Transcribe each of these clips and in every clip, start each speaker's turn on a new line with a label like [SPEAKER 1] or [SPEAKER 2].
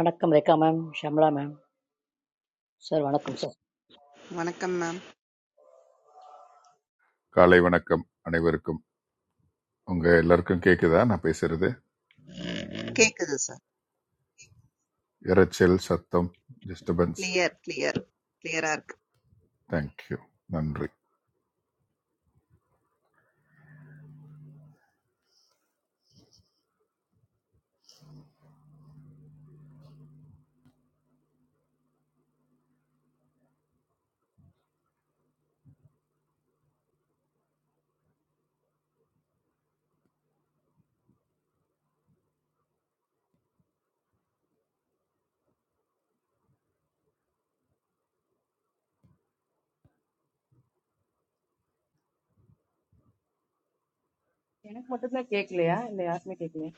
[SPEAKER 1] Anakam, Reka, ma'am, Shamla, ma'am, sir, Anakam sir.
[SPEAKER 2] வணக்கம் ma'am
[SPEAKER 3] காலை வணக்கம் அனைவருக்கும் உங்க எல்லாருக்கும் கேக்குதா நான் பேசுறது
[SPEAKER 2] கேக்குது சார்
[SPEAKER 3] இரைச்சல் சத்தம் டிஸ்டர்பன்ஸ்
[SPEAKER 2] கிளியர் கிளியர் கிளியரா இருக்கு
[SPEAKER 3] தேங்க்யூ நன்றி
[SPEAKER 4] எனக்கு மட்டும்தான் கேட்கலையா இல்ல யாருமே கேட்கலையா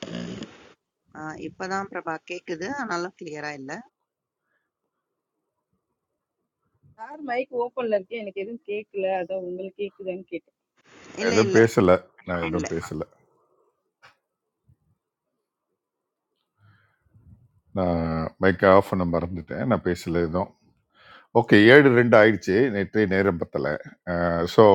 [SPEAKER 2] ஆ, இப்பதான் பிரபா கேக்குது ஆனாலும் கிளியரா இல்ல
[SPEAKER 4] சார் மைக் ஓப்பன்ல இருக்கு எனக்கு எதுவும் கேட்கல அதான் உங்களுக்கு கேக்குதான்னு கேட்டேன்
[SPEAKER 3] நான்
[SPEAKER 2] இல்ல
[SPEAKER 3] எதுவும்
[SPEAKER 2] இல்ல
[SPEAKER 3] பேசல நான்
[SPEAKER 2] இல்ல
[SPEAKER 3] எதுவும் பேசல நான் மைக் ஆஃப் பண்ண மறந்துட்டேன் நான் பேசல எதுவும் ஓகே ஏழு ரெண்டு ஆயிடுச்சு நேற்றைய நேரம் பத்தல ஸோ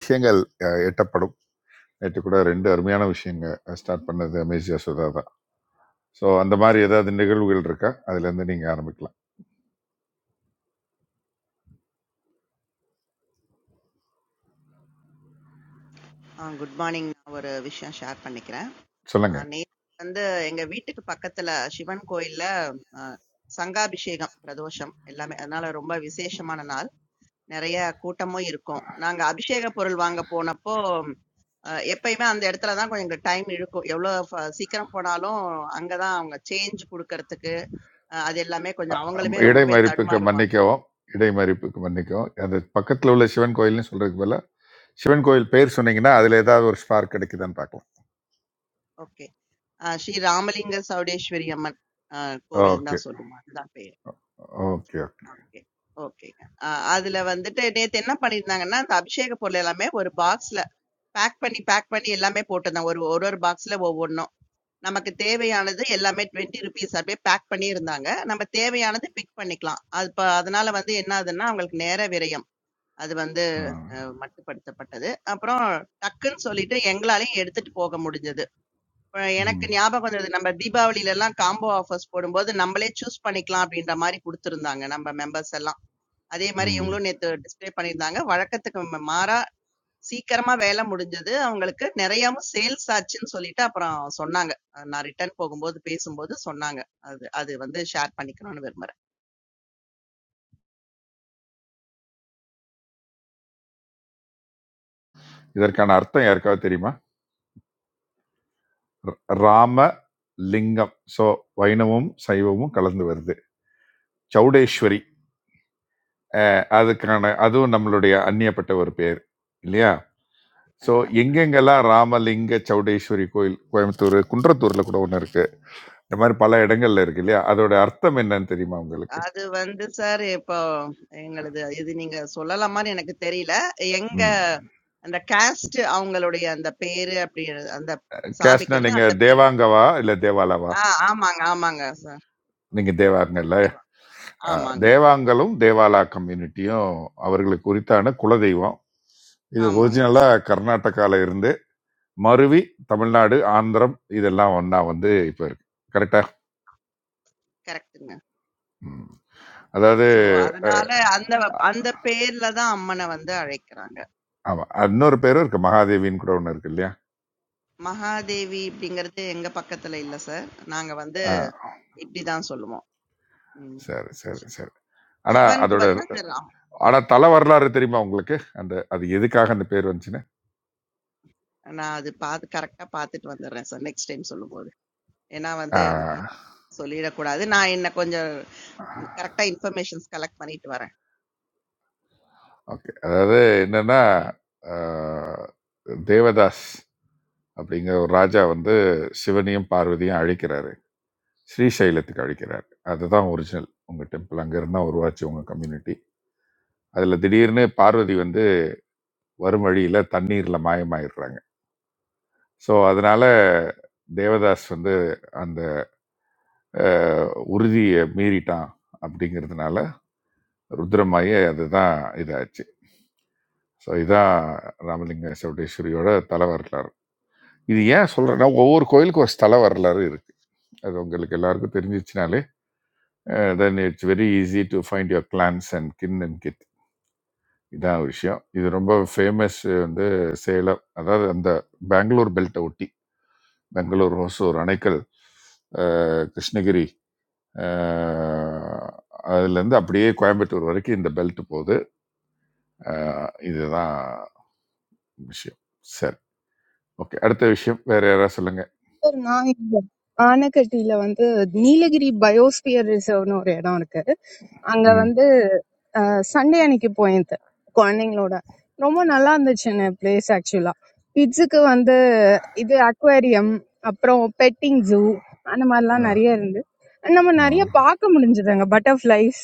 [SPEAKER 3] விஷயங்கள் அஹ், எட்டப்படும் நேற்று கூட ரெண்டு அருமையான விஷயங்க ஸ்டார்ட் பண்ணது அமேசியா சுதா தான் ஸோ அந்த மாதிரி ஏதாவது நிகழ்வுகள் இருக்கா அதுல இருந்து நீங்க ஆரம்பிக்கலாம்
[SPEAKER 2] குட் மார்னிங் நான் ஒரு விஷயம் ஷேர் பண்ணிக்கிறேன் ஆ,
[SPEAKER 3] சொல்லுங்க
[SPEAKER 2] நேத்து வந்து எங்க வீட்டுக்கு பக்கத்துல சிவன் கோயில்ல ஆ, சங்காபிஷேகம் பிரதோஷம் எல்லாமே அதனால ரொம்ப விசேஷமான நாள் நிறைய கூட்டமும் இருக்கும் நாங்க அபிஷேக பொருள் வாங்க போனப்போ அஹ் எப்பயுமே அந்த இடத்துல தான் கொஞ்சம் டைம் இழுக்கும் எவ்வளவு ஃப- சீக்கிரம் போனாலும் அங்கதான் அவங்க சேஞ்ச் கொடுக்கறதுக்கு அ அது எல்லாமே கொஞ்சம்
[SPEAKER 3] அ- அம்,
[SPEAKER 2] அவங்களுமே ரொம்பவே
[SPEAKER 3] இடைமறிப்புக்கு
[SPEAKER 2] தடுமாறுவாங்க.
[SPEAKER 3] மன்னிக்கவும் இடைமறிப்புக்கு மன்னிக்கவும் அந்த பக்கத்தில் உள்ள சிவன் கோயில்னு சொல்றதுக்கு பதிலா சிவன் கோயில் பேர் சொன்னீங்கன்னா அதில் ஏதாவது ஒரு ஸ்பார்க் கிடைக்குதான்னு பார்க்கலாம்
[SPEAKER 2] ஓகே. அ ஸ்ரீ ராமலிங்க சௌடேஸ்வரி அம்மன் அ கோவில்ன்னு
[SPEAKER 3] ஓகே
[SPEAKER 2] தான் சொல்லுவோம். அதுதான் பெயர்.
[SPEAKER 3] Okay okay
[SPEAKER 2] okay. ஓகேங்க. அ அதுல வந்துட்டு நேத்து என்ன பண்ணியிருந்தாங்கன்னா, அந்த அபிஷேக பொருள் எல்லாமே ஒரு பாக்ஸ்ல பேக் பண்ணி, பேக் பண்ணி எல்லாமே போட்டிருந்தாங்க. ஒரு ஒரு ஒரு பாக்ஸ்ல ஒவ்வொண்ணும். நமக்கு தேவையானது எல்லாமே ₹20 அப்படியே பேக் பண்ணியிருந்தாங்க. நம்ம தேவையானது பிக் பண்ணிக்கலாம். அது இப்ப அதனால வந்து என்ன ஆகுதுன்னா, அவங்களுக்கு நேர விரயம். அது வந்து
[SPEAKER 3] ஆ.
[SPEAKER 2] அ மட்டுப்படுத்தப்பட்டது. அப்புறம் டக்குன்னு சொல்லிட்டு எங்களாலயும் எடுத்துட்டு போக முடிஞ்சது. அ எனக்கு
[SPEAKER 3] ம்,
[SPEAKER 2] ஞாபகம் வந்தது. நம்ம தீபாவளிலலாம் காம்போ ஆஃபர்ஸ் போடும்போது, நம்பளே சூஸ் பண்ணிக்கலாம் அப்படின்ற மாரி குடுத்திருந்தாங்க, நம்ம மெம்பர்ஸ் எல்லாம். அதே மாரி
[SPEAKER 3] ம்.
[SPEAKER 2] இவங்களும் நேத்து டிஸ்ப்ளே பண்ணியிருந்தாங்க. வழக்கத்துக்கு ம மாறா சீக்கிரமா வேலை முடிஞ்சது. அவங்களுக்கு நெறையாவும் சேல்ஸ் ஆச்சுன்னு சொல்லிட்டு அப்புறம் சொன்னாங்க. அ நான் ரிட்டர்ன் போகும்போது பேசும்போது சொன்னாங்க. அது அது வந்து ஷேர் பண்ணிக்கணும்னு விரும்புறேன்.
[SPEAKER 3] இதற்கான அர்த்தம் யாருக்காவது தெரியுமா ர- ராம லிங்கம் ஸோ வைணவமும் சைவமும் கலந்து வருது சௌடேஸ்வரி அஹ், அதுக்கான அதுவும் நம்மளுடைய அந்நியப்பட்ட ஒரு பேர் இல்லையா
[SPEAKER 2] அ
[SPEAKER 3] ஸோ எங்கெங்கெல்லாம் ராமலிங்க சௌடேஸ்வரி கோயில் கோயம்புத்தூர் குன்றத்தூர்ல கூட ஒன்று இருக்கு இந்த மாதிரி பல இடங்கள்ல இருக்கு இல்லையா அதோட அர்த்தம் என்னன்னு தெரியுமா உங்களுக்கு
[SPEAKER 2] அது வந்து சார் இப்போ எங்களுது இது நீங்க சொல்லலாமான்னு எனக்கு தெரியல. எங்க
[SPEAKER 3] ம்
[SPEAKER 2] அந்த காஸ்ட் அவங்களுடைய அந்த பேரு அப்படி அந்த
[SPEAKER 3] கேஷ்னா
[SPEAKER 2] சாமிக்கு வந்து
[SPEAKER 3] நீங்க
[SPEAKER 2] அந்த பேர்ல
[SPEAKER 3] தேவாங்கவா இல்ல தேவாலாவா
[SPEAKER 2] ஆ ஆமாங்க, ஆமாங்க சார்.
[SPEAKER 3] நீங்க தேவாங்கல்ல
[SPEAKER 2] தேவா.
[SPEAKER 3] அஹ்,
[SPEAKER 2] ஆமாங்க,
[SPEAKER 3] தேவாங்கலும் தேவாலா கம்யூனிட்டியும் அவர்களுக்கு உரித்தான குலதெய்வம் இது
[SPEAKER 2] ஆமாங்க
[SPEAKER 3] ஒரிஜினலா
[SPEAKER 2] சார்.
[SPEAKER 3] கர்நாடகால இருந்து மருவி தமிழ்நாடு ஆந்திரம் இதெல்லாம் ஒன்னா வந்து இப்ப இருக்கு கரெக்டா
[SPEAKER 2] கரெக்ட்டுங்க.
[SPEAKER 3] ம். அதாவது
[SPEAKER 2] ஸோ
[SPEAKER 3] அஹ்,
[SPEAKER 2] அதனால அந்த அந்த பேர்ல தான் அம்மன வந்து அழைக்கிறாங்க.
[SPEAKER 3] ஆமா இன்னொரு பேரும் இருக்கு மகாதேவின்னு கூட ஒன்று இருக்கு இல்லையா
[SPEAKER 2] மகாதேவி அப்படிங்கிறது எங்க பக்கத்துல இல்ல சார். நாங்க வந்து
[SPEAKER 3] ஆ,
[SPEAKER 2] இப்படி தான் சொல்லுவோம். ம்.
[SPEAKER 3] சரி, சரி,
[SPEAKER 2] சி
[SPEAKER 3] சரி. ஆனா,
[SPEAKER 2] சிவனுக்கு
[SPEAKER 3] அதோட
[SPEAKER 2] வந்தா சார் ஆ ஆ
[SPEAKER 3] ஆனா தல வரலாறு தெரியுமா உங்களுக்கு? அந்த அது எதுக்காக அந்த பேர் வந்துச்சுன்னு?
[SPEAKER 2] நான் அது பாத்து கரெக்ட்டா பாத்துட்டு வந்துடுறேன் சார் நெக்ஸ்ட் டைம் சொல்லும்போது. ஏன்னா
[SPEAKER 3] ஆ.
[SPEAKER 2] வந்து சொல்லிடக்கூடாது. நான் என்ன கொஞ்சம் கரெக்ட்டா இன்ஃபர்மேஷன்ஸ் கலெக்ட் பண்ணிட்டு வரேன்.
[SPEAKER 3] ஓகே. அதாவது என்னன்னா, ஆ தேவதாஸ் அப்படிங்கிற ஒரு ராஜா வந்து சிவனையும், பார்வதியும் அழிக்கிறாரு. ஸ்ரீசைலத்துக்கு அழிக்கிறாரு. அதுதான் ஒரிஜினல். உங்க டெம்பிள். அங்கருந்து தான் உருவாச்சு உங்க கம்யூனிட்டி. அதுல திடீர்னு பார்வதி வந்து வரும் வழியில தண்ணீர்ல மாயமாயிடுறாங்க. ஸோ, அதனால தேவதாஸ் வந்து அஹ், உறுதியை மீறிட்டான் அப்படிங்கிறதுனால ருத்ரமாயி அதுதான் இதாச்சு ஸோ இதான் ராமலிங்க சவுடேஸ்வரியோட தல வரலாறு இது ஏன் சொல்கிறேன்னா ஒவ்வொரு கோயிலுக்கும் ஒரு ஸ்தல வரலாறு இருக்குது அது உங்களுக்கு எல்லாருக்கும் தெரிஞ்சிச்சுனாலே then it's very easy to find your clans and kin and kith இதான் ஒரு விஷயம் இது ரொம்ப ஃபேமஸ் வந்து சேலம் அதாவது அந்த பெங்களூர் பெல்ட்டை ஒட்டி பெங்களூர் ஹோசூர் அணைக்கல் அஹ், கிருஷ்ணகிரி அஹ் அதுலேருந்து அப்படியே கோயம்புத்தூர் வரைக்கும் இந்த பெல்ட் போகுது அஹ் இதுதான் விஷயம் சரி ஓகே அடுத்த விஷயம் வேற யாராவது சொல்லுங்க
[SPEAKER 5] சார் நான் இங்க ஆனக்கட்டியில வந்து நீலகிரி பயோஸ்பியர் ரிசர்வ்னு ஒரு இடம் இருக்கு அங்க
[SPEAKER 3] ம்
[SPEAKER 5] வந்து சண்டே அன்னைக்கு போயிருந்தேன் குழந்தைங்களோட ரொம்ப நல்லா இருந்துச்சு எனக்கு பிளேஸ் ஆக்சுவலா கிட்ஸுக்கு வந்து இது அக்வேரியம் அப்புறம் பெட்டிங் ஜூ அந்த மாதிரிலாம்
[SPEAKER 3] அஹ்,
[SPEAKER 5] நிறைய இருந்து நம்ம நிறைய
[SPEAKER 3] அஹ்.
[SPEAKER 5] பார்க்க முடிஞ்சது அங்க பட்டர்ஃப்ளைஸ்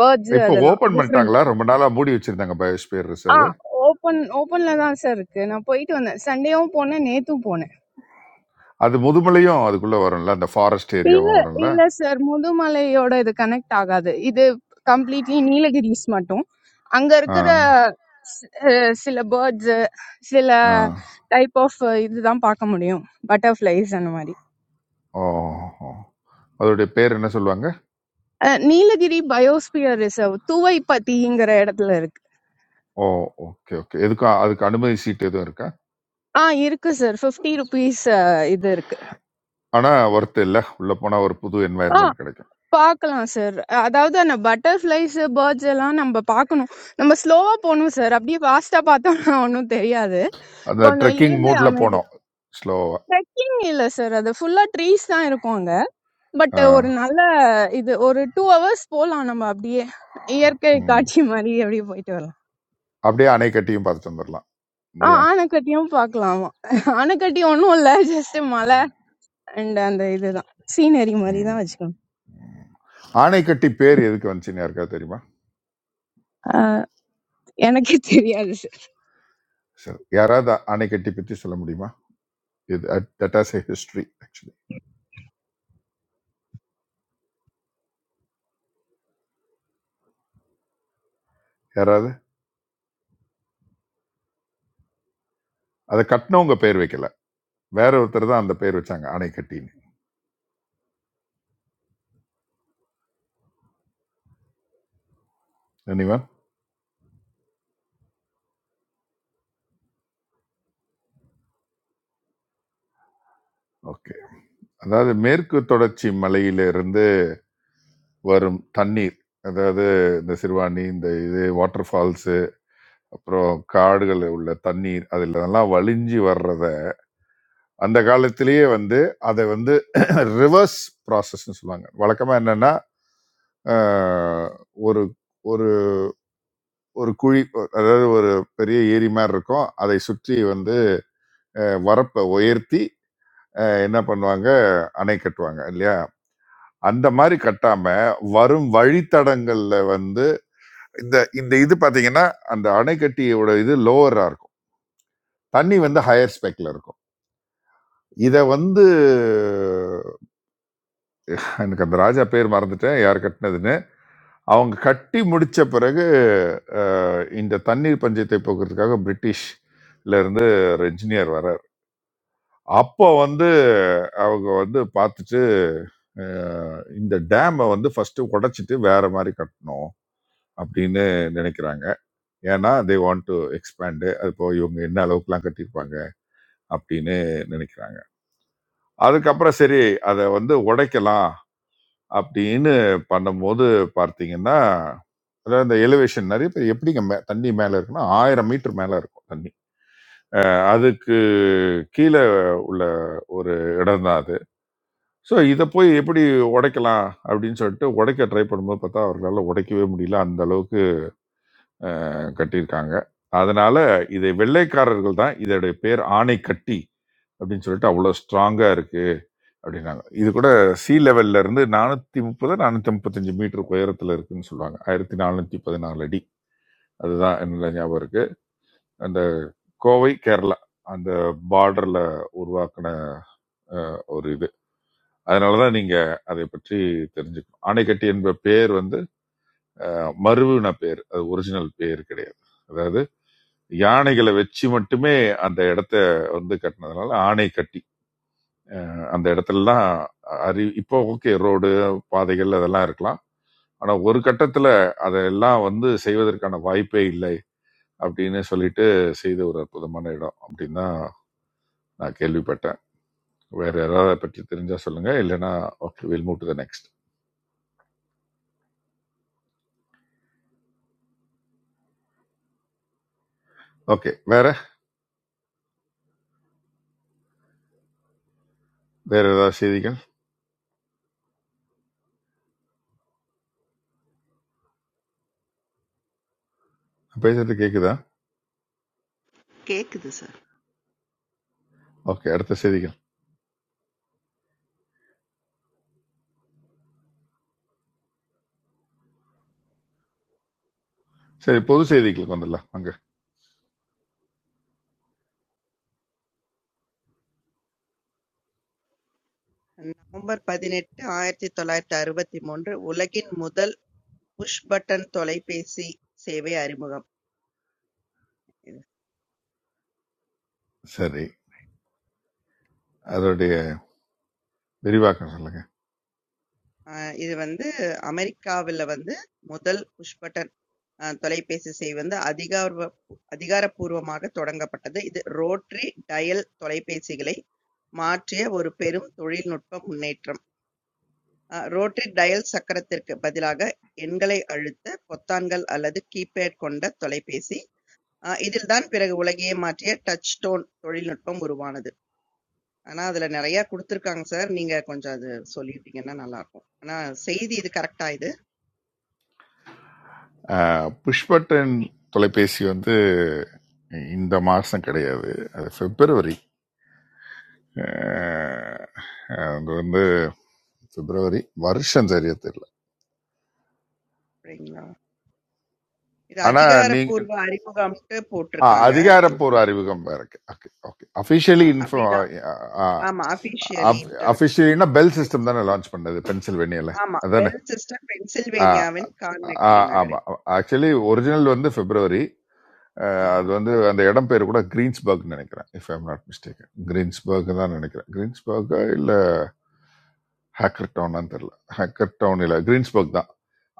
[SPEAKER 5] பேர்ட்ஸ்
[SPEAKER 3] இப்போ
[SPEAKER 5] அதெல்லாம்
[SPEAKER 3] ஓபன்
[SPEAKER 5] டிஃப்ரெண்ட்
[SPEAKER 3] பண்ணிட்டாங்களா ரொம்ப நாளாக மூடி வச்சிருந்தாங்க பயோஸ்பியர்
[SPEAKER 5] ஆ
[SPEAKER 3] ரிசர்வ்
[SPEAKER 5] ஓப்பன் ஓப்பன்ல தான் சார் இருக்கு நான் போயிட்டு வந்தேன் சண்டேவும் போனேன் நேத்தும் போனேன்
[SPEAKER 3] அது முதுமலையும் அதுக்குள்ளே வரும்ல அந்த ஃபாரஸ்ட்
[SPEAKER 5] இல்ல
[SPEAKER 3] ஏரியாவும் வரும்ல
[SPEAKER 5] இல்ல சார் முதுமலையோட இது கனெக்ட் ஆகாது இது கம்ப்ளீட்லி நீலகிரிஸ் மட்டும் அங்க
[SPEAKER 3] ஆ
[SPEAKER 5] இருக்கிற சி- அஹ் சில பேர்ட்ஸ் சில
[SPEAKER 3] ஆ
[SPEAKER 5] டைப் ஆஃப் இதுதான் பார்க்க முடியும் பட்டர்ஃபிளைஸ் அந்த மாதிரி
[SPEAKER 3] ஓ ஓ. அதோடைய பேர் என்ன சொல்லுவாங்க
[SPEAKER 5] அஹ் நீலகிரி பயோஸ்பியர் ரிசர்வ் துவைப்பத்திங்கிற இடத்துல இருக்கு
[SPEAKER 3] ஓ ஓகே ஓகே எதுக்கும் அதுக்கு அனுமதி சீட் எதுவும் இருக்கா
[SPEAKER 5] ஆ இருக்கு சார் ஃபிஃப்டி ருபீஸ் இது இருக்கு
[SPEAKER 3] ஆனால் ஒர்த்து இல்லை உள்ளே போனால் ஒரு புது
[SPEAKER 5] ஆ
[SPEAKER 3] என்வாயர்மெண்ட் கிடைக்கும்
[SPEAKER 5] பார்க்கலாம் சார் அதாவது அந்த பட்டர்ஃபிளைஸ் பேர்ட்ஸ் எல்லாம் நம்ம பார்க்கணும் நம்ம ஸ்லோவா போகணும் சார் அப்படியே ஃபாஸ்டா பார்த்தோம்னா ஒன்றும் தெரியாது
[SPEAKER 3] அந்த
[SPEAKER 5] கொஞ்சம்
[SPEAKER 3] ட்ரெக்கிங்
[SPEAKER 5] இருந்து
[SPEAKER 3] மூடில்
[SPEAKER 5] அமைதியா
[SPEAKER 3] போனோம் ஸ்லோவாக
[SPEAKER 5] ட்ரெக்கிங் இல்ல சார். அது ஃபுல்லா ட்ரீஸ் தான் இருக்கும் அங்க. பட் ஒரு நல்ல இது ஒரு 2 ஹவர்ஸ் போலாம் நம்ம அப்படியே. இயற்கை காட்சி மாரி அப்படியே போயிட்டு வரலாம்.
[SPEAKER 3] அப்படியே அணைக்கட்டியும் பார்த்துட்டு வந்துடலாம்
[SPEAKER 5] ஆ
[SPEAKER 3] இல்லையா
[SPEAKER 5] ஆனைக்கட்டியும் பார்க்கலாம். ஆமா. ஆனைக்கட்டி ஒண்ணும் இல்ல. ஜஸ்ட் மலை அண்ட் அந்த இதுதான். சீனரி மாரி தான்
[SPEAKER 3] ம்.
[SPEAKER 5] வச்சுக்கணும்.
[SPEAKER 3] ம். ஆணைக்கட்டி பேர் எதுக்கு வந்துச்சுன்னு யாருக்காவது தெரியுமா
[SPEAKER 5] ஆ, எனக்கே தெரியாது
[SPEAKER 3] சரி யாராவது அணைக்கட்டி பற்றி சொல்ல முடியுமா இது that as a history actually யாராவது அதை கட்டினவங்க பேர் வைக்கல வேற ஒருத்தர் தான் அந்த பேர் வச்சாங்க அணைக்கட்டின்னு anyone ஓகே அதாவது மேற்கு தொடர்ச்சி மலையிலிருந்து வரும் தண்ணீர் அதாவது இந்த சிறுவாணி இந்த இது வாட்டர் ஃபால்ஸ் அப்புறம் காடுகள்ல உள்ள தண்ணீர் அதுல எல்லாம் வழிஞ்சி வர்றத அந்த காலத்திலேயே வந்து அதை வந்து ரிவர்ஸ் ப்ராசஸ்ன்னு சொல்லுவாங்க வழக்கமா என்னன்னா ஆஹ், ஒரு ஒரு ஒரு குழி அதாவது ஒரு பெரிய ஏரி மாதிரி இருக்கும் அதை சுற்றி வந்து அஹ், வரப்பை உயர்த்தி அஹ், என்ன பண்ணுவாங்க அணை கட்டுவாங்க இல்லையா அந்த மாதிரி கட்டாம வரும் வழித்தடங்கள்ல வந்து இந்த இந்த இது பாத்தீங்கன்னா அந்த அணைக்கட்டியோட இது லோவரா இருக்கும் தண்ணி வந்து ஹையர் ஸ்பெக்ல இருக்கும் இதை வந்து எனக்கு அந்த ராஜா பேர் மறந்துட்டேன் யார் கட்டினதுன்னு அவங்க கட்டி முடிச்ச பிறகு அஹ், இந்த தண்ணீர் பஞ்சத்தை போக்குறதுக்காக பிரிட்டிஷ்ல இருந்து ஒரு இன்ஜினியர் வர்றார் அப்போ வந்து அவங்க வந்து பார்த்துட்டு அஹ், இந்த டேமை வந்து ஃபர்ஸ்ட் உடைச்சிட்டு வேற மாதிரி கட்டணும் அப்படின்னு நினைக்கிறாங்க ஏன்னா தே வாண்ட் டு எக்ஸ்பேண்டு அது இப்போ இவங்க என்ன அளவுக்குலாம் கட்டியிருப்பாங்க அப்படின்னு நினைக்கிறாங்க அதுக்கப்புறம் சரி அதை வந்து உடைக்கலாம் அப்படின்னு பண்ணும்போது பார்த்தீங்கன்னா, அதாவது இந்த எலிவேஷன் நெறைய பேர் எப்படிங்க மே தண்ணி மேல இருக்குன்னா, 1000 மீட்டர் மேல இருக்கும் தண்ணி. அதுக்கு கீழ உள்ள ஒரு இடம் தான் அது. ஸோ இத போய் எப்படி உடைக்கலாம் அப்படின்னு சொல்லிட்டு உடைக்க ட்ரை பண்ணும்போது பார்த்தா, அவர்களால உடைக்கவே முடியல. அந்த அளவுக்கு கட்டியிருக்காங்க. அதனால இதை வெள்ளைக்காரர்கள் தான் இதோடைய பேர் ஆணைக்கட்டி அப்படின்னு சொல்லிட்டு அவ்வளோ ஸ்ட்ராங்கா இருக்கு. அப்படின்னாங்க இது கூட சி லெவல்ல இருந்து நானூத்தி முப்பது நானூத்தி முப்பத்தஞ்சு மீட்டர் உயரத்துல இருக்குன்னு சொல்லுவாங்க ஆயிரத்தி நானூத்தி பதினாலு அடி அதுதான் என்னோட ஞாபகம் இருக்கு அந்த கோவை கேரளா அந்த பார்டர்ல உருவாக்கின ஒரு இது அதனாலதான் நீங்க அதை பற்றி தெரிஞ்சுக்கணும் ஆனைக்கட்டி என்ற பேர் வந்து அஹ், மருவின பேர் அது ஒரிஜினல் பேர் கிடையாது அதாவது யானைகளை வச்சு மட்டுமே அந்த இடத்த வந்து கட்டினதுனால ஆனைக்கட்டி அந்த இடத்துலலாம் அறி இப்போ ஓகே ரோடு பாதைகள் அதெல்லாம் இருக்கலாம் ஆனா ஒரு கட்டத்துல அதெல்லாம் வந்து செய்வதற்கான வாய்ப்பே இல்லை அப்படின்னு சொல்லிட்டு செய்த ஒரு அற்புதமான இடம் அப்படின்னு தான் நான் கேள்விப்பட்டேன் வேற ஏதாவது அதை பற்றி தெரிஞ்சா சொல்லுங்க இல்லைன்னா okay will move to the next okay வேற வேற ஏதாவது செய்திகள் நான் பேசுறது கேக்குதா
[SPEAKER 2] கேக்குது சார்.
[SPEAKER 3] ஓகே அடுத்த செய்திகள் சரி பொது செய்திகளுக்கு வந்துடலாம் அங்க
[SPEAKER 2] நவம்பர் 18, 1963 உலகின் முதல் புஷ் பட்டன் தொலைபேசி சேவை அறிமுகம். இது
[SPEAKER 3] சரி அதோடைய விரிவாக்கம் சொல்லுங்க
[SPEAKER 2] அ இது வந்து அமெரிக்காவில வந்து முதல் புஷ் பட்டன் அ தொலைபேசி சேவை வந்து அதிகார்வ அதிகாரப்பூர்வமாக தொடங்கப்பட்டது. இது ரோட்டரி டயல் தொலைபேசிகளை மாற்றிய ஒரு பெரும் தொழில்நுட்ப முன்னேற்றம். அ ரோட்டரி டயல் சக்கரத்திற்கு பதிலாக எண்களை அழுத்த பொத்தான்கள் அல்லது கீபேட் கொண்ட தொலைபேசி. அ இதில்தான் பிறகு உலகையே மாற்றிய டச் டோன் தொழில்நுட்பம் உருவானது. ஆனா, அதுல நெறையா குடுத்துருக்காங்க சார். நீங்க கொஞ்சம் அது சொல்லிட்டீங்கன்னா நல்லாருக்கும். ஆனா செய்தி இது கரெக்ட்டா இது?
[SPEAKER 3] ஆஹ், புஷ்பட்டன் தொலைபேசி வந்து இந்த மாசம் கிடையாது அது பிப்ரவரி ஆஹ் அது வந்து ഫെബ്രുവരി വർഷം ശരിയത്തില്ല
[SPEAKER 2] சரிங்களா? இது
[SPEAKER 3] ആണാ നീ
[SPEAKER 2] அதிகாரப்பூர்வ அறிமுகம்ன்ட்டு
[SPEAKER 3] ആ
[SPEAKER 2] போட்டுருக்காங்க. இதுல
[SPEAKER 3] അധികാരപൂർവ്വ അറിമുഖം വേറൊക്കെ ഓക്കെ ഓക്കെ
[SPEAKER 2] ஆ
[SPEAKER 3] അഫീഷ്യലി ഇൻഫോ
[SPEAKER 2] அப்படிதான். ஆமா. அஃபிஷியலி இன்டர்
[SPEAKER 3] அஃபிஷியலினா பெல் சிஸ்டம்
[SPEAKER 2] இன்ட்ரடியூஸ்டு.
[SPEAKER 3] தானே லான்ச் பண்ணது பென்சில்வேனியால
[SPEAKER 2] ஆமா.
[SPEAKER 3] அதானே
[SPEAKER 2] பெல் சிஸ்டம் பென்சில்வேனியாவின் கார்னகி
[SPEAKER 3] ஆமா,
[SPEAKER 2] நகரில்.
[SPEAKER 3] ஆக்சுவலி
[SPEAKER 2] அ.
[SPEAKER 3] ஒரிஜினல் வந்து பிப்ரவரி
[SPEAKER 2] ஆஹா.
[SPEAKER 3] அது வந்து அந்த இடம் பேர் கூட கிரீன்ஸ்பர்க் நினைக்கிறேன் if I'm not mistake Greensburg தான் நினைக்கிறேன் கிரீன்ஸ்பர்க் இல்ல ஹேக்கர் டவுனான்னு தெரியல ஹேக்கர் டவுன் இல்ல கிரீன்ஸ்பர்க் தான்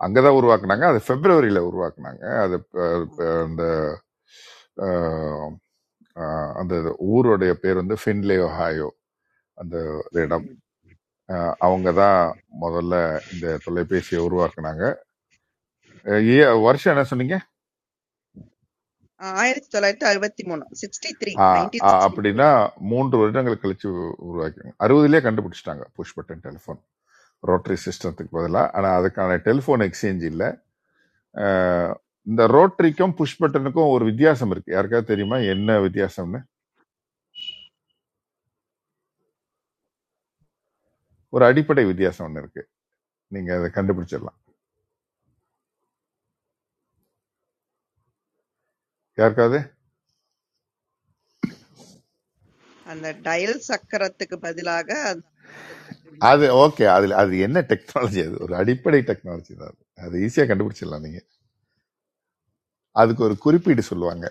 [SPEAKER 3] அங்கதான்
[SPEAKER 2] அ.
[SPEAKER 3] உருவாக்குனாங்க அது பிப்ரவரியில உருவாக்குனாங்க அது
[SPEAKER 2] ஆ.
[SPEAKER 3] அந்த ஆஹ் ஆஹ் அந்த ஊருடைய பேர் வந்து ஃபின்லே ஒஹாயோ அந்த ஒரு இடம்
[SPEAKER 2] ம்.
[SPEAKER 3] ஆஹ் அவங்க தான் முதல்ல இந்த தொலைபேசியை உருவாக்குனாங்க ஆஹ் ஏ வருஷம் என்ன சொன்னீங்க
[SPEAKER 2] 1963 63
[SPEAKER 3] ஆஹ் ஆஹ்
[SPEAKER 2] 1963
[SPEAKER 3] அப்படின்னா மூன்று வருடங்கள் கழிச்சு உருவாக்கினாங்க அறுபதுலேயே கண்டுபிடிச்சிட்டாங்க புஷ் பட்டன் டெலிஃபோன் ரோட்டரி சிஸ்டத்துக்கு பதிலாக ஆனால் அதுக்கான டெலிஃபோன் எக்ஸ்சேஞ்ச் இல்லை ஆஹ் இந்த ரோட்டரிக்கும் புஷ் பட்டனுக்கும் ஒரு வித்தியாசம் இருக்கு யாருக்காவது தெரியுமா என்ன வித்தியாசம்னு ஒரு அடிப்படை வித்தியாசம் ஒன்று இருக்கு நீங்க அதை கண்டுபிடிச்சிடலாம் யாருக்காவது
[SPEAKER 2] அந்த டயல் சக்கரத்துக்கு பதிலாக, அந்த
[SPEAKER 3] அது ஓகே அதுல அது என்ன டெக்னாலஜி அது ஒரு அடிப்படை டெக்னாலஜி தான் அது அது ஈஸியா கண்டுபிடிச்சிடலாம் நீங்க அதுக்கு ஒரு குறிப்பீடு சொல்லுவாங்க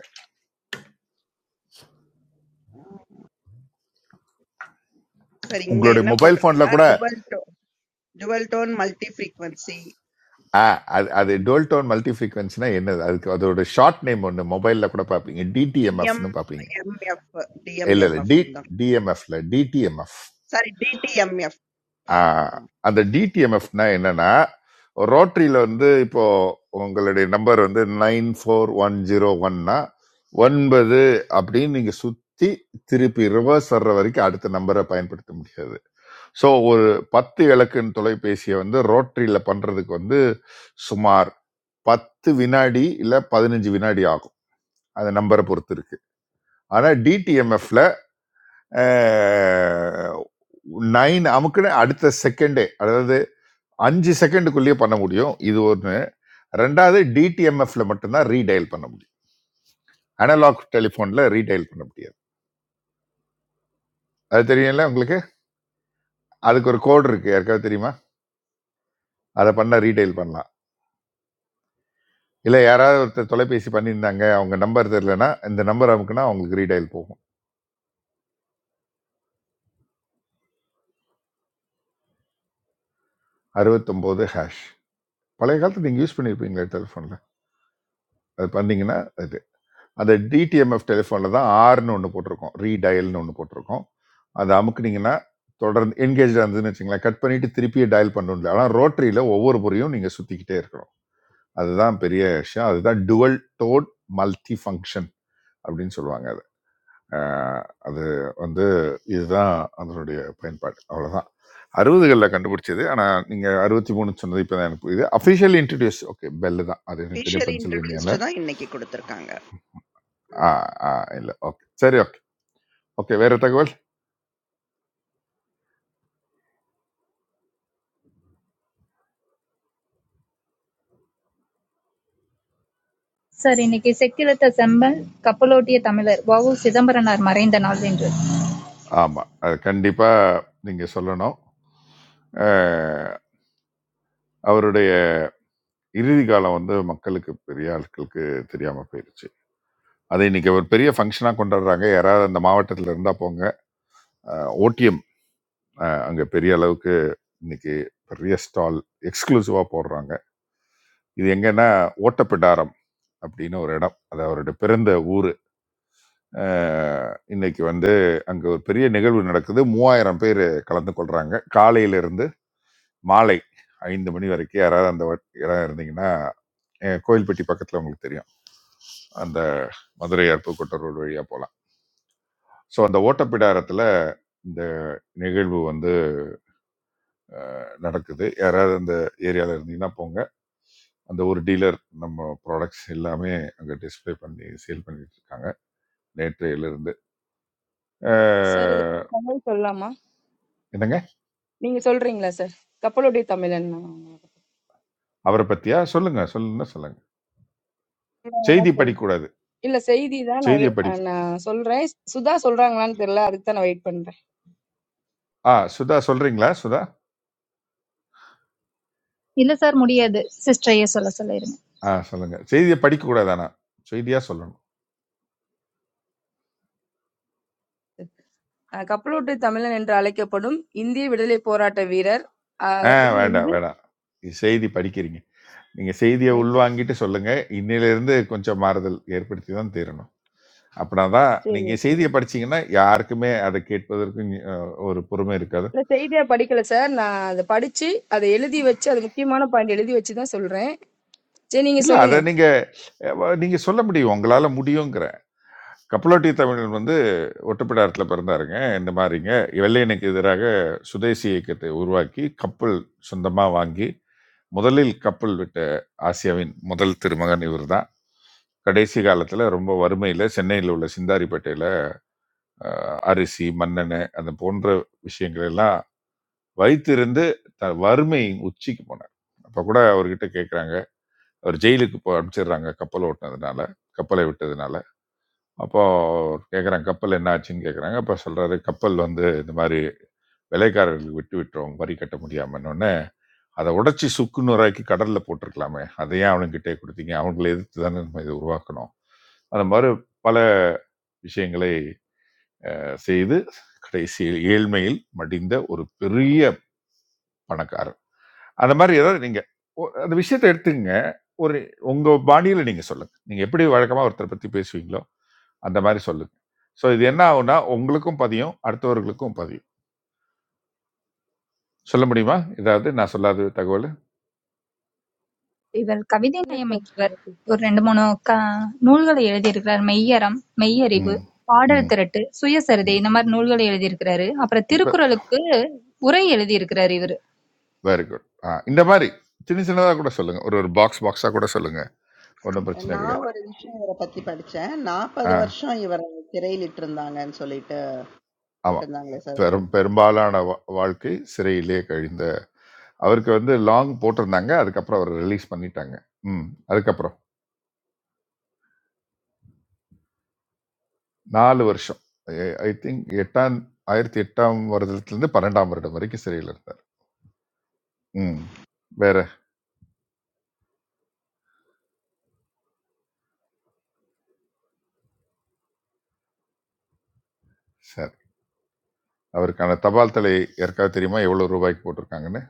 [SPEAKER 2] சரி இங்க
[SPEAKER 3] உங்களுடைய
[SPEAKER 2] என்ன
[SPEAKER 3] மொபைல் போன்ல
[SPEAKER 2] போட்டிருக்குன்னா,
[SPEAKER 3] கூட
[SPEAKER 2] டுவல் டோ dual tone multi-frequency
[SPEAKER 3] ஆ, அது அது
[SPEAKER 2] um,
[SPEAKER 3] டோல் டோன் மல்டி ஃப்ரீக்வன்சினா என்னது அதுக்கு அதோட ஷார்ட் நேம் ஒன்று மொபைல்ல கூட பார்ப்பீங்க டிடிஎம்எஃப்னு பார்ப்பீங்க
[SPEAKER 2] DMMF
[SPEAKER 3] இல்ல இல்ல
[SPEAKER 2] DMMF
[SPEAKER 3] டி
[SPEAKER 2] ன்னு தான்
[SPEAKER 3] டிஎம்எஃப்ல டிடிஎம்எஃப்
[SPEAKER 2] சாரி DTMF
[SPEAKER 3] ஆஹ் அந்த டிடிஎம்எஃப்னா என்னன்னா ரோட்டரியில வந்து இப்போ உங்களுடைய நம்பர் வந்து நைன் ஃபோர் ஒன் ஜீரோ ஒன்னா ஒன்பது அப்படின்னு நீங்க சுத்தி திருப்பி ரிவர்ஸ் வர்ற வரைக்கும் அடுத்த நம்பரை பயன்படுத்த முடியாது ஸோ ஒரு பத்து இலக்குன்னு தொலைபேசியை வந்து ரோட்டரியில பண்றதுக்கு வந்து சுமார் பத்து வினாடி இல்ல பதினஞ்சு வினாடி ஆகும் அந்த நம்பரை பொறுத்து இருக்கு ஆனா டிடிஎம்எஃப்ல நைன் அமுக்குன்னு அடுத்த செகண்டே அதாவது 5 செகண்டுக்குள்ளேயே பண்ண முடியும் இது ஒன்று ரெண்டாவது டிடிஎம்எஃப்ல மட்டும்தான் ரீடைல் பண்ண முடியும் அனலாக் டெலிஃபோனில் ரீடைல் பண்ண முடியாது அது தெரியும்ல உங்களுக்கு அதுக்கு ஒரு கோடு இருக்கு யாருக்காவது தெரியுமா அதை பண்ணால் ரீடைல் பண்ணலாம் இல்லை யாராவது ஒருத்தர் தொலைபேசி பண்ணியிருந்தாங்க அவங்க நம்பர் தெரிலனா இந்த நம்பர் அமுக்குனா அவங்களுக்கு ரீடைல் போகும் 69 ஹேஷ் பழைய காலத்தில் நீங்கள் யூஸ் பண்ணியிருப்பீங்களே டெலிஃபோனில் அது பண்ணீங்கன்னா அது அந்த டிடிஎம்எஃப் டெலிஃபோனில் தான் ஆர்னு ஒன்று போட்டிருக்கோம் ரீடயல்னு ஒன்று போட்டிருக்கோம் அதை அமுக்குனீங்கன்னா தொடர்ந்து என்கேஜ் இருந்ததுன்னு வச்சுங்களேன் கட் பண்ணிட்டு திருப்பியே டயல் பண்ணணும்ல ஆனால் ரோட்டரியில் ஒவ்வொரு முறையும் நீங்கள் சுற்றிக்கிட்டே இருக்கணும் அதுதான் பெரிய விஷயம் அதுதான் டுவல் டோன் மல்டி ஃபங்க்ஷன் அப்படின்னு சொல்லுவாங்க அது அஹ் அது வந்து இதுதான் அதனுடைய பயன்பாடு அவ்வளோதான் அறுபதுகளில் கண்டுபிடிச்சது ஆனால் நீங்கள் அறுபத்தி மூணு சொன்னது இப்போ தான் எனக்கு புரியுது அஃபிஷியல் இன்ட்ரடியூஸ் ஓகே பெல்லு தான் அது எனக்கு தெரியும்
[SPEAKER 2] ஃபிஷியலி
[SPEAKER 3] பென்சில்வேனியாவில்
[SPEAKER 2] இன்ட்ரடியூஸ்டு தான் இன்னைக்கு கொடுத்துருக்காங்க
[SPEAKER 3] இல்லை ஓகே சரி ஓகே. ஓகே வேறு தகவல்
[SPEAKER 6] சார், இன்னைக்கு செக்கிழுத்த செம்பன் கப்பலோட்டிய தமிழர் வ.உ. சிதம்பரனார் மறைந்த நாள் என்று.
[SPEAKER 3] ஆமாம் அது கண்டிப்பாக நீங்கள் சொல்லணும் அஹ், அவருடைய இறுதி காலம் வந்து மக்களுக்கு பெரிய ஆட்களுக்கு தெரியாமல் போயிடுச்சு அதை இன்னைக்கு ஒரு பெரிய ஃபங்க்ஷனாக கொண்டாடுறாங்க யாராவது அந்த மாவட்டத்தில் இருந்தால் போங்க ஓடிஎம் அங்கே பெரிய அளவுக்கு இன்னைக்கு பெரிய ஸ்டால் எக்ஸ்க்ளூசிவாக போடுறாங்க இது எங்கன்னா ஓட்டப்பிடாரம் அப்படின்னு ஒரு இடம் அது அவருடைய பிறந்த ஊர் இன்னைக்கு வந்து அங்கே ஒரு பெரிய நிகழ்வு நடக்குது மூவாயிரம் பேர் கலந்து கொள்கிறாங்க காலையிலிருந்து மாலை 5 மணி வரைக்கும் யாராவது அந்த வட்- இடம் இருந்தீங்கன்னா அஹ், கோயில்பட்டி பக்கத்துல உங்களுக்கு தெரியும் அந்த மதுரை அருப்புக்கோட்டை ரோடு வழியா போகலாம் ஸோ அந்த ஓட்டப்பிடாரத்துல இந்த நிகழ்வு வந்து நடக்குது யாராவது அந்த ஏரியால இருந்தீங்கன்னா போங்க அந்த ஒரு டீலர் நம்ம ப்ராடக்ட்ஸ் எல்லாமே அங்க டிஸ்ப்ளே பண்ணி சேல் பண்ணிட்டு இருக்காங்க நேற்றையில இருந்து
[SPEAKER 4] சார் இது
[SPEAKER 3] அஹ்,
[SPEAKER 4] தமிழ் சொல்லலாமா
[SPEAKER 3] என்னங்க
[SPEAKER 4] நீங்க சொல்றீங்களா சார் கப்பலுடைய தமிழன்
[SPEAKER 3] அவரை பத்தியா சொல்லுங்க சொல்லுங்க சொல்லுங்க செய்தி
[SPEAKER 4] சொல்
[SPEAKER 3] படிக்கக்கூடாது
[SPEAKER 4] இல்ல செய்தி தான் நான்
[SPEAKER 3] செய்தியை
[SPEAKER 4] எ-
[SPEAKER 3] படிக்க
[SPEAKER 4] அஹ் நான் சொல்றேன் சுதா சொல்றாங்களான்னு தெரியல அதுக்கு தான் நான் வெயிட் பண்றேன்
[SPEAKER 3] ஆ சுதா சொல்றீங்களா சுதா
[SPEAKER 6] இல்ல சார் முடியாது. சிஸ்டரையே சொல்ல சொல்லிருங்க.
[SPEAKER 3] ஆ சொல்லுங்க செய்தியை படிக்க கூடாதானா செய்தியா சொல்லணும்
[SPEAKER 4] அஹ் கப்பலோட்டிய தமிழன் என்று அழைக்கப்படும் இந்திய விடுதலை போராட்ட வீரர் அஹ்
[SPEAKER 3] ஆ
[SPEAKER 4] இது
[SPEAKER 3] வேண்டாம்,
[SPEAKER 4] வந்து
[SPEAKER 3] வேண்டாம். இது செய்தி படிக்கிறீங்க. நீங்க செய்திய
[SPEAKER 4] எல்-
[SPEAKER 3] உள்வாங்கிட்டு சொல்லுங்க. இன்னையிலிருந்து கொஞ்சம் மாறுதல் ஏற்படுத்தி தான் தீரணும். அப்பனா தான்
[SPEAKER 4] சரி
[SPEAKER 3] நீங்க
[SPEAKER 4] ஓகே
[SPEAKER 3] செய்திய படிச்சீங்கன்னா, யாருக்குமே அத கேட்பதற்கு நீ அ ஒரு பொறுமை இருக்காது.
[SPEAKER 4] இல்ல செய்தியா படிக்கல சார் நான் அதை படிச்சு அதை எழுதி வச்சு அது முக்கியமான பாயிண்ட் எழுதி வச்சு தான் சொல்றேன் சரி நீங்க
[SPEAKER 3] இல்ல அத
[SPEAKER 4] சொல்லுங்க
[SPEAKER 3] நீங்க வ நீங்க சொல்ல முடியும். உங்களால முடியுங்கிறேன். கப்பலோட்டி தமிழன் வந்து ஒட்டப்பிடாரத்தில பிறந்தாருங்க. இந்த மாரிங்க. வெள்ளையனுக்கு எதிராக சுதேசி இயக்கத்தை உருவாக்கி, கப்பல் சொந்தமா வாங்கி, முதலில் கப்பல் விட்ட ஆசியாவின் முதல் திருமகன் இவர் தான். கடைசி காலத்துல ரொம்ப வறுமையில சென்னையில் உள்ள சிந்தாரிப்பேட்டையில அரிசி மண்ணெண்ணெய் அந்த போன்ற விஷயங்கள் எல்லாம் வைத்திருந்து த- வறுமையின் உச்சிக்கு போனார் அப்ப கூட அவர்கிட்ட கேக்குறாங்க அவர் ஜெயிலுக்கு போ அனுப்பிச்சிடுறாங்க கப்பல் ஓட்டினதுனால கப்பலை விட்டதுனால அப்போ அவர் கேக்குறாங்க கப்பல் என்ன ஆச்சுன்னு கேக்குறாங்க அப்ப சொல்றாரு கப்பல் வந்து இந்த மாதிரி விலைக்காரர்களுக்கு விட்டு விட்டுறோம் வரி கட்ட முடியாமன்னு உடனே அதை உடைச்சி சுக்கு நூறாக்கி கடல்ல போட்டிருக்கலாமே அதை ஏன் அவனுங்கிட்டே கொடுத்தீங்க அவங்களை எதிர்த்து தானே நம்ம இதை உருவாக்கணும் அந்த மாதிரி பல விஷயங்களை செய்து கடைசியில் ஏழ்மையில் மடிந்த ஒரு பெரிய பணக்காரர் அந்த மாதிரி ஏதாவது நீங்க ஒ- அந்த விஷயத்தை எடுத்துங்க ஒரு உங்க பாணியில நீங்க சொல்லுங்க நீங்க எப்படி வழக்கமா ஒருத்தரை பத்தி பேசுவீங்களோ அந்த மாதிரி சொல்லுங்க ஸோ இது என்ன ஆகும்னா உங்களுக்கும் பதியும் அடுத்தவர்களுக்கும் பதியும் சொல்ல முடியுமா ஏதாவது நான் சொல்லாத தகவல்
[SPEAKER 6] இவர் கவிதை
[SPEAKER 4] இல்ல சார்
[SPEAKER 6] நயமிக்கவர். ஒரு ரெண்டு மூணு க நூல்களை எழுதியிருக்கிறார். மெய்யறம், மெய்யறிவு,
[SPEAKER 3] ம்
[SPEAKER 6] பாடல்
[SPEAKER 3] ம்
[SPEAKER 6] திரட்டு, சுயசரிதை
[SPEAKER 3] ம்
[SPEAKER 6] இந்த மாதிரி நூல்களை எழுதியிருக்கிறாரு. அப்புறம் திருக்குறளுக்கு உரை எழுதியிருக்கிறார் இவரு.
[SPEAKER 3] வெரி குட் ஆ இந்த மாதிரி சின்ன சின்னதாக கூட சொல்லுங்க ஒரு ஒரு பாக்ஸ் பாக்ஸாக கூட சொல்லுங்க ஒன்றும் பிரச்சனை
[SPEAKER 2] நான்
[SPEAKER 3] கிடையாது
[SPEAKER 2] ஒரு விஷயம் இவரை பத்தி படிச்சேன் நாற்பது
[SPEAKER 3] ஆ
[SPEAKER 2] வருஷம் இவரை சிறையிலிட்டு இருந்தாங்கன்னு சொல்லிட்டு
[SPEAKER 3] ஆமாம்
[SPEAKER 2] போட்டிருந்தாங்களே சார் அது
[SPEAKER 3] பெரும் பெரும்பாலான வா- வாழ்க்கை சிறையிலே கழிந்த அவருக்கு வந்து லாங் போட்டிருந்தாங்க அதுக்கப்புறம் அவர் ரிலீஸ் பண்ணிட்டாங்க ம் அதுக்கப்புறம் நாலு வருஷம் ஐ திங்க் எட்டாம் ஆயிரத்தி எட்டாம் வருடத்துலேருந்து பன்னெண்டாம் வருடம் வரைக்கும் சிறையில் இருந்தார் ம் வேற சரி அவருக்கான தபால் தலை யாருக்காவது தெரியுமா எவ்வளோ ரூபாய்க்கு போட்டிருக்காங்கன்னு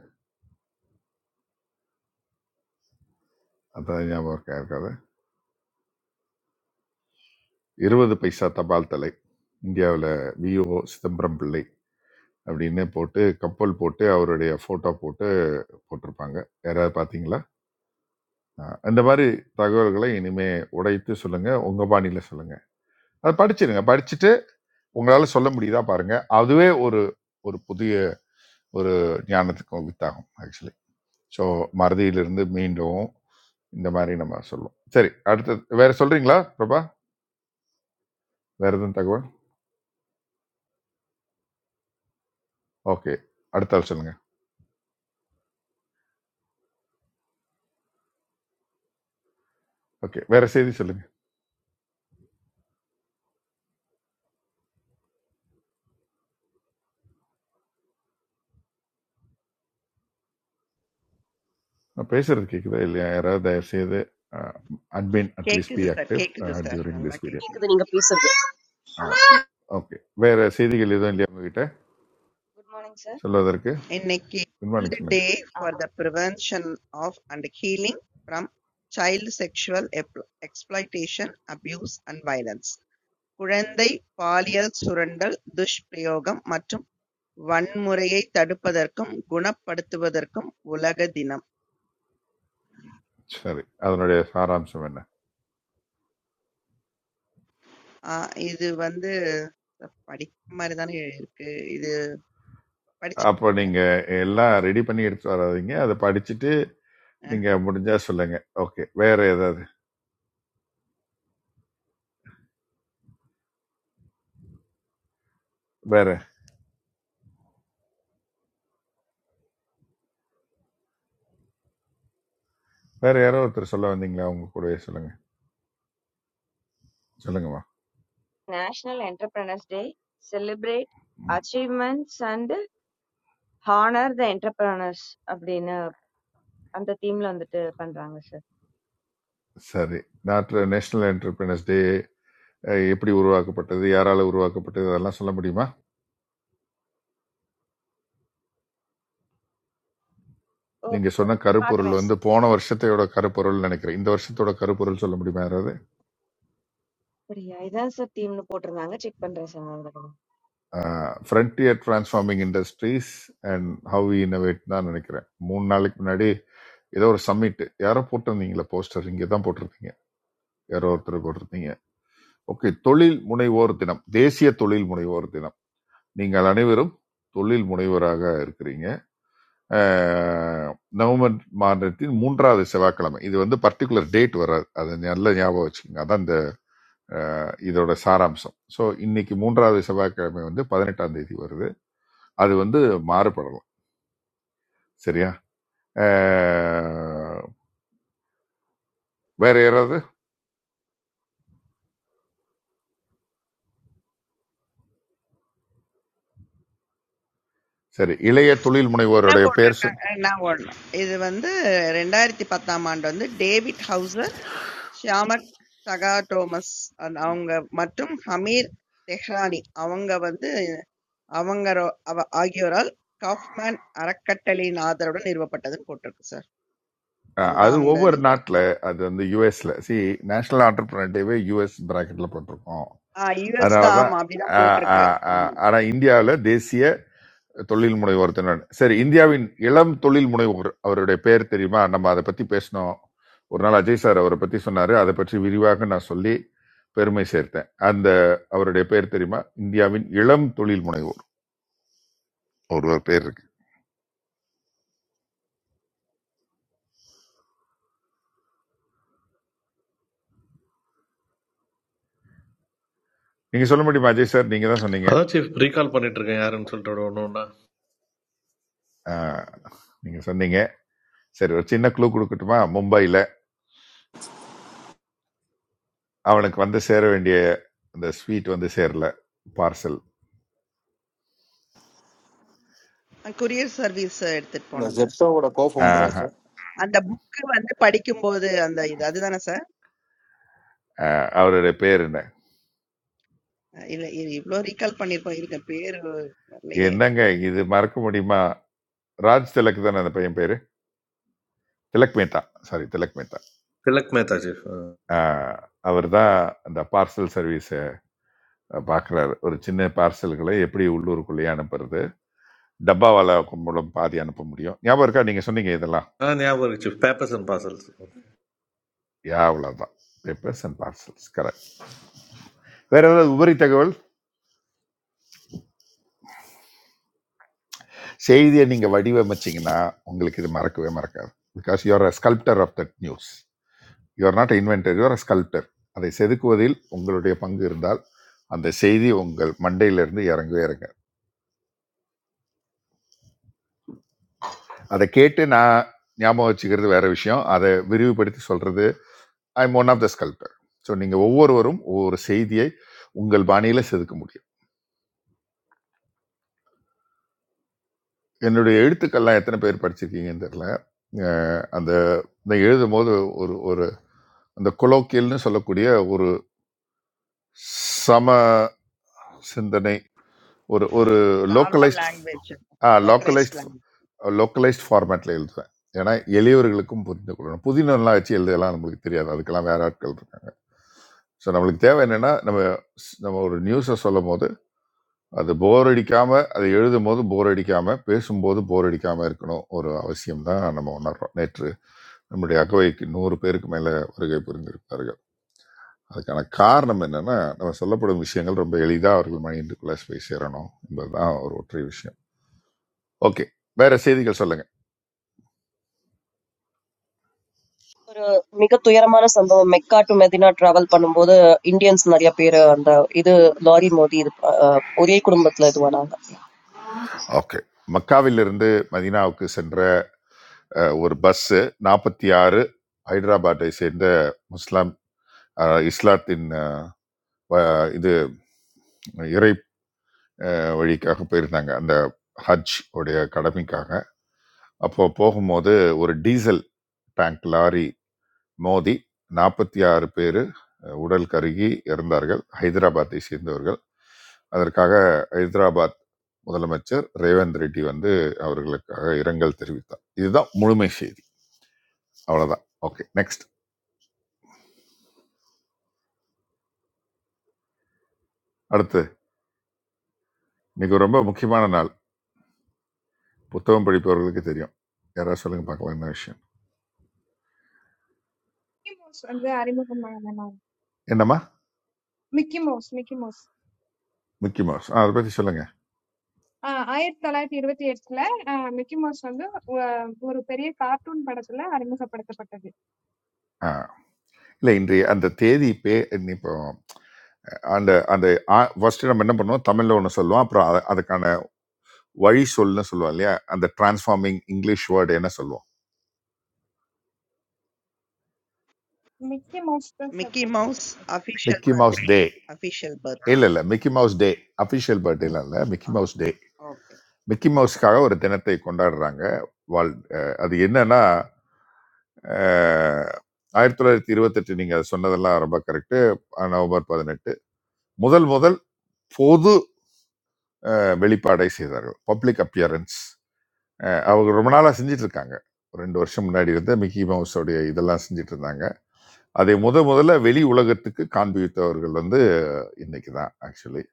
[SPEAKER 3] அதான் ஞாபகம் இருக்கா இருக்காது இருபது பைசா தபால் தலை இந்தியாவில் விஓ சிதம்பரம் பிள்ளை அப்படின்னு போட்டு கப்பல் போட்டு அவருடைய ஃபோட்டோ போட்டு போட்டிருப்பாங்க யாராவது பார்த்தீங்களா அஹ் இந்த மாதிரி தகவல்களை இனிமே உடைத்து சொல்லுங்க உங்க பாணியில சொல்லுங்க அதை படிச்சிருங்க படிச்சுட்டு உங்களால சொல்ல முடியுதா பாருங்க அதுவே ஒரு ஒரு புதிய ஒரு ஞானத்துக்கு வித்தாகும் ஆக்சுவலி ஸோ மறதியிலிருந்து மீண்டும் இந்த மாதிரி நம்ம சொல்லுவோம் சரி அடுத்து வேற சொல்றீங்களா பிரபா வேற எதுவும் தகவல் ஓகே அடுத்த ஆள் சொல்லுங்க ஓகே வேற செய்தி சொல்லுங்க நான் பேசுறது கேக்குதா இல்லையா யாராவது தயவு செய்து அட்மின் அட்லீஸ்ட் பி
[SPEAKER 2] கேக்குது சார்
[SPEAKER 3] ஆக்டிவ்
[SPEAKER 2] கேக்குது சார்
[SPEAKER 3] டியூரிங்
[SPEAKER 2] நல்லா
[SPEAKER 3] திஸ் பீரியட்
[SPEAKER 2] கேக்குது
[SPEAKER 7] கேக்குது நீங்க பேசுறது
[SPEAKER 3] ஓகே வேற செய்திகள் எதுவும் இல்லையா உங்ககிட்ட
[SPEAKER 8] Good morning, sir.
[SPEAKER 3] சொல்வதற்கு
[SPEAKER 2] இன்னைக்கு
[SPEAKER 3] குட் மார்னிங்
[SPEAKER 2] வேர்ல்டு
[SPEAKER 3] சொல்லுங்க
[SPEAKER 2] day
[SPEAKER 8] Uh,
[SPEAKER 2] for the prevention of and healing from child sexual exploitation abuse and violence குழந்தை பாலியல் சுரண்டல், துஷ்பிரயோகம் மற்றும் வன்முறையைத் தடுப்பதற்கும் குணப்படுத்துவதற்கும் உலக தினம்.
[SPEAKER 3] சரி அதனுடைய சாராம்சம் என்ன
[SPEAKER 2] ஆ இது வந்து படிக்கிற மாரி தானே இருக்கு. இது
[SPEAKER 3] அப்போ
[SPEAKER 2] படிச்சிருக்கீங்களா?
[SPEAKER 3] நீங்க எல்லாம் ரெடி பண்ணி எடுத்து வராதீங்க அதை படிச்சுட்டு
[SPEAKER 2] அ.
[SPEAKER 3] நீங்க முடிஞ்சா சொல்லுங்க ஓகே வேற ஏதாவது வேற வேற யாரோ ஒருத்தர் சொல்ல வந்தீங்களா அவங்க கூடவே சொல்லுங்க சொல்லுங்கம்மா
[SPEAKER 8] National Entrepreneurs Day celebrate
[SPEAKER 3] ம்,
[SPEAKER 8] achievements and honor the entrepreneurs அப்படின்னு அந்த தீம்ல வந்துட்டு பண்றாங்க சார்
[SPEAKER 3] சரி நாட்டு நேஷனல் என்டர்பிரினர்ஸ் டே எப்படி உருவாக்கப்பட்டது யாரால உருவாக்கப்பட்டது அதெல்லாம் சொல்ல முடியுமா
[SPEAKER 8] ஓ
[SPEAKER 3] நீங்க சொன்ன கருப்பொருள்
[SPEAKER 8] பாக்குறேன்
[SPEAKER 3] வந்து
[SPEAKER 8] சார்
[SPEAKER 3] போன வருஷத்தையோட கருப்பொருள் நினைக்கிறேன் இந்த வருஷத்தோட கருப்பொருள் சொல்ல முடியுமா யாராவது
[SPEAKER 8] அப்படியா இதான் சார் தீம்னு போட்டிருந்தாங்க செக் பண்றேன் sir
[SPEAKER 3] frontier transforming industries and how we innovate தான் நினைக்கிறேன் மூணு நாளைக்கு முன்னாடி ஏதோ ஒரு சம்மிட் யாரோ போட்டிருந்தீங்களா போஸ்டர் இங்கே தான் போட்டிருந்தீங்க யாரோ ஒருத்தர் போட்டிருந்தீங்க ஓகே தொழில் முனைவோர் தினம் தேசிய தொழில் முனைவோர் தினம் நீங்கள் அனைவரும் தொழில் முனைவராக இருக்கிறீங்க அஹ், நவம்பர் மாதத்தின் மூன்றாவது செவ்வாய்க்கிழமை இது வந்து பர்டிகுலர் டேட் வராது அது நல்ல ஞாபகம் வச்சுக்கோங்க அதான் இந்த அஹ், இதோட சாராம்சம் ஸோ இன்னைக்கு மூன்றாவது செவ்வாய்க்கிழமை வந்து பதினெட்டாம் தேதி வருது அது வந்து மாறுபடலாம் சரியா அஹ், வேற யாராவது சரி இளைய தொழில்
[SPEAKER 2] என்ன
[SPEAKER 3] முனைவோருடைய பெயர் சொல்
[SPEAKER 2] போட்டிருக்காங்க? அ நான் ஒண்ணு. இது வந்து 2010ஆம் ஆண்டு வந்து டேவிட் ஹவுசர், ஷியாமக் சகாடோமஸ் அன் அவங்க மற்றும் ஹமீர் தெஹ்ரானி அவங்க வந்து அவங்கரோ அவ ஆகியோரால் காஃப்மேன் அறக்கட்டளையின் ஆதரவுடன் நிறுவப்பட்டதுன்னு போட்டிருக்கு சார்.
[SPEAKER 3] அஹ்,
[SPEAKER 2] அதுதான்
[SPEAKER 3] அது
[SPEAKER 2] அவங்க
[SPEAKER 3] ஒவ்வொரு
[SPEAKER 2] நீங்க
[SPEAKER 3] நாட்டில் அது வந்து யூஎஸ்ல சி நேஷனல் ஆண்டர்பிரினர் டேவே யூஎஸ் பிராக்கெட்ல போட்டிருக்கோம்
[SPEAKER 2] ஆ யுஎஸ் தான்
[SPEAKER 3] அதனாலதான்
[SPEAKER 2] ஆமா அப்படிதான்
[SPEAKER 3] அஹ்,
[SPEAKER 2] போட்டிருக்கு
[SPEAKER 3] அஹ், அஹ்,
[SPEAKER 2] ஆமா
[SPEAKER 3] ஆனா இந்தியாவில் தேசிய தொழில் முனைவோர் தினம் சரி இந்தியாவின் இளம் தொழில் முனைவோர் அவருடைய பெயர் தெரியுமா நம்ம அதை பத்தி பேசினோம் ஒரு நாள் அஜய் சார் அவரை பத்தி சொன்னாரு அதை பற்றி விரிவாக நான் சொல்லி பெருமை சேர்த்தேன் அந்த அவருடைய பெயர் தெரியுமா இந்தியாவின் இளம் தொழில் முனைவோர் ஒருவர் பேர் இருக்கு நீங்க சொல்ல முடியுமா அஜய் சார் நீங்க தான் சொன்னீங்க
[SPEAKER 9] அதான் சீஃப் ரீகால் பண்ணிட்டு இருக்கேன் யாருன்னு சொல்லிட்டு ஒன்று ஒன்றா
[SPEAKER 3] ஆஹ், நீங்க சொன்னீங்க சரி ஒரு சின்ன க்ளூ கொடுக்கட்டுமா மும்பையில அவனுக்கு வந்து சேர வேண்டிய அந்த ஸ்வீட் வந்து சேரல பார்சல்
[SPEAKER 2] கொரியர் சர்வீஸ் எடுத்துட்டு
[SPEAKER 10] இந்த
[SPEAKER 2] போனது
[SPEAKER 10] ஜெப்டோவோட கோ
[SPEAKER 2] அது
[SPEAKER 10] ஃபவுண்டரா சார்
[SPEAKER 2] அந்த புக் வந்து படிக்கும்போது அந்த இது அதுதானே சார்
[SPEAKER 3] அவருடைய பேர் என்ன
[SPEAKER 2] இல்ல இ- இவ்ளோ ரீகால் பண்ணிருக்கோம் இருக்க பேரு வரலையே
[SPEAKER 3] என்னங்க இது மறக்க முடியுமா ராஜ் திலக் தானே அந்த பையன் பேரு திலக் மேத்தா சாரி திலக் மேத்தா
[SPEAKER 9] திலக் மேத்தா சீஃப்
[SPEAKER 3] அவர் தான் அந்த பார்சல் சர்வீஸை பார்க்குறாரு ஒரு சின்ன பார்சல்களை எப்படி உள்ளூருக்குள்ளேயே அனுப்புறது டப்பாவால மூலம் பாதி அனுப்ப முடியும் ஞாபகம் இருக்கா நீங்க சொன்னீங்க இதெல்லாம்
[SPEAKER 9] ஆ ஞாபகம் இருக்கு chief papers and parcels
[SPEAKER 3] yeah அவ்வளோதான் பேப்பர்ஸ் அண்ட் பார்சல்ஸ் கரெக்ட் வேற ஏதாவது உபரி தகவல் செய்தியை நீங்கள் வடிவமைச்சிங்கன்னா உங்களுக்கு இது மறக்கவே மறக்காது because you're a sculptor of that news you're not inventor you're a sculptor அதை செதுக்குவதில் உங்களுடைய பங்கு இருந்தால் அந்த செய்தி உங்கள் மண்டையிலிருந்து இறங்கவே இறங்க அதை கேட்டு நான் ஞாபகம் வச்சுக்கிறது வேற விஷயம் அதை விரிவுபடுத்தி சொல்றது I am one of the sculptor so நீங்கள் ஒவ்வொருவரும் ஒவ்வொரு செய்தியை உங்கள் பாணியில் செதுக்க முடியும் என்னுடைய எழுத்துக்கள்லாம் எத்தனை பேர் படிச்சிருக்கீங்கன்னு தெரில அஹ் அந்த இந்த எழுதும் போது ஒரு ஒரு அந்த கொலோக்கியல்னு சொல்லக்கூடிய ஒரு சம சிந்தனை ஒரு ஒரு
[SPEAKER 2] நார்மல்
[SPEAKER 3] லோக்கலைஸ்ட்
[SPEAKER 2] லாங்குவேஜ்
[SPEAKER 3] ஆ
[SPEAKER 2] லோக்கலைஸ்ட்
[SPEAKER 3] லோக்கலைஸ்ட்
[SPEAKER 2] லாங்குவேஜ்
[SPEAKER 3] லோக்கலைஸ்ட் ஃபார்மேட்டில் எழுதுவேன் ஏன்னா எளியவர்களுக்கும் புரிந்து கொள்ளணும் புதினெல்லாம் வச்சு எழுதலாம் நம்மளுக்கு தெரியாது அதுக்கெல்லாம் வேற ஆட்கள் இருக்காங்க ஸோ நம்மளுக்கு தேவை என்னென்னா நம்ம ஸ்- நம்ம ஒரு நியூஸை சொல்லும் போது அது போர் அடிக்காம அதை எழுதும் போது போர் அடிக்காம பேசும்போது போர் அடிக்காம இருக்கணும் ஒரு அவசியம் தான் நம்ம உணர்றோம் நேற்று நம்முடைய அகவைக்கு நூறு பேருக்கு மேல வருகை புரிந்திருப்பார்கள் அதுக்கான காரணம் என்னன்னா நம்ம சொல்லப்படும் விஷயங்கள் ரொம்ப எளிதா அவர்கள் மைண்டுக்குள்ள போய் சேரணும் என்பதுதான் ஒரு ஒற்றை விஷயம் ஓகே வேற செய்திகள் சொல்லுங்க
[SPEAKER 7] ஒரு மிக துயரமான சம்பவம் மெக்கா டு மெதினா டிராவல் பண்ணும்போது இந்தியன்ஸ் நிறைய பேர் அந்த இது லாரி மோதி இது அஹ், ஒரே குடும்பத்துல இதுவானாங்க
[SPEAKER 3] ஓகே மக்காவிலிருந்து மதீனாவுக்கு சென்ற அஹ், ஒரு பஸ் நாற்பத்தி ஆறு ஹைதராபாத்தை சேர்ந்த முஸ்லாம் அஹ், இஸ்லாத்தின் அஹ், வ- இது இறை அஹ், வழிக்காக போயிருந்தாங்க அந்த ஹஜ் உடைய கடமைக்காக அப்போ போகும்போது ஒரு டீசல் டேங்க் லாரி மோதி நாற்பத்தி ஆறு பேர் உடல் கருகி இறந்தார்கள் ஹைதராபாத்தை சேர்ந்தவர்கள் அதற்காக ஹைதராபாத் முதலமைச்சர் ரேவந்த் ரெட்டி வந்து அவர்களுக்காக இரங்கல் தெரிவித்தார் இதுதான் முழுமை செய்தி அவ்வளவுதான் ஓகே நெக்ஸ்ட் அடுத்து இன்னைக்கு ஒரு ரொம்ப முக்கியமான நாள் புத்தகம் படிப்பவர்களுக்கு தெரியும் யாராவது சொல்லுங்க பார்க்கலாம் என்ன விஷயம்
[SPEAKER 11] Mickey Mouse, अंदर आरे मुफ्त में आया मैंने।
[SPEAKER 3] என்னம்மா
[SPEAKER 11] Mickey Mouse, Mickey Mouse,
[SPEAKER 3] Mickey Mouse ஆ, அதை பத்தி சொல்லுங்க
[SPEAKER 11] आ आये तलाय तीर्वतीर्वतला, आ Mickey Mouse अंदर वो वो रुपेरी cartoon पढ़ाता ला, आरे मुझे पढ़ता पढ़ता दिए।
[SPEAKER 3] இல்லை இன்றைய அந்த தேதி பே இன்னி இப்போ அந்த அந்த ஃபர்ஸ்ட் நம்ம என்ன பண்ணுவோம் தமிழில் ஒன்று சொல்லுவோம் அப்புறம் அத- அதுக்கான வழி சொல்லுன்னு சொல்லுவோம் இல்லையா அந்த டிரான்ஸ்ஃபார்மிங் இங்கிலீஷ் வேர்டு என்ன சொல்லுவோம்
[SPEAKER 11] Mickey Mouse का
[SPEAKER 2] மிக்கி
[SPEAKER 11] supporter
[SPEAKER 2] மவுஸ்
[SPEAKER 11] थे।
[SPEAKER 2] Official
[SPEAKER 3] Mickey Mouse
[SPEAKER 2] birthday
[SPEAKER 3] day
[SPEAKER 2] official birthday
[SPEAKER 3] இல்லை இல்லை மிக்கி மவுஸ் டே அஃபிஷியல் பர்த்டேலாம் இல்லை Mickey Mouse day
[SPEAKER 2] okay
[SPEAKER 3] Mickey மவுஸ்க்காக ஒரு தினத்தை கொண்டாடுறாங்க வாழ் அஹ் அது என்னன்னா அஹ், ஆயிரத்தி தொள்ளாயிரத்தி இருபத்தெட்டு நீங்கள் அதை சொன்னதெல்லாம் ரொம்ப கரெக்டு நவம்பர் பதினெட்டு முதல் முதல் பொது அஹ், வெளிப்பாடை செய்தார்கள் பப்ளிக் அப்பியரன்ஸ் அஹ் அவங்க ரொம்ப நாளாக செஞ்சுட்டு இருக்காங்க ஒரு ரெண்டு வருஷம் முன்னாடி இருந்து மிக்கி மவுஸோடைய இதெல்லாம் செஞ்சுட்டு இருந்தாங்க அதை முத முதல்ல வெளி உலகத்துக்கு காண்பித்தவர்கள் வந்து இன்னைக்கு தான் ஆக்சுவலி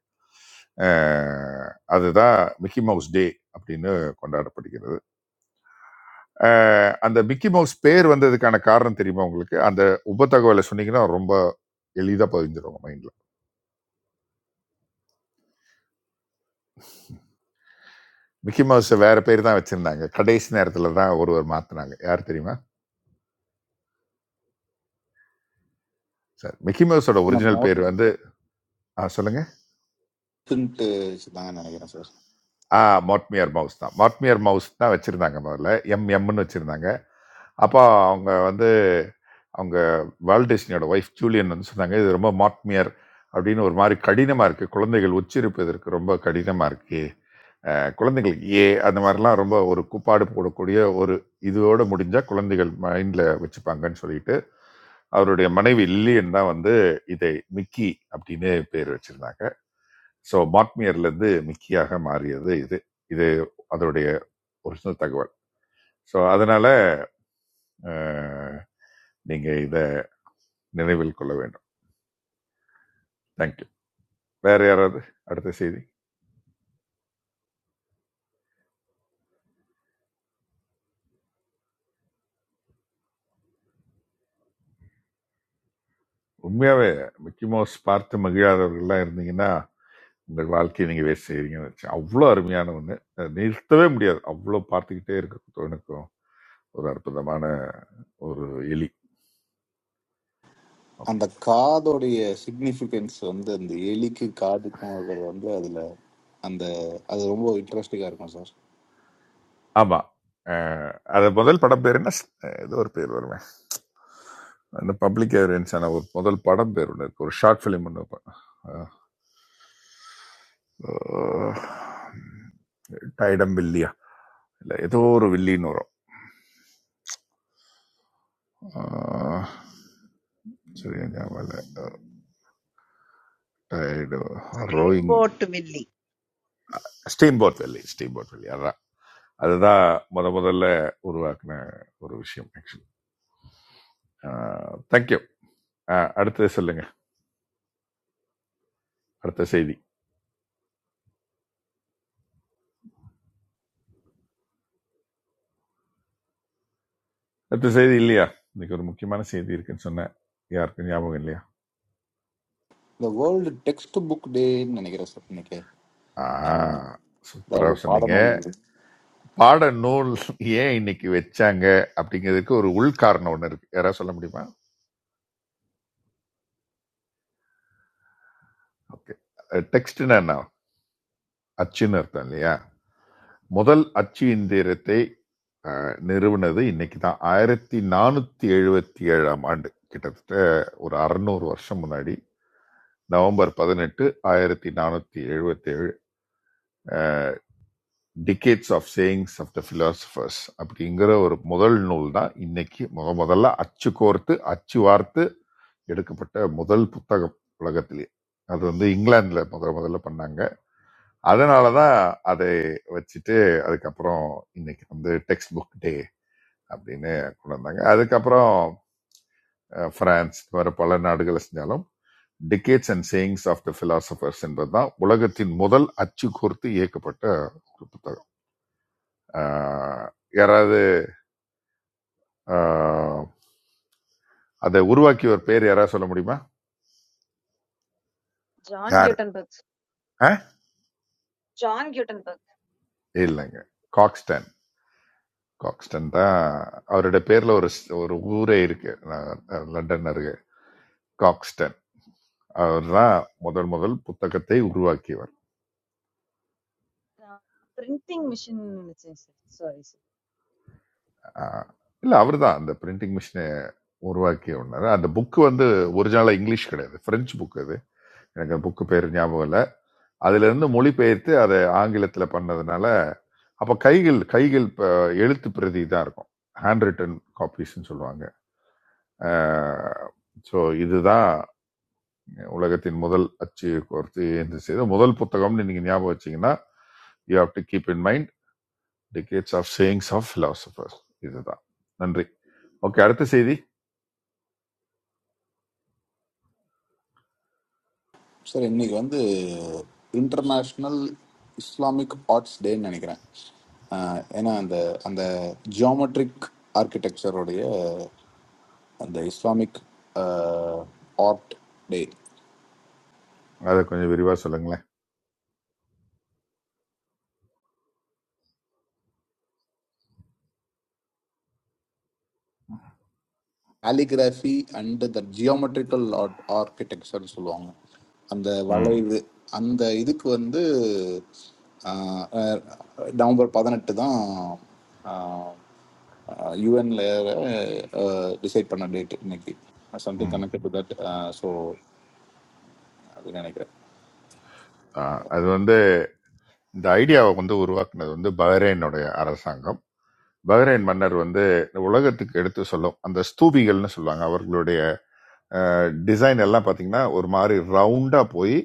[SPEAKER 3] அதுதான் மிக்கி மவுஸ் டே அப்படின்னு கொண்டாடப்படுகிறது அஹ் அந்த மிக்கி மவுஸ் பேர் வந்ததுக்கான காரணம் தெரியுமா உங்களுக்கு அந்த உப தகவலை சொன்னீங்கன்னா ரொம்ப எளிதாக பதிஞ்சிருவாங்க மைண்டில் மிக்கி மவுஸ் வேற பேர் தான் வச்சிருந்தாங்க கடைசி நேரத்தில் தான் ஒருவர் மாற்றினாங்க யார் தெரியுமா சார் மிக்கி மவுஸோட
[SPEAKER 10] நம்ம
[SPEAKER 3] ஒரிஜினல் பேர் வந்து ஆ, சொல்லுங்க
[SPEAKER 10] மார்க்ஸ்ன்ட்டு வச்சுருந்தாங்கன்னு நினைக்கிறேன் சார்
[SPEAKER 3] ஆ மாட்மியர் மவுஸ் தான். மாட்மியர் மவுஸ் தான் வச்சிருந்தாங்க முதல்ல. எம்எம்ன்னு வச்சிருந்தாங்க. அப்போ அவங்க வந்து அவங்க வால்ட் டிஸ்னியோட வைஃப் ஜூலியன் வந்து சொன்னாங்க, "இது ரொம்ப மாட்மியர் அப்படின்னு ஒரு மாரி கடினமா இருக்கு. குழந்தைகள் உச்சரிப்பதற்கு ரொம்ப கடினமா இருக்கு. அ குழந்தைகளுக்கு ஏ அந்த மாரிலாம் ரொம்ப ஒரு கூப்பாடு போடக்கூடிய ஒரு இதோட முடிஞ்சா குழந்தைகள் மைண்ட்ல வச்சுப்பாங்கன்னு" சொல்லிட்டு, அவருடைய மனைவி லில்லியன் தான் வந்து இதை மிக்கி அப்படின்னு பேர் வச்சிருந்தாங்க. ஸோ மாட்மியர்லேருந்து மிக்கியாக மாறியது இது இது அதனுடைய ஒரிஜினல் தகவல் ஸோ அதனால அஹ், நீங்க இதை நினைவில் கொள்ள வேண்டும் தேங்க்யூ வேற யாராவது அடுத்த செய்தி உண்மையாவே மிக்கி மவுஸ் பார்த்து மகிழாதவர்கள்லாம் இருந்தீங்கன்னா உங்கள் வாழ்க்கையை நீங்க வேஸ்ட் செய்றீங்கன்னு வச்சு அவ்வளோ அருமையான ஒன்று அதை நிறுத்தவே முடியாது அவ்வளோ பார்த்துக்கிட்டே இருக்க எனக்கும் ஒரு அற்புதமான ஒரு எலி ஓகே
[SPEAKER 10] அந்த காதோடைய சிக்னிஃபிகன்ஸ் வந்து அந்த எலிக்கு காதுக்கும் இருக்கிறது வந்து அதில் அந்த அது ரொம்ப இன்ட்ரெஸ்டிங்காக இருக்கும் சார்
[SPEAKER 3] ஆமா அஹ், அது முதல் படம் பேர் என்ன ஸ்- அஹ், ஏதோ ஒரு பேர் வரும் அந்த பப்ளிக் எவிடன்ஸ் ஆன ஒரு முதல் படம் பேர் ஒன்று இருக்கு ஒரு ஷார்ட் ஃபிலிம் ஒன்று டைடம் வில்லியா இல்லை ஏதோ ஒரு வில்லின்னு வரும் ஆஹ், சரியா ஞாபகம் இல்லை டைடு
[SPEAKER 2] steam
[SPEAKER 3] rowing
[SPEAKER 2] boat Willie
[SPEAKER 3] steamboat வெள்ளி ஸ்டீம் போட் வெள்ளி அதான் அதுதான் முத முதல்ல உருவாக்குன ஒரு விஷயம் ஆக்சுவலி தேங்க்யூ அடுத்தது சொல்லுங்க அடுத்த செய்தி அடுத்த செய்தி இல்லையா இன்னைக்கு ஒரு முக்கியமான செய்தி இருக்குன்னு சொன்னேன் யாருக்கும் ஞாபகம் இல்லையா
[SPEAKER 10] இந்த வேர்ல்டு டெக்ஸ்ட் புக் டேன்னு நினைக்கிறேன் சார் இன்னைக்கு
[SPEAKER 3] ஆ
[SPEAKER 10] ஆஹ், அதாவது
[SPEAKER 3] சூப்பராக
[SPEAKER 10] பாடநூல்
[SPEAKER 3] சொன்னீங்க பாட நூல் ஏன் இன்னைக்கு வச்சாங்க அப்படிங்கிறதுக்கு ஒரு உள்காரணம் ஒன்று இருக்கு யாராவது சொல்ல முடியுமா ஓகே டெக்ஸ்ட்னா என்ன அச்சுன்னு அர்த்தம் இல்லையா முதல் அச்சு இந்திரத்தை அஹ், நிறுவனது இன்னைக்கு தான் ஆயிரத்தி நானூத்தி எழுபத்தி ஏழாம் ஆண்டு கிட்டத்தட்ட ஒரு அறுநூறு வருஷம் முன்னாடி நவம்பர் பதினெட்டு ஆயிரத்தி நானூத்தி எழுபத்தி ஏழு decades of sayings of the philosophers அப்படிங்கிற ஒரு முதல் நூல் தான் இன்னைக்கு முத முதல்ல அச்சு கோர்த்து அச்சு வார்த்து எடுக்கப்பட்ட முதல் புத்தகம் உலகத்திலேயே அது வந்து இங்கிலாந்துல முதல் முதல்ல பண்ணாங்க அதனால தான் அதை வச்சுட்டு அதுக்கப்புறம் இன்னைக்கு வந்து டெக்ஸ்ட் புக் டே அப்படின்னு கொண்டு வந்தாங்க அதுக்கப்புறம் அஹ், பிரான்ஸ் இது மாதிரி பல நாடுகளை செஞ்சாலும் decades and sayings of the philosophers என்பதுதான் உலகத்தின் முதல் அச்சு கோர்த்து இயக்கப்பட்ட ஒரு புத்தகம் ஆஹ் யாராவது ஆஹ் அதை உருவாக்கியவர் பேர் யாராவது சொல்ல முடியுமா
[SPEAKER 8] ஜான்
[SPEAKER 3] யார்
[SPEAKER 8] கியூட்டன்பர்க்
[SPEAKER 3] அஹ்?
[SPEAKER 8] ஜான் கியூட்டன்பர்க்
[SPEAKER 3] இல்லைங்க காக்ஸ்டன் காக்ஸ்டன் தான் அவருடைய பேர்ல ஒரு ஸ்- ஒரு ஊரே இருக்கு நான் லண்டன் அருகே காக்ஸ்டன் அவர் தான் முதல் முதல் புத்தகத்தை உருவாக்கியவர்
[SPEAKER 8] பிரிண்டிங் மிஷின் நினைச்சேன் சார் சாரி சார்
[SPEAKER 3] ஆஹ் இல்ல அவர் தான் அந்த பிரிண்டிங் மிஷினை உருவாக்கிய ஒன்று அந்த புக்கு வந்து ஒரிஜினலாக இங்கிலீஷ் கிடையாது பிரெஞ்சு புக் அது எனக்கு அந்த புக்கு பேர் ஞாபகம் இல்லை அதுல இருந்து மொழிபெயர்த்து அதை ஆங்கிலத்துல பண்ணதுனால அப்ப கைகள் கைகள் இப்ப எழுத்து பிரதி தான் இருக்கும் ஹேண்ட் ரிட்டன் காப்பீஸ்ன்னு சொல்லுவாங்க ஸோ இதுதான் உலகத்தின் முதல் அச்சு கோர்த்து என்று செய்த முதல் புத்தகம்னு நீங்க ஞாபகம் வச்சீங்கன்னா you have to keep in mind decades of sayings of philosophers இதுதான் நன்றி ஓகே அடுத்த செய்தி
[SPEAKER 10] சார் இன்னைக்கு வந்து இன்டர்நேஷ்னல் இஸ்லாமிக் ஆர்ட்ஸ் டேன்னு நினைக்கிறேன் ஆஹ், ஏன்னா அந்த அந்த ஜியோமெட்ரிக் ஆர்கிடெக்சருடைய அந்த Islamic uh, art day
[SPEAKER 3] அதை கொஞ்சம் விரிவாக சொல்லுங்களேன்
[SPEAKER 10] calligraphy and the geometrical art architecture னு சொல்லுவாங்க அந்த
[SPEAKER 3] ம்
[SPEAKER 10] வளைவு அந்த இதுக்கு வந்து ஆஹ், அஹ், நவம்பர் பதினெட்டு தான் யூஎன்ல டிசைட் பண்ண டேட் இன்னைக்கு சம்திங்
[SPEAKER 3] ம்
[SPEAKER 10] கனெக்டட் டு தட் ஸோ அப்படின்னு நினைக்கிறேன்
[SPEAKER 3] ஆ, அது வந்து இந்த ஐடியாவை வந்து உருவாக்குனது வந்து பஹ்ரைனுடைய அரசாங்கம் பஹ்ரைன் மன்னர் வந்து உலகத்துக்கு எடுத்து சொல்லும் அந்த ஸ்தூபிகள்னு சொல்லுவாங்க அவர்களுடைய டிசைன் எல்லாம் பாத்தீங்கன்னா ஒரு மாதிரி ரவுண்டா போய்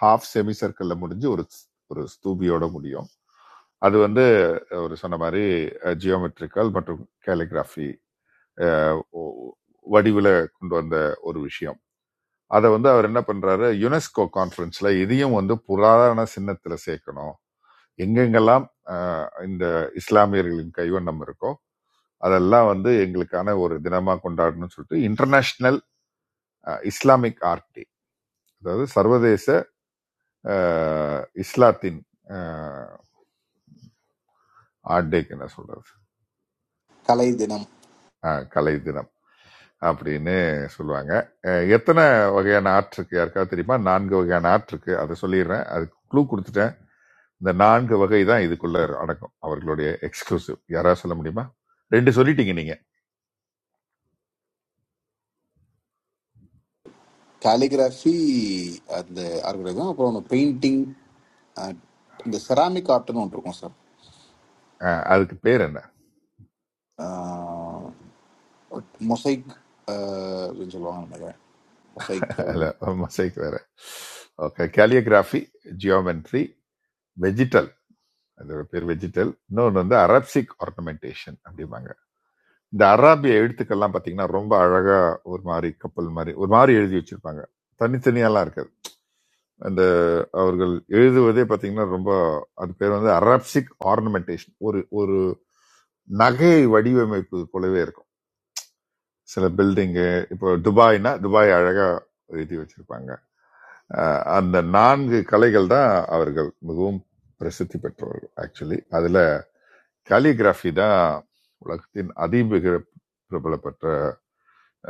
[SPEAKER 3] ஹாஃப் செமி சர்க்கிள்ல முடிஞ்சு ஒரு ஒரு ஸ்தூபியோட முடியும் அது வந்து அவர் சொன்ன மாதிரி ஜியோமெட்ரிக்கல் மற்றும் கேலிகிராஃபி வடிவில் கொண்டு வந்த ஒரு விஷயம் அதை வந்து அவர் என்ன பண்றாரு யுனெஸ்கோ கான்ஃபரன்ஸ்ல இதையும் வந்து புராதன சின்னத்துல சேர்க்கணும் எங்கெங்கெல்லாம் அஹ், இந்த இஸ்லாமியர்களின் கைவண்ணம் இருக்கோ அதெல்லாம் வந்து எங்களுக்கான ஒரு தினமா கொண்டாடணும்னு சொல்லிட்டு இன்டர்நேஷனல் இஸ்லாமிக் ஆர்ட் டே அதாவது சர்வதேச அஹ், இஸ்லாத்தின் ஆர்ட் டேக்கு என்ன சொல்றது
[SPEAKER 10] கலை தினம்
[SPEAKER 3] அஹ், கலை தினம் அப்படின்னு சொல்லுவாங்க அஹ், எத்தனை வகையான ஆர்ட் இருக்கு யாருக்காவது தெரியுமா நான்கு வகையான ஆர்ட் இருக்கு அதை சொல்லிடுறேன் அதுக்கு க்ளூ கொடுத்துட்டேன் இந்த நான்கு வகை தான் இதுக்குள்ள அடக்கும் அவர்களுடைய எக்ஸ்க்ளூசிவ் யாராவது சொல்ல முடியுமா ரெண்டு சொல்லிட்டீங்க நீங்க
[SPEAKER 10] கேலிகிராஃபி அந்த ஆர்கிடெக்ட் அப்புறம் பெயிண்டிங் அஹ், இந்த செராமிக் ஆர்ட்னு ஒன்று இருக்கும் சார்
[SPEAKER 3] அஹ், அதுக்கு பேர் என்ன
[SPEAKER 10] மொசைக் அப்படின்னு சொல்லுவாங்க நினைக்கிறேன் மொசைக்
[SPEAKER 3] ಅಲ್ಲ
[SPEAKER 10] அப்படின்னு
[SPEAKER 3] ಮೊಸೈಕ್ வேற ஓகே கேலியோகிராஃபி ஜியோமெட்ரி வெஜிடல் அது பேர் வெஜிடல் இன்னொன்று வந்து அரப்சிக் ஆர்னமெண்டேஷன் அப்படிம்பாங்க இந்த அராபிய எழுத்துக்கள்லாம் பார்த்தீங்கன்னா ரொம்ப அழகா ஒரு மாதிரி கப்பல் மாதிரி ஒரு மாதிரி எழுதி வச்சிருப்பாங்க தனித்தனியாலாம் இருக்காது அந்த அவர்கள் எழுதுவதே பார்த்தீங்கன்னா ரொம்ப அது பேர் வந்து அரப்சிக் ஆர்னமெண்டேஷன் ஒரு ஒரு நகை வடிவமைப்பு போலவே இருக்கும் சில பில்டிங்கு இப்போ துபாய்னா துபாய் அழகா எழுதி வச்சிருப்பாங்க அஹ் அந்த நான்கு கலைகள் தான் அவர்கள் மிகவும் பிரசித்தி பெற்றவர்கள் ஆக்சுவலி அதுல காலிகிராஃபி தான் உலகத்தின் அதிமிக பிரபலப்பட்ட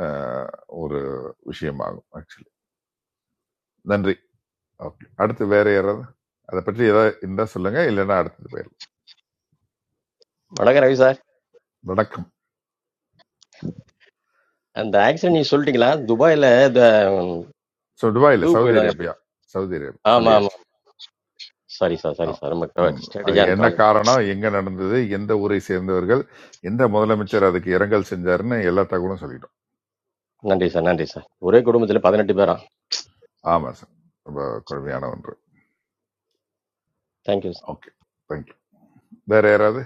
[SPEAKER 3] அஹ், ஒரு விஷயமாகும் ஆக்சுவலி நன்றி ஓகே அடுத்து வேற யாராவது அதை பற்றி ஏதாவது இருந்தா சொல்லுங்க இல்லைன்னா அடுத்தது பேர்
[SPEAKER 12] வணக்கம் ரவி சார்
[SPEAKER 3] வணக்கம்
[SPEAKER 12] அந்த ஆக்சிடென்ட் நீங்க சொல்லிட்டீங்களா துபாயில இந்த ம்,
[SPEAKER 3] ஸோ துபாயில்
[SPEAKER 12] இது
[SPEAKER 3] சவுதி
[SPEAKER 12] போயிட்டாங்க
[SPEAKER 3] அரேபியா சவுதி அரேபியா
[SPEAKER 12] ஆமா ஆமா
[SPEAKER 3] சொல்லியாச்சு
[SPEAKER 12] சாரி சார்
[SPEAKER 3] ஆ,
[SPEAKER 12] சாரி சார் ரொம்ப
[SPEAKER 3] ம். அது
[SPEAKER 12] ஸ்ட்ராட்டஜியா அந்த
[SPEAKER 3] என்ன
[SPEAKER 12] காலேஜ்
[SPEAKER 3] காரணம் எங்க நடந்தது எந்த ஊரை சேர்ந்தவர்கள் எந்த முதலமைச்சர் அதுக்கு இரங்கல் செஞ்சாருன்னு எல்லா தகவலும் சொல்லிட்டோம்
[SPEAKER 12] நன்றி சார் நன்றி சார் ஒரே குடும்பத்துல பதினெட்டு பேரா
[SPEAKER 3] ஆமாம் சார் ரொம்ப கொடுமையான ஒன்று
[SPEAKER 12] தேங்க்யூ சார்
[SPEAKER 3] ஓகே தேங்க்யூ வேற யாராவது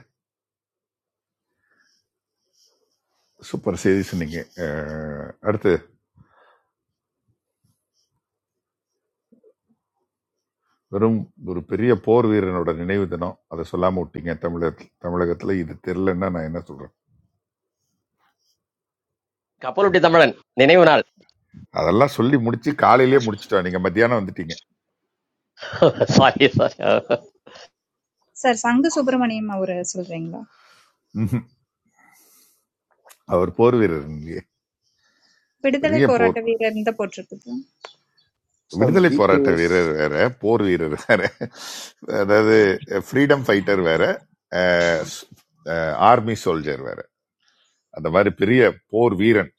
[SPEAKER 3] சூப்பர் செய்தி சொன்னீங்க அஹ், அடுத்து வெறும் ஒரு பெரிய போர் வீரனோட நினைவு தினம் அதை சொல்லாம விட்டீங்க தமிழகத்தில் தமிழகத்துல இது தெரிலன்னா நான் என்ன சொல்றேன்
[SPEAKER 12] கப்பலுட்டி தமிழன் நினைவு நாள்
[SPEAKER 3] அதெல்லாம் சொல்லி முடிச்சு காலையிலேயே முடிச்சிட்டோம் நீங்க மத்தியானம் வந்துட்டீங்க
[SPEAKER 12] சாரி சார் சார்
[SPEAKER 6] சார், சங்கு சுப்பிரமணியம் அவரை சொல்றீங்களா?
[SPEAKER 3] ம்ஹும். அவர் போர் வீரர் இல்லையே
[SPEAKER 6] விடுதலை
[SPEAKER 3] பெரிய போர்
[SPEAKER 6] போராட்ட வீரர் இந்த போட்டிருக்குது.
[SPEAKER 10] சார் இந்த
[SPEAKER 3] விடுதலை போராட்ட
[SPEAKER 10] விகேஎஸ்
[SPEAKER 3] வீரர் வேற போர் வீரர் வேற அதாவது ஃப்ரீடம் ஃபைட்டர் வேற ஆர்மி சோல்ஜர் வேற அந்த மாதிரி பெரிய போர் வீரன்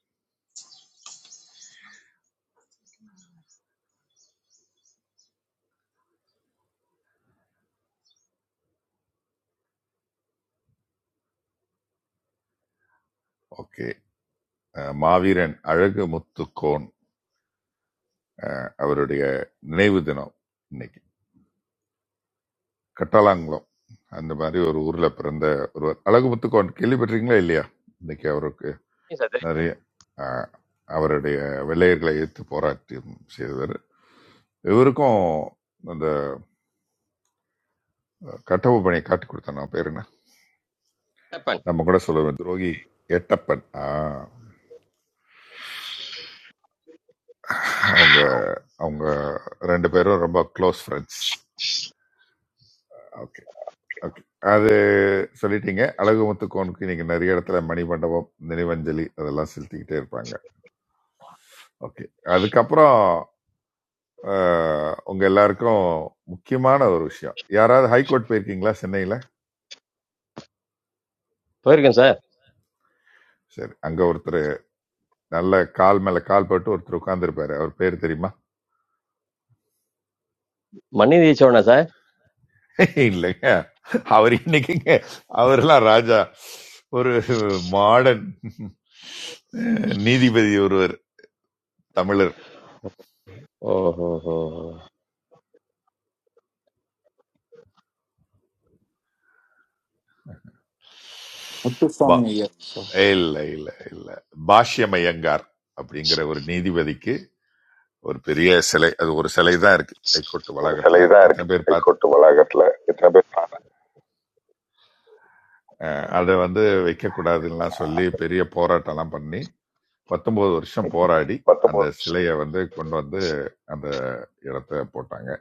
[SPEAKER 3] ஓகே அஹ் மாவீரன் அழகு முத்துக்கோன் அஹ் அவருடைய நினைவு தினம் இன்னைக்கு கட்டாலாங்குளம் அந்த மாதிரி ஒரு ஊர்ல பிறந்த ஒருவர் அழகு முத்துக்கோன் கேள்விப்பட்டிருக்கீங்களா இல்லையா இன்னைக்கு அவருக்கு நிறைய அஹ், அவருடைய வெள்ளையர்களை எதிர்த்து போராட்டம் செய்தவர் இவருக்கும் அந்த கட்டவு பணியை காட்டி கொடுத்தேன் நான் பேர் என்ன
[SPEAKER 12] தெரியும்.
[SPEAKER 3] நம்ம கூட சொல்லுவேன் துரோகி எட்டப்பன் ஆஹ், அவங்க அவங்க ரெண்டு பேரும் ரொம்ப க்ளோஸ் ஃப்ரெண்ட்ஸ் ஓகே, ஓகே அது சொல்லிட்டீங்க அழகு முத்துக்கோனுக்கு இன்னைக்கு நிறைய இடத்துல மணி மண்டபம் நினைவஞ்சலி அதெல்லாம் செலுத்திக்கிட்டே இருப்பாங்க ஓகே அதுக்கப்புறம் அஹ், உங்க எல்லாருக்கும் முக்கியமான ஒரு விஷயம் யாராவது ஹைகோர்ட் போயிருக்கீங்களா சென்னையில
[SPEAKER 12] போயிருக்கேன் சார்
[SPEAKER 3] சரி அங்க ஒருத்தர் நல்ல கால் மேல கால் போட்டு ஒருத்தர் உட்கார்ந்துருப்பாரு அவர் பேர் தெரியுமா
[SPEAKER 12] மன்னிதி சோழனா சார்
[SPEAKER 3] இல்லைங்க அவர் இன்னைக்குங்க அவரெல்லாம் ராஜா ஒரு மாடர்ன் நீதிபதி ஒருவர் தமிழர்.
[SPEAKER 12] ஓஹோ ஹோ ஹோ.
[SPEAKER 3] பா
[SPEAKER 10] முத்துசாமி ஐயர் சார்
[SPEAKER 3] இல்லை இல்லை இல்லை பாஷ்யமயங்கார் அப்படிங்கிற ஒரு நீதிபதிக்கு ஒரு பெரிய சிலை அது ஒரு சிலை தான் இருக்கு ஹைகோர்ட்
[SPEAKER 12] ஒரு சிலை
[SPEAKER 3] வளாகத்துல
[SPEAKER 12] தான் இருக்கு
[SPEAKER 3] எத்தனை பேர் பார்த்து
[SPEAKER 12] ஹைகோர்ட் வளாகத்துல எத்தனை பேர் பார்த்தாங்க?
[SPEAKER 3] அஹ், அதை வந்து வைக்கக்கூடாதுன்னெலாம் சொல்லி பெரிய போராட்டம்லாம் பண்ணி பத்தொன்பது வருஷம் போராடி அந்த
[SPEAKER 12] பத்தொன்பது
[SPEAKER 3] சிலையை வந்து கொண்டு வந்து அந்த இடத்த போட்டாங்க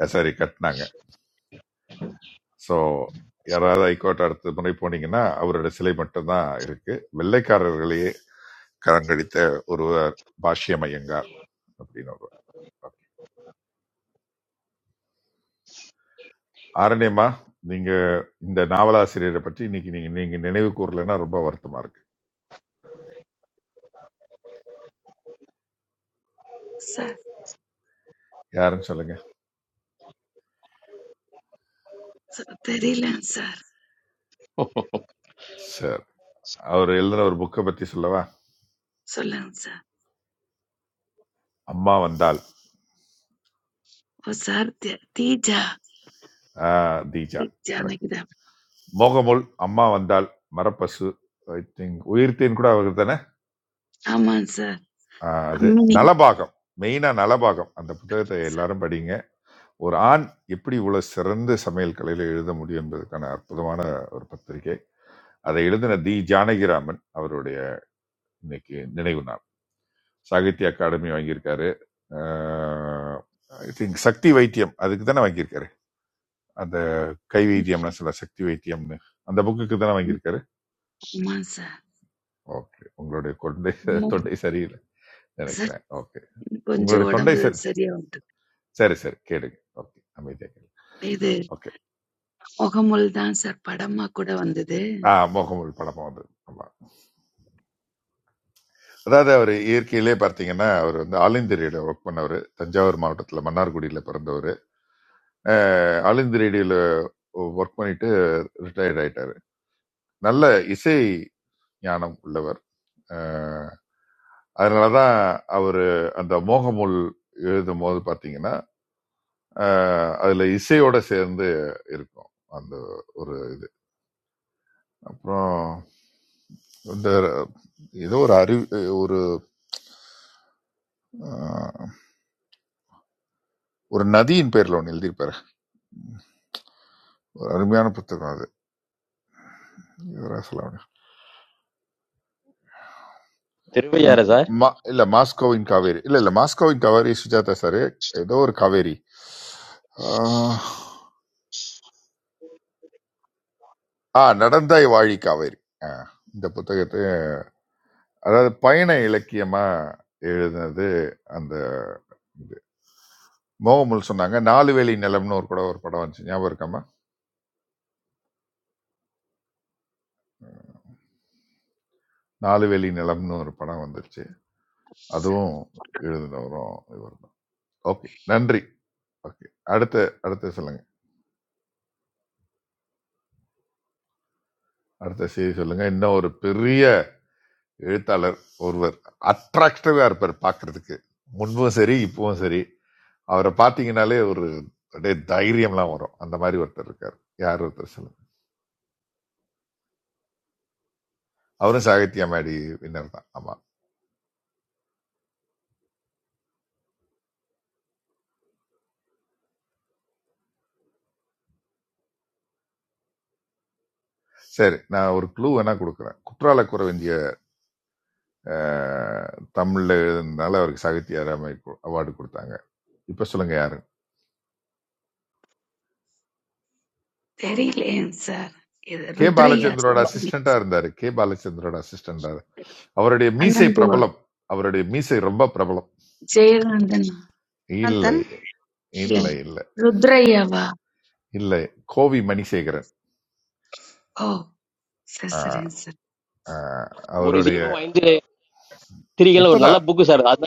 [SPEAKER 3] அஹ், சாரி கட்டினாங்க ஸோ யாராவது ஹைகோர்ட் அடுத்த முறை போனீங்கன்னா அவரோட சிலை மட்டும்தான் இருக்கு வெள்ளைக்காரர்களையே கரங்கடித்த ஒருவர் பாஷ்யம் ஐயங்கார் அப்படின்னு ஒருவர் ஆரண்யமா நீங்க இந்த நாவலாசிரியரை பற்றி இன்னைக்கு நீங்க நீங்க நினைவு கூறலைன்னா ரொம்ப வருத்தமா இருக்கு
[SPEAKER 13] சார்
[SPEAKER 3] யாருன்னு சொல்லுங்க
[SPEAKER 13] சார் தெரியலங்க சார்
[SPEAKER 3] சார் அவர் எழுதின ஒரு புக்கை பத்தி சொல்லவா
[SPEAKER 13] சொல்லுங்க சார்
[SPEAKER 3] அம்மா வந்தால்
[SPEAKER 13] ஓ சார் தே- தீஜா
[SPEAKER 3] ஆஹ், தீஜா கரெக்ட்
[SPEAKER 13] தீஜானகிதா
[SPEAKER 3] மோகமுல் அம்மா வந்தால் மரப்பசு ஐ திங்க் உயிர்த்தேன் கூட அவர் தானே
[SPEAKER 13] ஆமாங்க சார்
[SPEAKER 3] ஆஹ், அது
[SPEAKER 13] அம்மினி
[SPEAKER 3] நலபாகம் மெயினா நலபாகம் அந்த புத்தகத்தை எல்லாரும் படிங்க ஒரு ஆண் எப்படி இவ்வளவு சிறந்த சமையல் கலையில எழுத முடியும் என்பதற்கான அற்புதமான ஒரு பத்திரிகை அதை எழுதின தி ஜானகிராமன் அவருடைய இன்னைக்கு நினைவு நாள் சாகித்ய அகாடமி வாங்கியிருக்காரு ஐ திங்க் சக்தி வைத்தியம் அதுக்கு தானே வாங்கியிருக்காரு அந்த கை வைத்தியம்லாம் சொல்ல சக்தி வைத்தியம்னு அந்த புக்குக்கு தானே வாங்கியிருக்காரு
[SPEAKER 13] ஆமாங்க சார்
[SPEAKER 3] ஓகே உங்களுடைய கொண்டை
[SPEAKER 13] மு-
[SPEAKER 3] தொண்டை சரியில்லை
[SPEAKER 13] சார்
[SPEAKER 3] நினைக்கிறேன் ஓகே
[SPEAKER 13] கொஞ்சம்
[SPEAKER 3] உங்களுடைய தொண்டை
[SPEAKER 13] உடம்பு
[SPEAKER 3] சரி
[SPEAKER 13] சரியா வந்து
[SPEAKER 3] சரி சரி கேளுங்க ஓகே அமைதியா கேளுங்க
[SPEAKER 13] இது
[SPEAKER 3] ஓகே
[SPEAKER 13] முகமுல் தான் சார் படமா கூட வந்தது
[SPEAKER 3] ஆ மோகமுல் படமும் வந்தது ஆமா அதாவது அவர் இயற்கையிலே பார்த்தீங்கன்னா அவர் வந்து ஆல் இந்தியாவில் ஒர்க் பண்ணவர் தஞ்சாவூர் மாவட்டத்தில் மன்னார்குடியில் பிறந்தவர் அலிந்த் ரேடியோல ஒர்க் பண்ணிட்டு ரிட்டையர்ட் ஆயிட்டாரு நல்ல இசை ஞானம் உள்ளவர் அஹ் அதனாலதான் அவரு அந்த மோகமுல் எழுதும் போது பாத்தீங்கன்னா அஹ் அதுல இசையோட சேர்ந்து இருக்கும் அந்த ஒரு இது அப்புறம் இந்த ஏதோ ஒரு அறிவு ஒரு அஹ், ஒரு நதியின் பேர்ல ஒன்று எழுதியிருப்பாரு ஒரு அருமையான புத்தகம் அது இவரா சொல்ல முடியாது. ம்,
[SPEAKER 12] திருவையாறு சார்
[SPEAKER 3] மா- இல்ல மாஸ்கோவின் காவேரி இல்ல இல்ல மாஸ்கோவின் காவேரி சுஜாதா சார் ஏதோ ஒரு காவேரி ஆஹ், ஆ நடந்த வாழி காவேரி ஆ, இந்த புத்தகத்தை அதாவது பயண இலக்கியமா எழுதினது அந்த இது மோகமுல் சொன்னாங்க நாலு வேலி நிலம்னு ஒரு கூட ஒரு படம் வந்துச்சு ஞாபகம் இருக்காமா நாலு வேலி நிலம்னு ஒரு படம் வந்துருச்சு அதுவும் எழுதினவரும் இவர் தான் ஓகே நன்றி ஓகே அடுத்த அடுத்த சொல்லுங்க அடுத்த செய்தி சொல்லுங்க இன்னும் ஒரு பெரிய எழுத்தாளர் ஒருவர் அட்ராக்டிவா இருப்பார் பார்க்கிறதுக்கு முன்பும் சரி இப்பவும் சரி அவரை பார்த்தீங்கன்னாலே ஒரு அப்படியே தைரியம்லாம் வரும் அந்த மாதிரி ஒருத்தர் இருக்கார் யார் ஒருத்தர் சொல்லுங்க அவரும் சாகித்ய மேடி வின்னர் தான் ஆமா சரி நான் ஒரு க்ளூ வேணா கொடுக்குறேன் குற்றால குறவஞ்சிய அஹ், தமிழ்ல எழுதுனால அவருக்கு சாகித்ய அகாடமி அவார்டு கொடுத்தாங்க இப்ப சொல்லுங்க யாரு
[SPEAKER 13] தெரியலையேங்க சார் இது
[SPEAKER 3] கே
[SPEAKER 13] ருத்ரையா
[SPEAKER 3] பாலச்சந்திரோட
[SPEAKER 13] சொல்லுங்க
[SPEAKER 3] அசிஸ்டண்டா இருந்தாரு கே பாலச்சந்திரோட அசிஸ்டண்டா அவருடைய மீசை
[SPEAKER 13] அண்ணந்தோ
[SPEAKER 3] பிரபலம் அவருடைய மீசை ரொம்ப பிரபலம்
[SPEAKER 13] ஜெயகாந்தன்
[SPEAKER 3] இல்லை
[SPEAKER 2] ஆனந்தன்
[SPEAKER 13] இல்ல
[SPEAKER 3] இல்லை இல்லை
[SPEAKER 13] ருத்ரையாவா
[SPEAKER 3] இல்லை கோவி மணிசேகரன்
[SPEAKER 13] ஓ சரி
[SPEAKER 3] ஆ,
[SPEAKER 13] சரிங்க சார்
[SPEAKER 3] ஆ,
[SPEAKER 12] ஒரு
[SPEAKER 3] அவருடைய
[SPEAKER 12] தீபம் ஐந்து திரிகள் ஒரு நல்ல
[SPEAKER 3] இப்பதான்
[SPEAKER 12] புக்கு சார்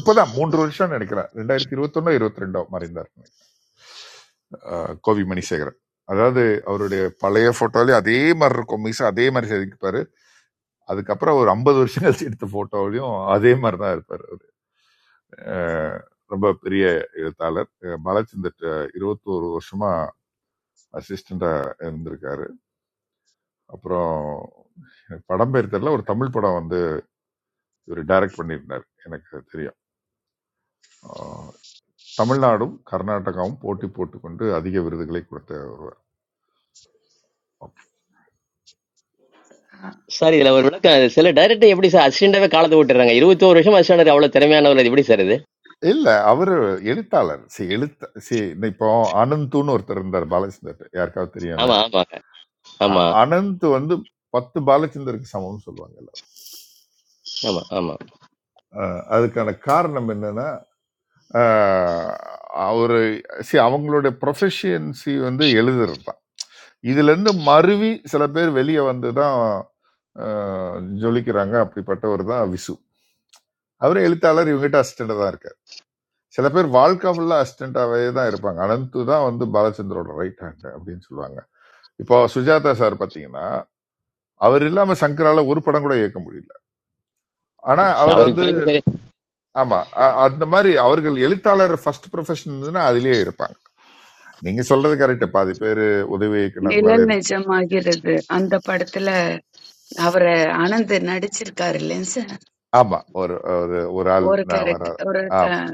[SPEAKER 3] இப்பதான் மூன்று வருஷம் நினைக்கிறேன் ரெண்டாயிரத்தி இருபத்தொன்னு இருபத்தி ரெண்டோ மறைந்தார் ஆ, கோவி மணிசேகரன் அதாவது அவருடைய பழைய போட்டோலயும் அதே மாதிரி இருக்கும் மீசா அதே மாதிரி செதுக்கிப்பாரு அதுக்கப்புறம் ஒரு ஐம்பது வருஷம் கழிச்சு எடுத்த போட்டோலயும் அதே மாதிரி தான் இருப்பாரு அவரு. ஆ, ரொம்ப பெரிய எழுத்தாளர் மலச்சிந்த இருபத்தோரு வருஷமா அசிஸ்டண்டா இருந்திருக்காரு அப்புறம் படம் பேர் தெரியல ஒரு தமிழ் படம் இவர் டைரக்ட் பண்ணியிருந்தார் எனக்கு தெரியும் ஆஹ் தமிழ்நாடும் கர்நாடகாவும் போட்டி போட்டுக்கொண்டு அதிக விருதுகளை கொடுத்த ஒருவர் ஓகே
[SPEAKER 13] ஆ,
[SPEAKER 12] சார் இதுல ஒரு விளக்கம் சில டைரக்டர் எப்படி சார் அசிஸ்டண்டாவே காலத்தை விட்டுறாங்க இருபத்தோரு வருஷம் அசிஸ்டண்ட் அவ்வளவு திறமையானவர் அது எப்படி சார் இது
[SPEAKER 3] இல்ல அவர் எழுத்தாளர் சி எழுத்த சி இந்த இப்போ அனந்துன்னு ஒருத்தர் இருந்தார் பாலச்சந்தர் யாருக்காவது தெரியும்ல
[SPEAKER 12] ஆமா ஆமா ஆமா
[SPEAKER 3] அ- அனந்த் வந்து பத்து பாலச்சந்தருக்கு சமம்னு சொல்லுவாங்கல்ல
[SPEAKER 12] ஆமா ஆமா
[SPEAKER 3] ஆஹ் அதுக்கான காரணம் என்னன்னா ஆஹ் அவரு சி அவங்களுடைய ப்ரொஃபஷியன்சி வந்து எழுதுறது தான் இதுல இருந்து மருவி சில பேர் வெளியே வந்து தான் ஆஹ் ஜொலிக்கிறாங்க அப்படிப்பட்டவர் தான் விசு அவரே எழுத்தாளர் இவங்ககிட்ட அசிஸ்டண்டா தான் இருக்கார் சில பேர் வாழ்க்கை ஃபுல்லா அசிஸ்டண்டாவே தான் இருப்பாங்க அனந்து தான் வந்து பாலச்சந்தரோட ரைட் ஹேண்ட் அப்படின்னு சொல்லுவாங்க இப்போ சுஜாதா சார் பாத்தீங்கன்னா அவர் இல்லாம சங்கரால ஒரு படம் கூட இயக்க முடியல ஆனா அவர்
[SPEAKER 12] அவருக்கு
[SPEAKER 3] வந்து
[SPEAKER 12] பிறகு சரி
[SPEAKER 3] ஆமா அ- அந்த மாதிரி அவர்கள் எழுத்தாளர் ஃபர்ஸ்ட் ப்ரொஃபஷன் இருந்ததுன்னா அதுலயே இருப்பாங்க நீங்க சொல்றது கரெக்ட் பாதி பேர் உதவி இயக்குனர்களாவே
[SPEAKER 13] நிழல்
[SPEAKER 3] இருக்கும்
[SPEAKER 13] நிஜமாகிறது அந்த படத்துல அவரு ஆனந்த் நடிச்சிருக்காரு இல்லைங்க சார்
[SPEAKER 3] ஆமா ஒரு ஒரு ஒரு ஆள்
[SPEAKER 13] ஒரு
[SPEAKER 3] நான் வர
[SPEAKER 13] கேரக்டர் ஒரு
[SPEAKER 3] ஆமா
[SPEAKER 13] க-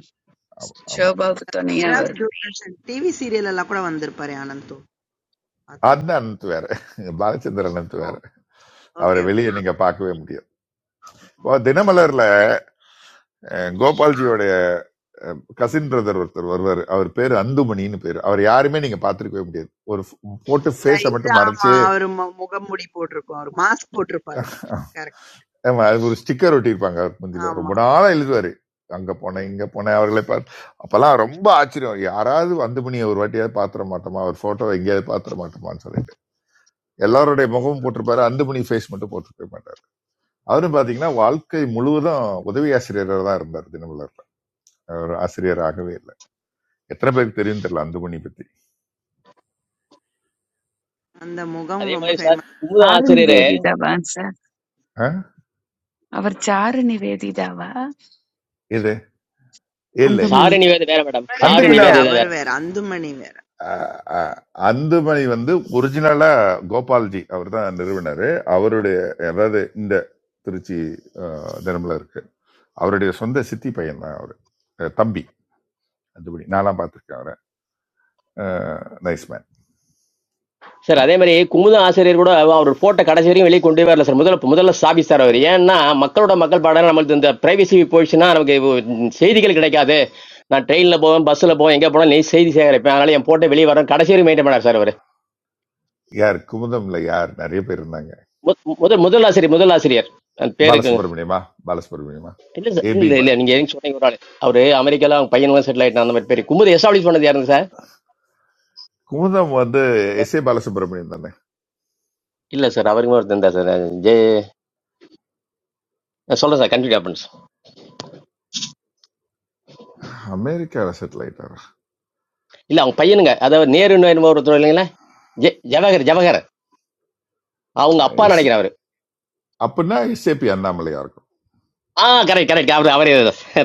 [SPEAKER 3] ஆமா
[SPEAKER 13] ஷோபாவுக்கு துணையா அவர்
[SPEAKER 2] மெட்ராஸ் தூர்தர்ஷன் டிவி சீரியல் எல்லாம் கூட வந்திருப்பாரு ஆனந்த்
[SPEAKER 3] அதுதான்
[SPEAKER 2] பார்த்துருக்கோம்
[SPEAKER 3] அனந்த் வேற பாலச்சந்தர் அனந்த் வேற
[SPEAKER 2] ஓ
[SPEAKER 3] அவரை
[SPEAKER 2] ஓகே
[SPEAKER 3] வெளியே
[SPEAKER 2] ஓகே
[SPEAKER 3] நீங்க பார்க்கவே முடியாது இப்போ தினமலர்ல அஹ், கோபால்ஜியோடைய கசின் பிரதர் ஒருத்தர் வருவார் அவர் பேர் அந்துமணின்னு பேர் அவர் யாருமே நீங்க பார்த்துருக்கவே முடியாது ஒரு f- போட்டு ஃபேஸை
[SPEAKER 2] Right
[SPEAKER 3] மட்டும்
[SPEAKER 2] ஆமா.
[SPEAKER 3] மறைச்சே
[SPEAKER 2] அவரு மு முகமூடி போட்டிருக்கும். அவரு மாஸ்க் போட்டிருப்பாரு. கரெக்ட்.
[SPEAKER 3] ஆமா, அது ஒரு ஸ்டிக்கர் ஒட்டியிருப்பாங்க அவர் முந்தில ரொம்ப
[SPEAKER 2] ஆமா.
[SPEAKER 3] நாளா எழுதுவாரு அங்க போனேன் இங்க போனேன் அவர்களை பார்த்து அப்பெல்லாம் ரொம்ப ஆச்சரியம் யாராவது அந்துமணி ஒரு வாட்டியாவது பாத்திர மாட்டோமா அவர் போட்டோ எங்கேயாவது பாத்திர மாட்டோமான்னு சொல்லிட்டு எல்லாருடைய முகமும் போட்டிருப்பாரு அந்துமணி ஃபேஸ் மட்டும் போட்டிருக்க மாட்டார் அவரும் பாத்தீங்கன்னா வாழ்க்கை முழுவதும் உதவி ஆசிரியராக தான் இருந்தார் தினமலர்ல அவர் ஆசிரியராகவே இல்லை எத்தனை பேருக்கு தெரியும் தெரியல அந்துமணி பத்தி
[SPEAKER 2] அந்த முகம்
[SPEAKER 12] அதே
[SPEAKER 2] ரொம்ப
[SPEAKER 12] மாதிரி சார்
[SPEAKER 2] ஃபேமஸ்.
[SPEAKER 12] குமுதம்
[SPEAKER 13] சாரு
[SPEAKER 12] ஆசிரியரே
[SPEAKER 13] நிவேதிதாவாங்க சார்
[SPEAKER 3] ஆ?
[SPEAKER 13] அவர் சாரு நிவேதிதாவா
[SPEAKER 3] இது இல்ல இல்ல
[SPEAKER 13] அந்துமணி
[SPEAKER 12] சாரு நிவேத வேற மேடம்
[SPEAKER 2] அவரு
[SPEAKER 12] சாரு
[SPEAKER 3] அந்துமணி
[SPEAKER 2] வேற,
[SPEAKER 12] நிவேதிதா
[SPEAKER 2] அவரு
[SPEAKER 12] வேற
[SPEAKER 2] வேற. அந்துமணி வேற.
[SPEAKER 3] அந்துமணி வந்து ஒரிஜினலா கோபால்ஜி அவர் தான் நிறுவனர் அவருடைய அதாவது இந்த திருச்சி ஆ, தினமல இருக்கு அவருடைய சொந்த சித்தி பையன் தான் அவரு அஹ் தம்பி அந்துமணி நான்லாம் பார்த்துருக்கேன் அவரை நைஸ் மேன்
[SPEAKER 12] சார் அதே மாதிரி குமுதம் ஆசிரியர் கூட அவர் போட்டோ கடைசி வரையும் வெளியே கொண்டு வரல சார் முதல்ல முதல்ல ஸ்தாபிச்சார் அவர் ஏன்னா மக்களோட மக்கள் பாடம் நம்மளுக்கு இந்த பிரைவசி போயிடுச்சுன்னா நமக்கு உம், செய்திகள் கிடைக்காது நான் ட்ரெயினில் போவேன் பஸ்ஸில் போவேன் எங்கே போனால் நெய் செய்தி சேகரிப்பேன் அதனால என் போட்டோ வெளியே வரேன் கடைசி வரையும் மெயின்டைன் பண்ணார் சார் அவர்
[SPEAKER 3] யார் குமுதம்ல யார் நிறைய பேர் இருந்தாங்க
[SPEAKER 12] மு- முதல் முதல் ஆசிரியர் முதல் ஆசிரியர் அந்த பேருக்கு
[SPEAKER 3] பாலசுப்ரமணியமா பாலசுப்ரமணியமா
[SPEAKER 12] இல்ல சார் இல்ல
[SPEAKER 3] ஏபி
[SPEAKER 12] இல்ல இல்ல நீங்க எங்க சொன்னீங்க ஒரு ஆளு அவரு அமெரிக்கால அவங்க பையன் செட்டில் ஆயிட்டான் அந்த மாதிரி பேரு குமுது எஸ்டாப்ளிஷ் பண்ணது யாருங்க சார்
[SPEAKER 3] குமுதம் வந்து எஸ் ஏ பாலசுப்ரமணியம் தானே
[SPEAKER 12] இல்ல சார் அவருக்குமே ஒருத்தர் இருந்தா சார் ஜெ சொல்றேன் சார் கன்ஃபியூட் ஆப்பன்ஸ்
[SPEAKER 3] அமெரிக்காவில் செட்டில் ஆயிட்டாரா
[SPEAKER 12] இல்ல அவங்க பையனுங்க அதாவது நேரு என்னமோ ஒருத்தர் இல்லைங்களா ஜெ ஜவஹர் ஜவஹர் அவங்க அப்பா
[SPEAKER 3] எஸ்
[SPEAKER 12] நினைக்கிறேன் அவரு
[SPEAKER 3] அப்படின்னா எஸ்ஏபி அண்ணாமலையா இருக்கும்
[SPEAKER 12] ஆ கரெக்ட் கரெக்ட் அவரு அவரே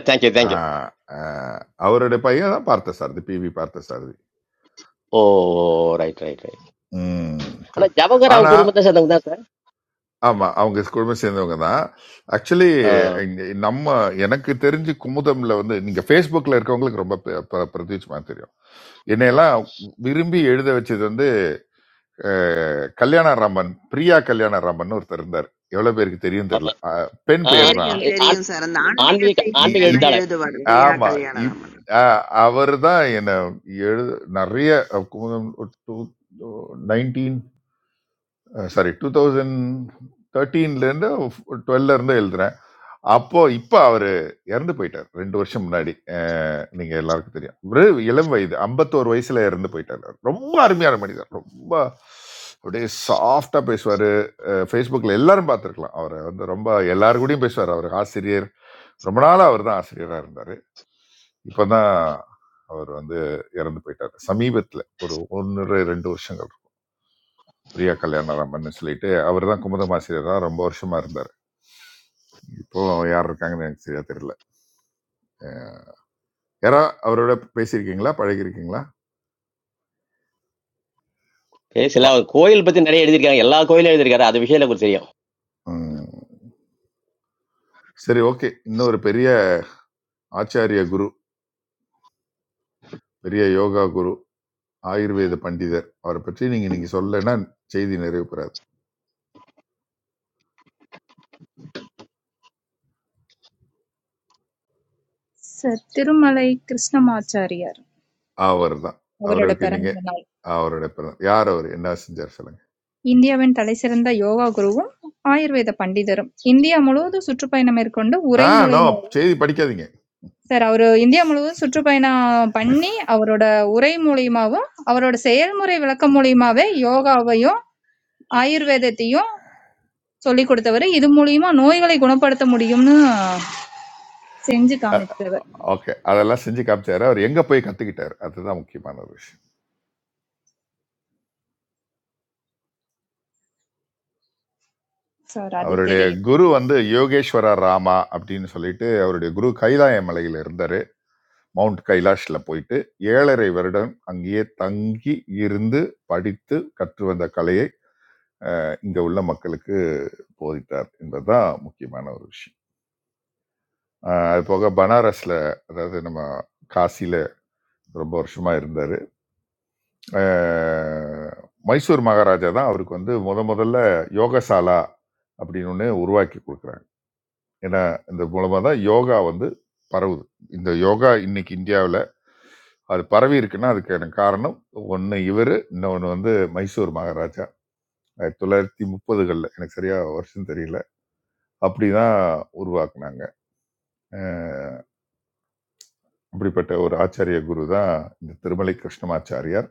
[SPEAKER 12] தேங்க்யூ
[SPEAKER 3] ஆ,
[SPEAKER 12] தேங்க்யூ
[SPEAKER 3] ஆ, அவருடைய பையன் தான் பார்த்த Parthasarathy PV Parthasarathy
[SPEAKER 12] oh right right right
[SPEAKER 3] ம்,
[SPEAKER 12] ஆனா
[SPEAKER 3] சரி
[SPEAKER 12] ஜவஹர் அவங்க
[SPEAKER 3] ஆனா
[SPEAKER 12] குடும்பத்தை சேர்ந்தவங்க தான் சார்
[SPEAKER 3] ஆமா அவங்க குடும்பம் சேர்ந்தவங்க தான் ஆக்சுவலி
[SPEAKER 12] ஆ,
[SPEAKER 3] நம்ம எனக்கு தெரிஞ்சு குமுதம்ல வந்து நீங்க Facebookல இருக்கவங்களுக்கு ரொம்ப ப- ப- பிரத்யட்சமா தெரியும் என்னையெல்லாம் விரும்பி எழுத வச்சது வந்து அஹ், கல்யாண ராமன் பிரியா கல்யாண ராமன் ஒருத்தர் இருந்தார் எவ்வளவு பேருக்கு தெரியும்
[SPEAKER 12] ஆமா.
[SPEAKER 3] தெரியல அஹ், பெண்
[SPEAKER 12] ஆ,
[SPEAKER 3] பெயர் தான்
[SPEAKER 2] தெரியும்,
[SPEAKER 12] ஆ,
[SPEAKER 2] தெரியும்
[SPEAKER 12] ஆ-
[SPEAKER 2] சார். அந்த ஆன்மீக
[SPEAKER 12] ஆன்மீக
[SPEAKER 3] இ-
[SPEAKER 2] செய்திகள்
[SPEAKER 12] ஆன்மீக
[SPEAKER 2] எல்லாம்
[SPEAKER 3] இப்-
[SPEAKER 12] எழுத்தாளர்
[SPEAKER 2] எழுதுவாரு. பிரியா
[SPEAKER 3] ஆமா இப்
[SPEAKER 2] கல்யாணராமன்.
[SPEAKER 3] அவர் தான் என்ன எழு நிறைய 1992 அஹ் சாரி டூ தௌசண்ட் தேர்ட்டீன்லேருந்து டுவெல்லேருந்து எழுதுறேன் அப்போ இப்போ அவர் இறந்து போயிட்டார் ரெண்டு வருஷம் முன்னாடி நீங்கள் எல்லாருக்கும் தெரியும் ஒரு இளம் வயது ஐம்பத்தோரு வயசில் இறந்து போயிட்டார் அவரு. ரொம்ப அருமையான மனிதர் ரொம்ப அப்படியே சாஃப்டாக பேசுவார் ஃபேஸ்புக்கில் எல்லாரும் பார்த்துருக்கலாம் அவரை வந்து ரொம்ப எல்லாரு கூடயும் பேசுவார் அவர் ஆசிரியர் ரொம்ப நாளாக அவர் தான் ஆசிரியராக இருந்தார் இப்போ தான் அவர் வந்து இறந்து போயிட்டார் சமீபத்தில் ஒரு ஒன்று ரெண்டு வருஷங்கள் பிரியா கல்யாணராமன் சொல்லிட்டு அவர் தான் குமுதமாசிரியர் தான் ரொம்ப வருஷமா இருந்தார் இப்போ யார் இருக்காங்கன்னு எனக்கு சரியா தெரியல யாரா அவரோட பேசியிருக்கீங்களா பழகிருக்கீங்களா பா
[SPEAKER 12] பேசல அவர் கோயில் பத்தி நிறைய எழுதியிருக்காங்க எல்லா கோயிலும் எழுதியிருக்காரு அது விஷயம் எனக்கு தெரியும்
[SPEAKER 3] ம். சரி ஓகே இன்னொரு பெரிய ஆச்சாரிய குரு பெரிய யோகா குரு ஆயுர்வேத பண்டிதர் அவரை பற்றி நீங்க நீங்க சொல்லலைன்னா செய்தி நிறைவு பெறாது
[SPEAKER 6] சார், திருமலை கிருஷ்ணமாச்சாரியார்
[SPEAKER 3] அவர் தான்
[SPEAKER 6] அவரோட
[SPEAKER 3] அவருக்கு நீங்க
[SPEAKER 6] பிறந்த நாள்.
[SPEAKER 3] அவரோட பிறந்த யார் அவர் என்ன செஞ்சார் சொல்லுங்க
[SPEAKER 6] இந்தியாவின் தலைசிறந்த யோகா குருவும், ஆயுர்வேத பண்டிதரும். இந்தியா முழுவதும் சுற்றுப்பயணம் மேற்கொண்டு
[SPEAKER 3] ஆ
[SPEAKER 6] உரை
[SPEAKER 3] நோ
[SPEAKER 6] மூலியமாவும்
[SPEAKER 3] செய்தி படிக்காதீங்க
[SPEAKER 6] சார் அவரு இந்தியா முழுவதும் சுற்றுப்பயணம் பண்ணி அவரோட உரை மூலியமாவும் அவரோட செயல்முறை விளக்கம் மூலியமாவே யோகாவையும் ஆயுர்வேதத்தையும் சொல்லி கொடுத்தவர் இது மூலியமா நோய்களை குணப்படுத்த முடியும்னு செஞ்சு காமித்தவர்
[SPEAKER 3] ஓகே அதெல்லாம் செஞ்சு காமிச்சாரு அவர் எங்க போய் கத்துக்கிட்டாரு அதுதான் முக்கியமான ஒரு விஷயம்
[SPEAKER 6] சார் அது
[SPEAKER 3] அவருடைய
[SPEAKER 6] தெரியுது
[SPEAKER 3] குரு வந்து யோகேஸ்வர ராமா அப்படின்னு சொல்லிட்டு அவருடைய குரு கைலாய மலையில இருந்தாரு மவுண்ட் கைலாஷ்ல போயிட்டு ஏழரை வருடம் அங்கேயே தங்கி இருந்து படித்து கற்று வந்த கலையை அஹ், இங்க உள்ள மக்களுக்கு போதித்தார் என்பதுதான் முக்கியமான ஒரு விஷயம் அஹ், அது போக பனாரஸ்ல அதாவது நம்ம காசியில ரொம்ப வருஷமா இருந்தாரு அஹ், மைசூர் மகாராஜா தான் அவருக்கு வந்து முத முதல்ல யோகசாலா அப்படின்னு ஒன்று உருவாக்கி கொடுக்குறாங்க ஏன்னா இந்த மூலமா தான் யோகா வந்து பரவுது இந்த யோகா இன்னைக்கு இந்தியாவில் அது பரவி இருக்குன்னா அதுக்கான காரணம் ஒன்று இவர் இன்னொன்று வந்து மைசூர் மகாராஜா ஆயிரத்தி தொள்ளாயிரத்தி முப்பதுகளில் எனக்கு சரியா வருஷம் தெரியல அப்படி தான் உருவாக்குனாங்க அஹ் அப்படிப்பட்ட ஒரு ஆச்சாரிய குரு தான் இந்த திருமலை கிருஷ்ணமாச்சாரியார்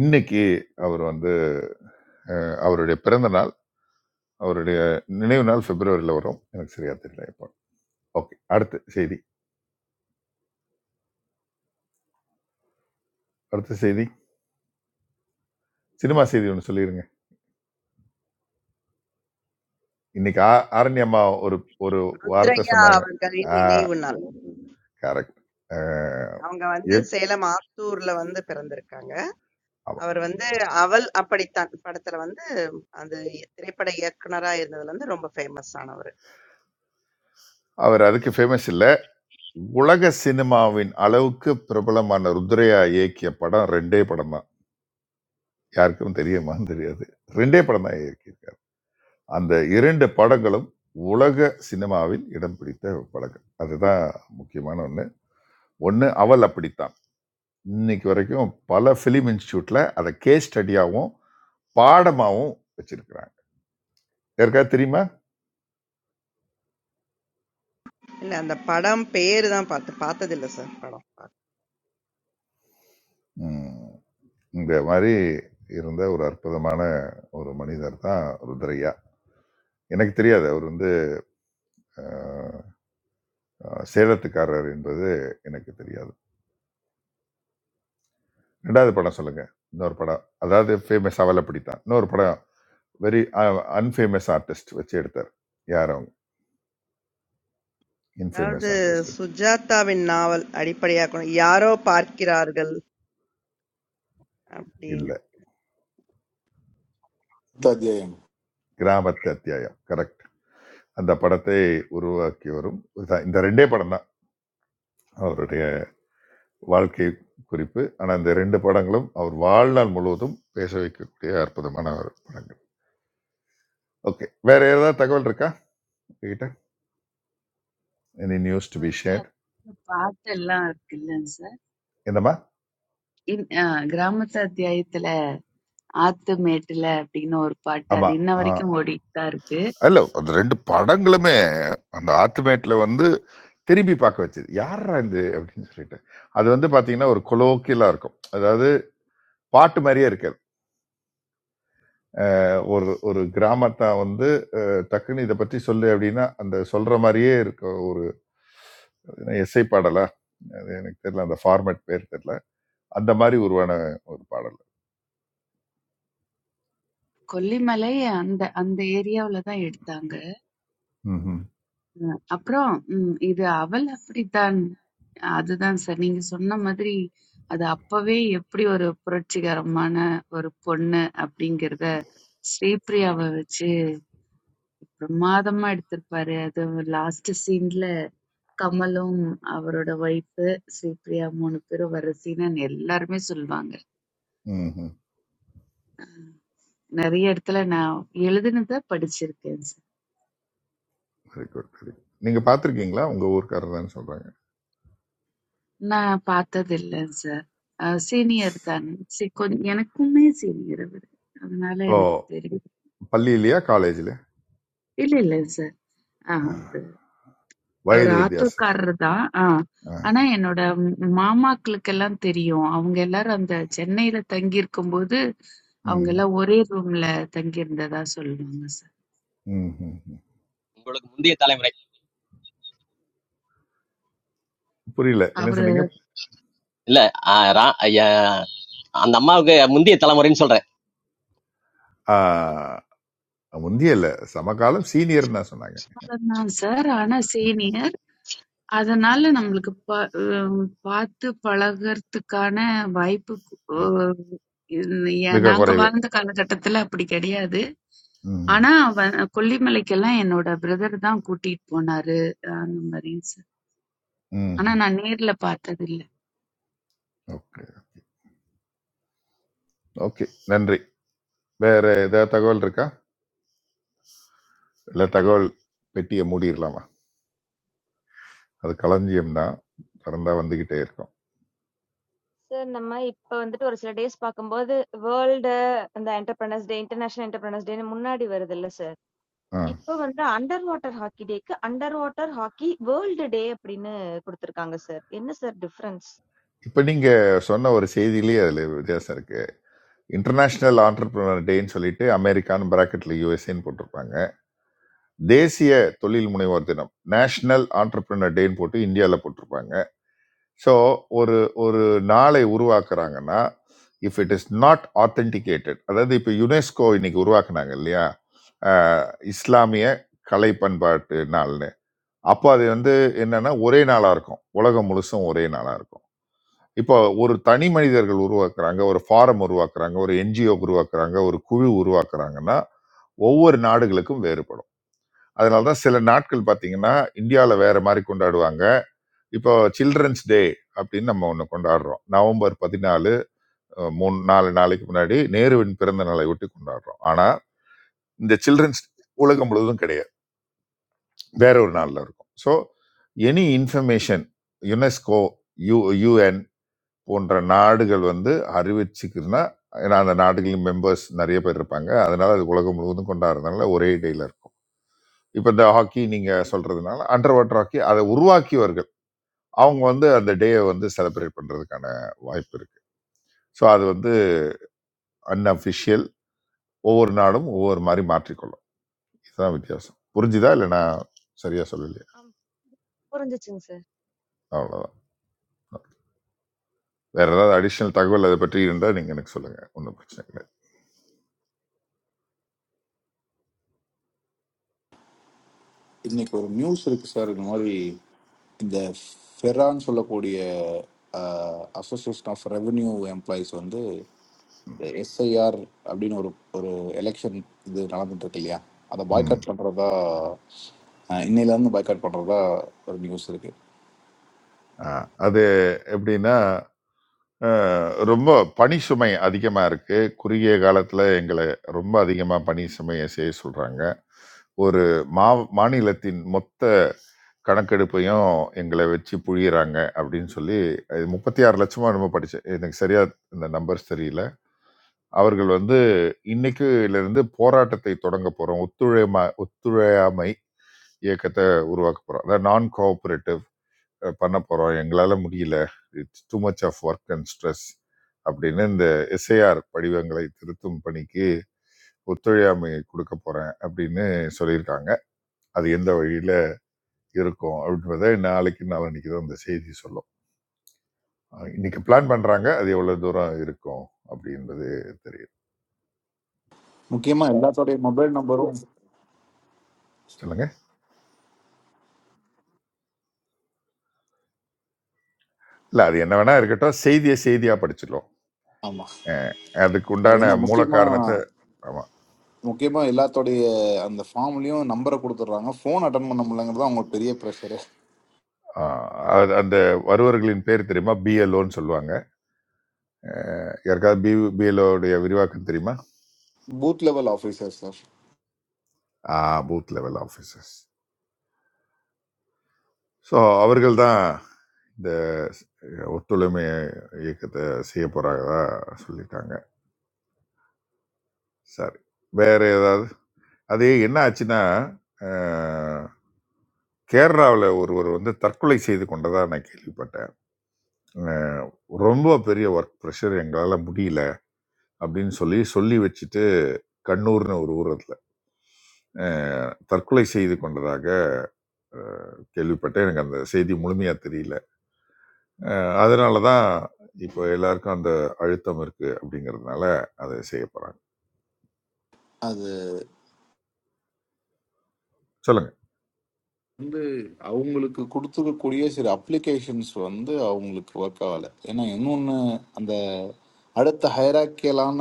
[SPEAKER 3] இன்னைக்கு அவர் வந்து அஹ், அவருடைய பிறந்த நாள் அவருடைய நினைவு நாள் பிப்ரவரியில் வரும் எனக்கு சரியா தெரியல இப்போ ஓகே அடுத்த செய்தி அடுத்த செய்தி சினிமா செய்தி ஒன்று சொல்லிடுங்க இன்னைக்கு ஆ- ஆரண்ய அம்மா ஒரு ஒரு வார்த்தை
[SPEAKER 2] ருத்ரையா
[SPEAKER 3] சொன்னாங்க
[SPEAKER 2] அவர்களின்
[SPEAKER 3] ஆ
[SPEAKER 2] நினைவு நாள்.
[SPEAKER 3] கரெக்ட்
[SPEAKER 2] அவங்க வந்து சேலம் ஆத்தூர்ல வந்து பிறந்திருக்காங்க. அவர் வந்து அவள் அப்படித்தான் படத்துல வந்து அந்த திரைப்பட இயக்குனரா இருந்ததுல இருந்து ரொம்ப ஃபேமஸ் ஆனவர்.
[SPEAKER 3] அவர் அதுக்கு ஃபேமஸ் இல்லை உலக சினிமாவின் அளவுக்கு பிரபலமான ருத்ரையா இயக்கிய படம் ரெண்டே படம் தான் யாருக்கும் தெரியுமான்னு தெரியாது ரெண்டே படம் தான் இயக்கியிருக்காரு அந்த இரண்டு படங்களும் உலக சினிமாவில் இடம் பிடித்த படங்கள் அதுதான் முக்கியமான ஒன்று ஒன்று அவள் அப்படித்தான் இன்னைக்கு வரைக்கும் பல ஃபிலிம் இன்ஸ்டியூட்டில் அதை கேஸ் ஸ்டடியாகவும் பாடமாகவும் வச்சிருக்கிறாங்க யாருக்காவது தெரியுமா
[SPEAKER 2] இல்ல அந்த படம் பேரு தான் பார்த்து பார்த்ததில்ல சார் படம்.
[SPEAKER 3] ம், இந்த மாதிரி இருந்த ஒரு அற்புதமான ஒரு மனிதர் தான் ருத்ரையா எனக்கு தெரியாது அவர் வந்து அஹ், அஹ், சேலத்துக்காரர் என்பது எனக்கு தெரியாது ரெண்டாவது படம் சொல்லுங்க இன்னொரு படம் அதாவது ஃபேமஸ் அவலை பிடித்தான் இன்னொரு படம் வெரி அன்ஃபேமஸ் ஆர்டிஸ்ட் வச்சு எடுத்தார் யார் அவங்க
[SPEAKER 2] அதாவது
[SPEAKER 3] இன்ஃபேமஸ் ஆர்டிஸ்ட் வச்சு
[SPEAKER 2] சுஜாதாவின் நாவல் அடிப்படையாக்கணும். யாரோ பார்க்கிறார்கள் அப்படின்னு.
[SPEAKER 3] இல்லை
[SPEAKER 10] பத்து அத்தியாயம்
[SPEAKER 3] கிராமத்து அத்தியாயம் கரெக்ட் அந்த படத்தை உருவாக்கியவரும் இதுதான். இந்த ரெண்டே படம் தான் அவருடைய வாழ்க்கை குறிப்பு ஆனால் இந்த ரெண்டு படங்களும் அவர் வாழ்நாள் முழுவதும் பேச வைக்கக்கூடிய அற்புதமான ஒரு படங்கள் ஓகே வேற ஏதாவது தகவல் இருக்கா உங்ககிட்ட எனி நியூஸ் டு
[SPEAKER 13] இது
[SPEAKER 3] பி
[SPEAKER 13] வரைக்கும்
[SPEAKER 3] ஷேர்
[SPEAKER 13] அது பாட்டு எல்லாம் இருக்கு இல்லைங்க சார்
[SPEAKER 3] என்னம்மா
[SPEAKER 13] இன்- அஹ் கிராமத்து அத்தியாயத்துல ஆத்துமேட்டுல அப்படின்னு ஒரு பாட்டு
[SPEAKER 3] ஆமா
[SPEAKER 13] அது இன்ன
[SPEAKER 3] ஆ.
[SPEAKER 13] வரைக்கும் ஓடிட்டு தான் இருக்கு
[SPEAKER 3] இல்ல அந்த ரெண்டு படங்களுமே அந்த ஆல்டிமேட்ல வந்து திரும்பி பார்க்க வச்சது யாரா இது அப்படின்னு சொல்லிட்டு அது வந்து பாத்தீங்கன்னா ஒரு கொலோக்கியலா இருக்கும் அதாவது பாட்டு மாதிரியே இருக்காது அஹ் ஒரு ஒரு கிராமத்தை வந்து அஹ், டக்குன்னு இதை பற்றி சொல்லு அப்படின்னா அந்த சொல்ற மாதிரியே இருக்க ஒரு எஸ்ஐ பாடலா அது எனக்கு தெரியல அந்த ஃபார்மேட் பேர் தெரியல அந்த மாதிரி உருவான ஒரு பாடல்
[SPEAKER 13] கொல்லிமலை அந்த அந்த ஏரியாவுல தான் எடுத்தாங்க
[SPEAKER 3] ம்
[SPEAKER 13] அஹ் அப்புறம் ம், இது அவள் அப்படித்தான் அதுதான் சார் நீங்க சொன்ன மாதிரி அது அப்பவே எப்படி ஒரு புரட்சிகரமான ஒரு பொண்ணு அப்படிங்கிறத ஸ்ரீபிரியாவை வச்சு பிரமாதமா எடுத்திருப்பாரு அது லாஸ்ட் சீன்ல கமலும் அவரோட ஒய்ஃப் ஸ்ரீபிரியா மூணு பேரும் வர சீனன்னு எல்லாருமே சொல்லுவாங்க
[SPEAKER 3] ம்
[SPEAKER 13] நிறைய இடத்துல நான் எழுதுனத படிச்சிருக்கேன்
[SPEAKER 3] வெரி குட் வெரி நீங்க பார்த்துருக்கீங்களா உங்க ஊர்க்காரர் தானே சொல்றாங்க
[SPEAKER 13] நான் பார்த்ததில்ல சார். அஹ் சீனியர் தான். சி கொஞ் எனக்குமே சீனியர் அவரு. அதனால
[SPEAKER 3] ஓ
[SPEAKER 13] எனக்கு தெரியும்.
[SPEAKER 3] பள்ளியிலயா காலேஜ்ல
[SPEAKER 13] இல்ல இல்ல சார். ஆ அவரு அவரு
[SPEAKER 3] வயது வித்தியாசத்தில்
[SPEAKER 13] ஆட்டோக்காரர் தான். ஆ.
[SPEAKER 3] ஆ.
[SPEAKER 13] ஆனா என்னோட ம்- மாமாக்களுக்கெல்லாம் தெரியும். அவங்க எல்லாரும் அந்த சென்னையில தங்கி இருக்கும்போது அவங்க
[SPEAKER 3] ம்,
[SPEAKER 13] எல்லாம் ஒரே ரூம்ல தங்கி இருந்ததா சொல்லுவாங்க சார்.
[SPEAKER 3] ம், ம், ம்.
[SPEAKER 12] உங்களுக்கு முந்தைய தலைமுறை
[SPEAKER 3] புரியல என்ன
[SPEAKER 13] அவரு
[SPEAKER 3] சொன்னீங்க
[SPEAKER 12] இல்ல ஆ, ரா- ஐயா, அந்த அம்மாவுக்கு முந்தைய தலைமுறைன்னு சொல்றேன்
[SPEAKER 3] ஆ, முந்திய இல்ல சமகாலம் சீனியர் தான் சொன்னாங்க
[SPEAKER 13] தான் சார். ஆனா சீனியர். அதனால நம்மளுக்கு ப அம் பாத்து பழகுறதுக்கான வாய்ப்பு அ
[SPEAKER 3] உ-
[SPEAKER 13] இ
[SPEAKER 3] மிக
[SPEAKER 13] நாங்க
[SPEAKER 3] குறைவு
[SPEAKER 13] வாழ்ந்த காலகட்டத்துல அப்படி கிடையாது.
[SPEAKER 3] ம்,
[SPEAKER 13] ஆனா, வ கொல்லிமலைக்கெல்லாம் என்னோட பிரதர் தான் கூட்டிட்டு போனாரு. அந்த மாரி.
[SPEAKER 3] ம்,
[SPEAKER 13] ஆனா
[SPEAKER 3] ம்.
[SPEAKER 13] நான் நேர்ல பார்த்ததில்ல.
[SPEAKER 3] ஓகே ஓகே நன்றி வேற ஏதாவது தகவல் இருக்கா இல்ல தகவல் பெட்டியை மூடிடலாமா அது களஞ்சியம் தான் திறந்தா வந்துகிட்டே இருக்கும்
[SPEAKER 8] சார் நம்ம இப்ப வந்துட்டு ஒரு சில டேஸ் பார்க்கும்போது வேர்ல்டு அந்த என்டர்பிரனர்ஸ் டே இன்டர்நேஷனல் என்டர்பிரனர்ஸ் டேன்னு முன்னாடி வருது இல்ல சார்.
[SPEAKER 3] ஆ.
[SPEAKER 8] இப்ப வந்து அண்டர் வாட்டர் ஹாக்கி டேக்கு, underwater hockey world day அப்படின்னு குடுத்திருக்காங்க சார். என்ன சார் டிஃபரன்ஸ்?
[SPEAKER 3] இப்ப நீங்க சொன்ன ஒரு செய்தியிலேயே அதுல வித்தியாசம் இருக்கு இன்டர்நேஷனல் ஆண்டர்பிரினர் டேன்னு சொல்லிட்டு அமெரிக்கான்னு பிராக்கெட்ல யூஎஸ்ஏன்னு போட்டிருப்பாங்க தேசிய தொழில் முனைவோர் தினம் நேஷனல் ஆண்டர்பிரினர் டேன்னு போட்டு இந்தியாவில் போட்டிருப்பாங்க ஸோ ஒரு ஒரு நாளை உருவாக்குறாங்கன்னா if it is not authenticated அதாவது இப்போ யுனெஸ்கோ இன்னைக்கு உருவாக்குனாங்க இல்லையா ஆஹ் இஸ்லாமிய கலை பண்பாட்டு நாள் அப்போ அது வந்து என்னன்னா ஒரே நாளா இருக்கும். உலகம் முழுசும் ஒரே நாளா இருக்கும். இப்போ ஒரு தனி மனிதர்கள் உருவாக்குறாங்க, ஒரு ஃபாரம் உருவாக்குறாங்க, ஒரு என்ஜிஓ உருவாக்குறாங்க, ஒரு குழு உருவாக்குறாங்கன்னா, ஒவ்வொரு நாடுகளுக்கும் வேறுபடும். அதனால தான் சில நாட்கள் பார்த்தீங்கன்னா, இந்தியால வேற மாரி கொண்டாடுவாங்க. இப்போ சில்ட்ரன்ஸ் டே அப்படின்னு நம்ம ஒண்ணு கொண்டாடுறோம். நவம்பர் 14 அ 3 4 நாளைக்கு முன்னாடி நேருவின் பிறந்த நாளை ஒட்டி கொண்டாடுறோம். ஆனா இந்த சில்ட்ரன்ஸ் உலகம் முழுவதும் கிடையாது. வேற ஒரு நாளில் இருக்கும் so any information UNESCO U UN போன்ற நாடுகள் வந்து அறிவிச்சுக்குன்னா ஏன்னா அந்த நாடுகளின் மெம்பர்ஸ் நிறைய பேர் இருப்பாங்க அதனால அது உலகம் முழுவதும் கொண்டாடுறதுனால ஒரே டேல இருக்கும் இப்போ இந்த ஹாக்கி நீங்க சொல்றதுனால அண்டர் வாட்டர் ஹாக்கி அதை உருவாக்கியவர்கள் அவங்க வந்து அந்த டேயை வந்து செலிப்ரேட் பண்றதுக்கான வாய்ப்பு இருக்கு ஸோ அது வந்து அன்அஃபிஷியல் ஒவ்வொரு நாடும் ஒவ்வொரு மாதிரி மாற்றிக்கொள்ளும் இதுதான் வித்தியாசம் புரிஞ்சுதா இல்லை நான் சரியா சொல்லலையா
[SPEAKER 8] அம். புரிஞ்சுச்சுங்க சார்.
[SPEAKER 3] அவ்வளவுதான் வேற ஏதாவது அடிஷனல் தகவல் அதை பற்றி இருந்தால் நீங்கள் எனக்கு சொல்லுங்க ஒன்றும் பிரச்சனை இல்லை
[SPEAKER 10] இன்னைக்கு ஒரு நியூஸ் இருக்கு சார் இந்த மாதிரி இந்த ஃபெரான்னு சொல்லக்கூடிய அசோசியேஷன் ஆஃப் ரெவென்யூ எம்ப்ளாயிஸ் வந்து எஸ்ஐஆர் அப்படின்னு ஒரு ஒரு எலெக்ஷன் இது நடந்துட்டு இருக்கு இல்லையா அதை
[SPEAKER 3] ம்
[SPEAKER 10] பாய்காட் பண்ணுறதா இன்னையிலேருந்து பாய்காட் பண்ணுறதா ஒரு நியூஸ் இருக்கு
[SPEAKER 3] ஆ, அது எப்படின்னா ஆ, ரொம்ப பணி சுமை அதிகமாக இருக்கு குறுகிய காலத்தில் எங்களை ரொம்ப அதிகமாக பணி சுமையை செய்ய சொல்கிறாங்க ஒரு மா மாநிலத்தின் மொத்த கணக்கெடுப்பையும் எங்களை வச்சு புழியிறாங்க அப்படின்னு சொல்லி அது முப்பத்தி ஆறு லட்சமா நம்ம படித்தேன் எனக்கு சரியா இந்த நம்பர்ஸ் தெரியல அவர்கள் வந்து இன்னைக்குல இருந்து போராட்டத்தை தொடங்க போறோம் ஒத்துழைமா ஒத்துழையாமை இயக்கத்தை உருவாக்க போகிறோம் அதாவது நான் கோஆப்ரேட்டிவ் பண்ண போகிறோம் எங்களால் முடியல it's too much of work and stress அப்படின்னு இந்த எஸ்ஐஆர் படிவங்களை திருத்தும் பணிக்கு ஒத்துழையாமை கொடுக்க போகிறேன் அப்படின்னு சொல்லியிருக்காங்க அது எந்த வழியில் இருக்கும் அப்படின்றத நாளைக்கு நாளன்னைக்கு தான் இந்த செய்தி சொல்லும் அஹ் இன்னைக்கு பிளான் பண்ணுறாங்க அது எவ்வளோ தூரம் இருக்கும் அப்படின்றது தெரியும்
[SPEAKER 10] முக்கியமா எல்லாத்தோடைய மொபைல் நம்பரும்
[SPEAKER 3] சொல்லுங்க இல்லை அது என்ன வேணா இருக்கட்டும் செய்தியை செய்தியாக படிச்சிடலாம்
[SPEAKER 10] ஆமா
[SPEAKER 3] அஹ் அதுக்கு
[SPEAKER 10] அது
[SPEAKER 3] உண்டான
[SPEAKER 10] என்ன
[SPEAKER 3] மூல
[SPEAKER 10] முக்கியமா
[SPEAKER 3] காரணத்தை ஆமா,
[SPEAKER 10] முக்கியமா எல்லாத்தோடைய அந்த ஃபார்ம்லயும் நம்பரை கொடுத்துட்றாங்க ஃபோன் அட்டன் பண்ண முடியலங்கிறது தான் அவங்களுக்கு பெரிய ப்ரெஷரு
[SPEAKER 3] ஆஹ் அது- அந்த வருவர்களின் பேர் தெரியுமா பிஎல்ஓன்னு சொல்லுவாங்க அஹ் யாருக்காவது பி பிஎல்ஓடைய விரிவாக்கம் தெரியுமா
[SPEAKER 10] booth level officer sir
[SPEAKER 3] booth level officers so அவர்கள் தான் இந்த ஒத்துழைமை இயக்கத்தை செய்ய போகிறாங்கதா சொல்லிட்டாங்க சரி வேற ஏதாவது அது என்ன ஆச்சுன்னா அஹ், கேரளாவில் ஒருவர் வந்து தற்கொலை செய்து கொண்டதாக நான் கேள்விப்பட்டேன் அஹ், ரொம்ப பெரிய ஒர்க் ப்ரெஷர் எங்களால் முடியல அப்படின்னு சொல்லி சொல்லி வச்சுட்டு கண்ணூர்னு ஒரு ஊரத்தில் அஹ், தற்கொலை செய்து கொண்டதாக அஹ், கேள்விப்பட்டேன் எனக்கு அந்த செய்தி முழுமையாக தெரியல அதனால தான் இப்போ எல்லாருக்கும் அந்த அழுத்தம் இருக்கு அப்படிங்கிறதுனால அதை செய்ய போகிறாங்க சொல்லுங்க
[SPEAKER 10] வந்து அவங்களுக்கு கொடுத்துருக்கக்கூடிய சில அப்ளிகேஷன்ஸ் வந்து அவங்களுக்கு ஒர்க் ஆகலை ஏன்னா இன்னொன்று அந்த அடுத்த ஹைராக்கியலான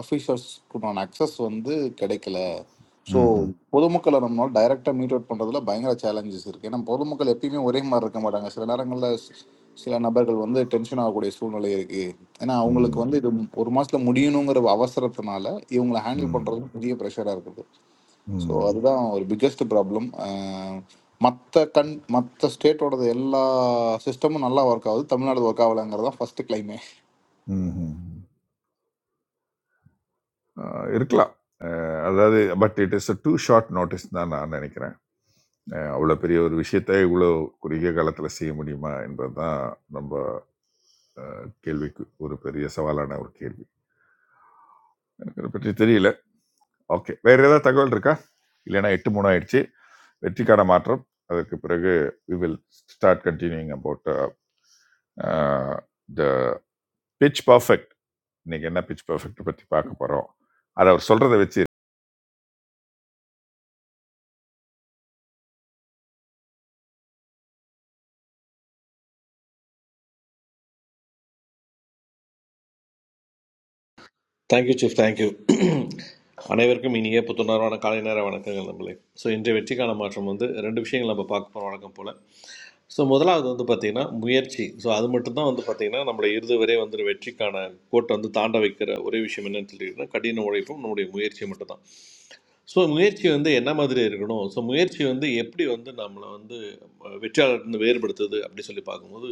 [SPEAKER 10] ஆஃபீஸர்ஸ்க்குண்டான அக்சஸ் வந்து கிடைக்கல ஸோ
[SPEAKER 3] ம்ஹும்.
[SPEAKER 10] பொதுமக்களை நம்மளால் டைரெக்டாக மீட் அவுட் பண்ணுறதுல பயங்கர சேலஞ்சஸ் இருக்குது ஏன்னா பொதுமக்கள் எப்பயுமே ஒரே மாதிரி இருக்க மாட்டாங்க சில நேரங்களில் சில நபர்கள் வந்து டென்ஷன் ஆகக்கூடிய சூழ்நிலை இருக்குது ஏன்னா அவங்களுக்கு
[SPEAKER 3] ம்.
[SPEAKER 10] வந்து இது ஒரு மாதத்தில் முடியணுங்கிற அவசரத்தினால இவங்களை ஹேண்டில்
[SPEAKER 3] ம்.
[SPEAKER 10] பண்ணுறது பெரிய ப்ரெஷராக இருக்குது ஸோ
[SPEAKER 3] ம்.
[SPEAKER 10] அதுதான் ஒரு பிக்கெஸ்ட் ப்ராப்ளம் மற்ற கண் மற்ற ஸ்டேட்டோடது எல்லா சிஸ்டமும் நல்லா ஒர்க் ஆகுது தமிழ்நாடு ஒர்க் ஆகலைங்கிறது தான் ஃபர்ஸ்ட் கிளைமே
[SPEAKER 3] ம்ஹும். ஆ, இருக்கலாம் ஆ, அதாவது but it is too short notice தான் நான் நினைக்கிறேன் அவ்வளோ பெரிய ஒரு விஷயத்தை இவ்வளோ குறுகிய காலத்தில் செய்ய முடியுமா என்பது தான் நம்ம ஆ, கேள்விக்கு ஒரு பெரிய சவாலான ஒரு கேள்வி எனக்கு அதை பற்றி தெரியல ஓகே வேற ஏதாவது தகவல் இருக்கா இல்லைன்னா எட்டு மூணு ஆயிடுச்சு வெற்றிக்கான மாற்றம் அதற்கு பிறகு we will start continuing about the pitch perfect இன்னைக்கு என்ன பிச் பர்ஃபெக்ட் பற்றி பார்க்க போகிறோம் அதை அவர் சொல்கிறத வச்சு
[SPEAKER 9] தேங்க்யூ சீஃப் தேங்க்யூ அனைவருக்கும் இனிய புத்துணர்வான காலை நேர வணக்கங்கள் நம்மளே ஸோ இன்றைய வெற்றிக்கான மாற்றம் வந்து ரெண்டு விஷயங்கள் நம்ம பார்க்க போகிறோம் வழக்கம் போல் ஸோ முதலாவது வந்து பார்த்திங்கன்னா முயற்சி ஸோ அது மட்டும்தான் வந்து பார்த்திங்கன்னா நம்மளை இறுதி வரை வந்து ஒரு வெற்றிக்கான கோட்டை வந்து தாண்ட வைக்கிற ஒரே விஷயம் என்னன்னு சொல்லிட்டுனா கடின உழைப்பும் நம்முடைய முயற்சியும் மட்டும்தான் ஸோ முயற்சி வந்து என்ன மாதிரி இருக்கணும் ஸோ முயற்சி வந்து எப்படி வந்து நம்மளை வந்து அஹ், வெற்றியாளர்ந்து வேறுபடுத்துது அப்படி சொல்லி பார்க்கும்போது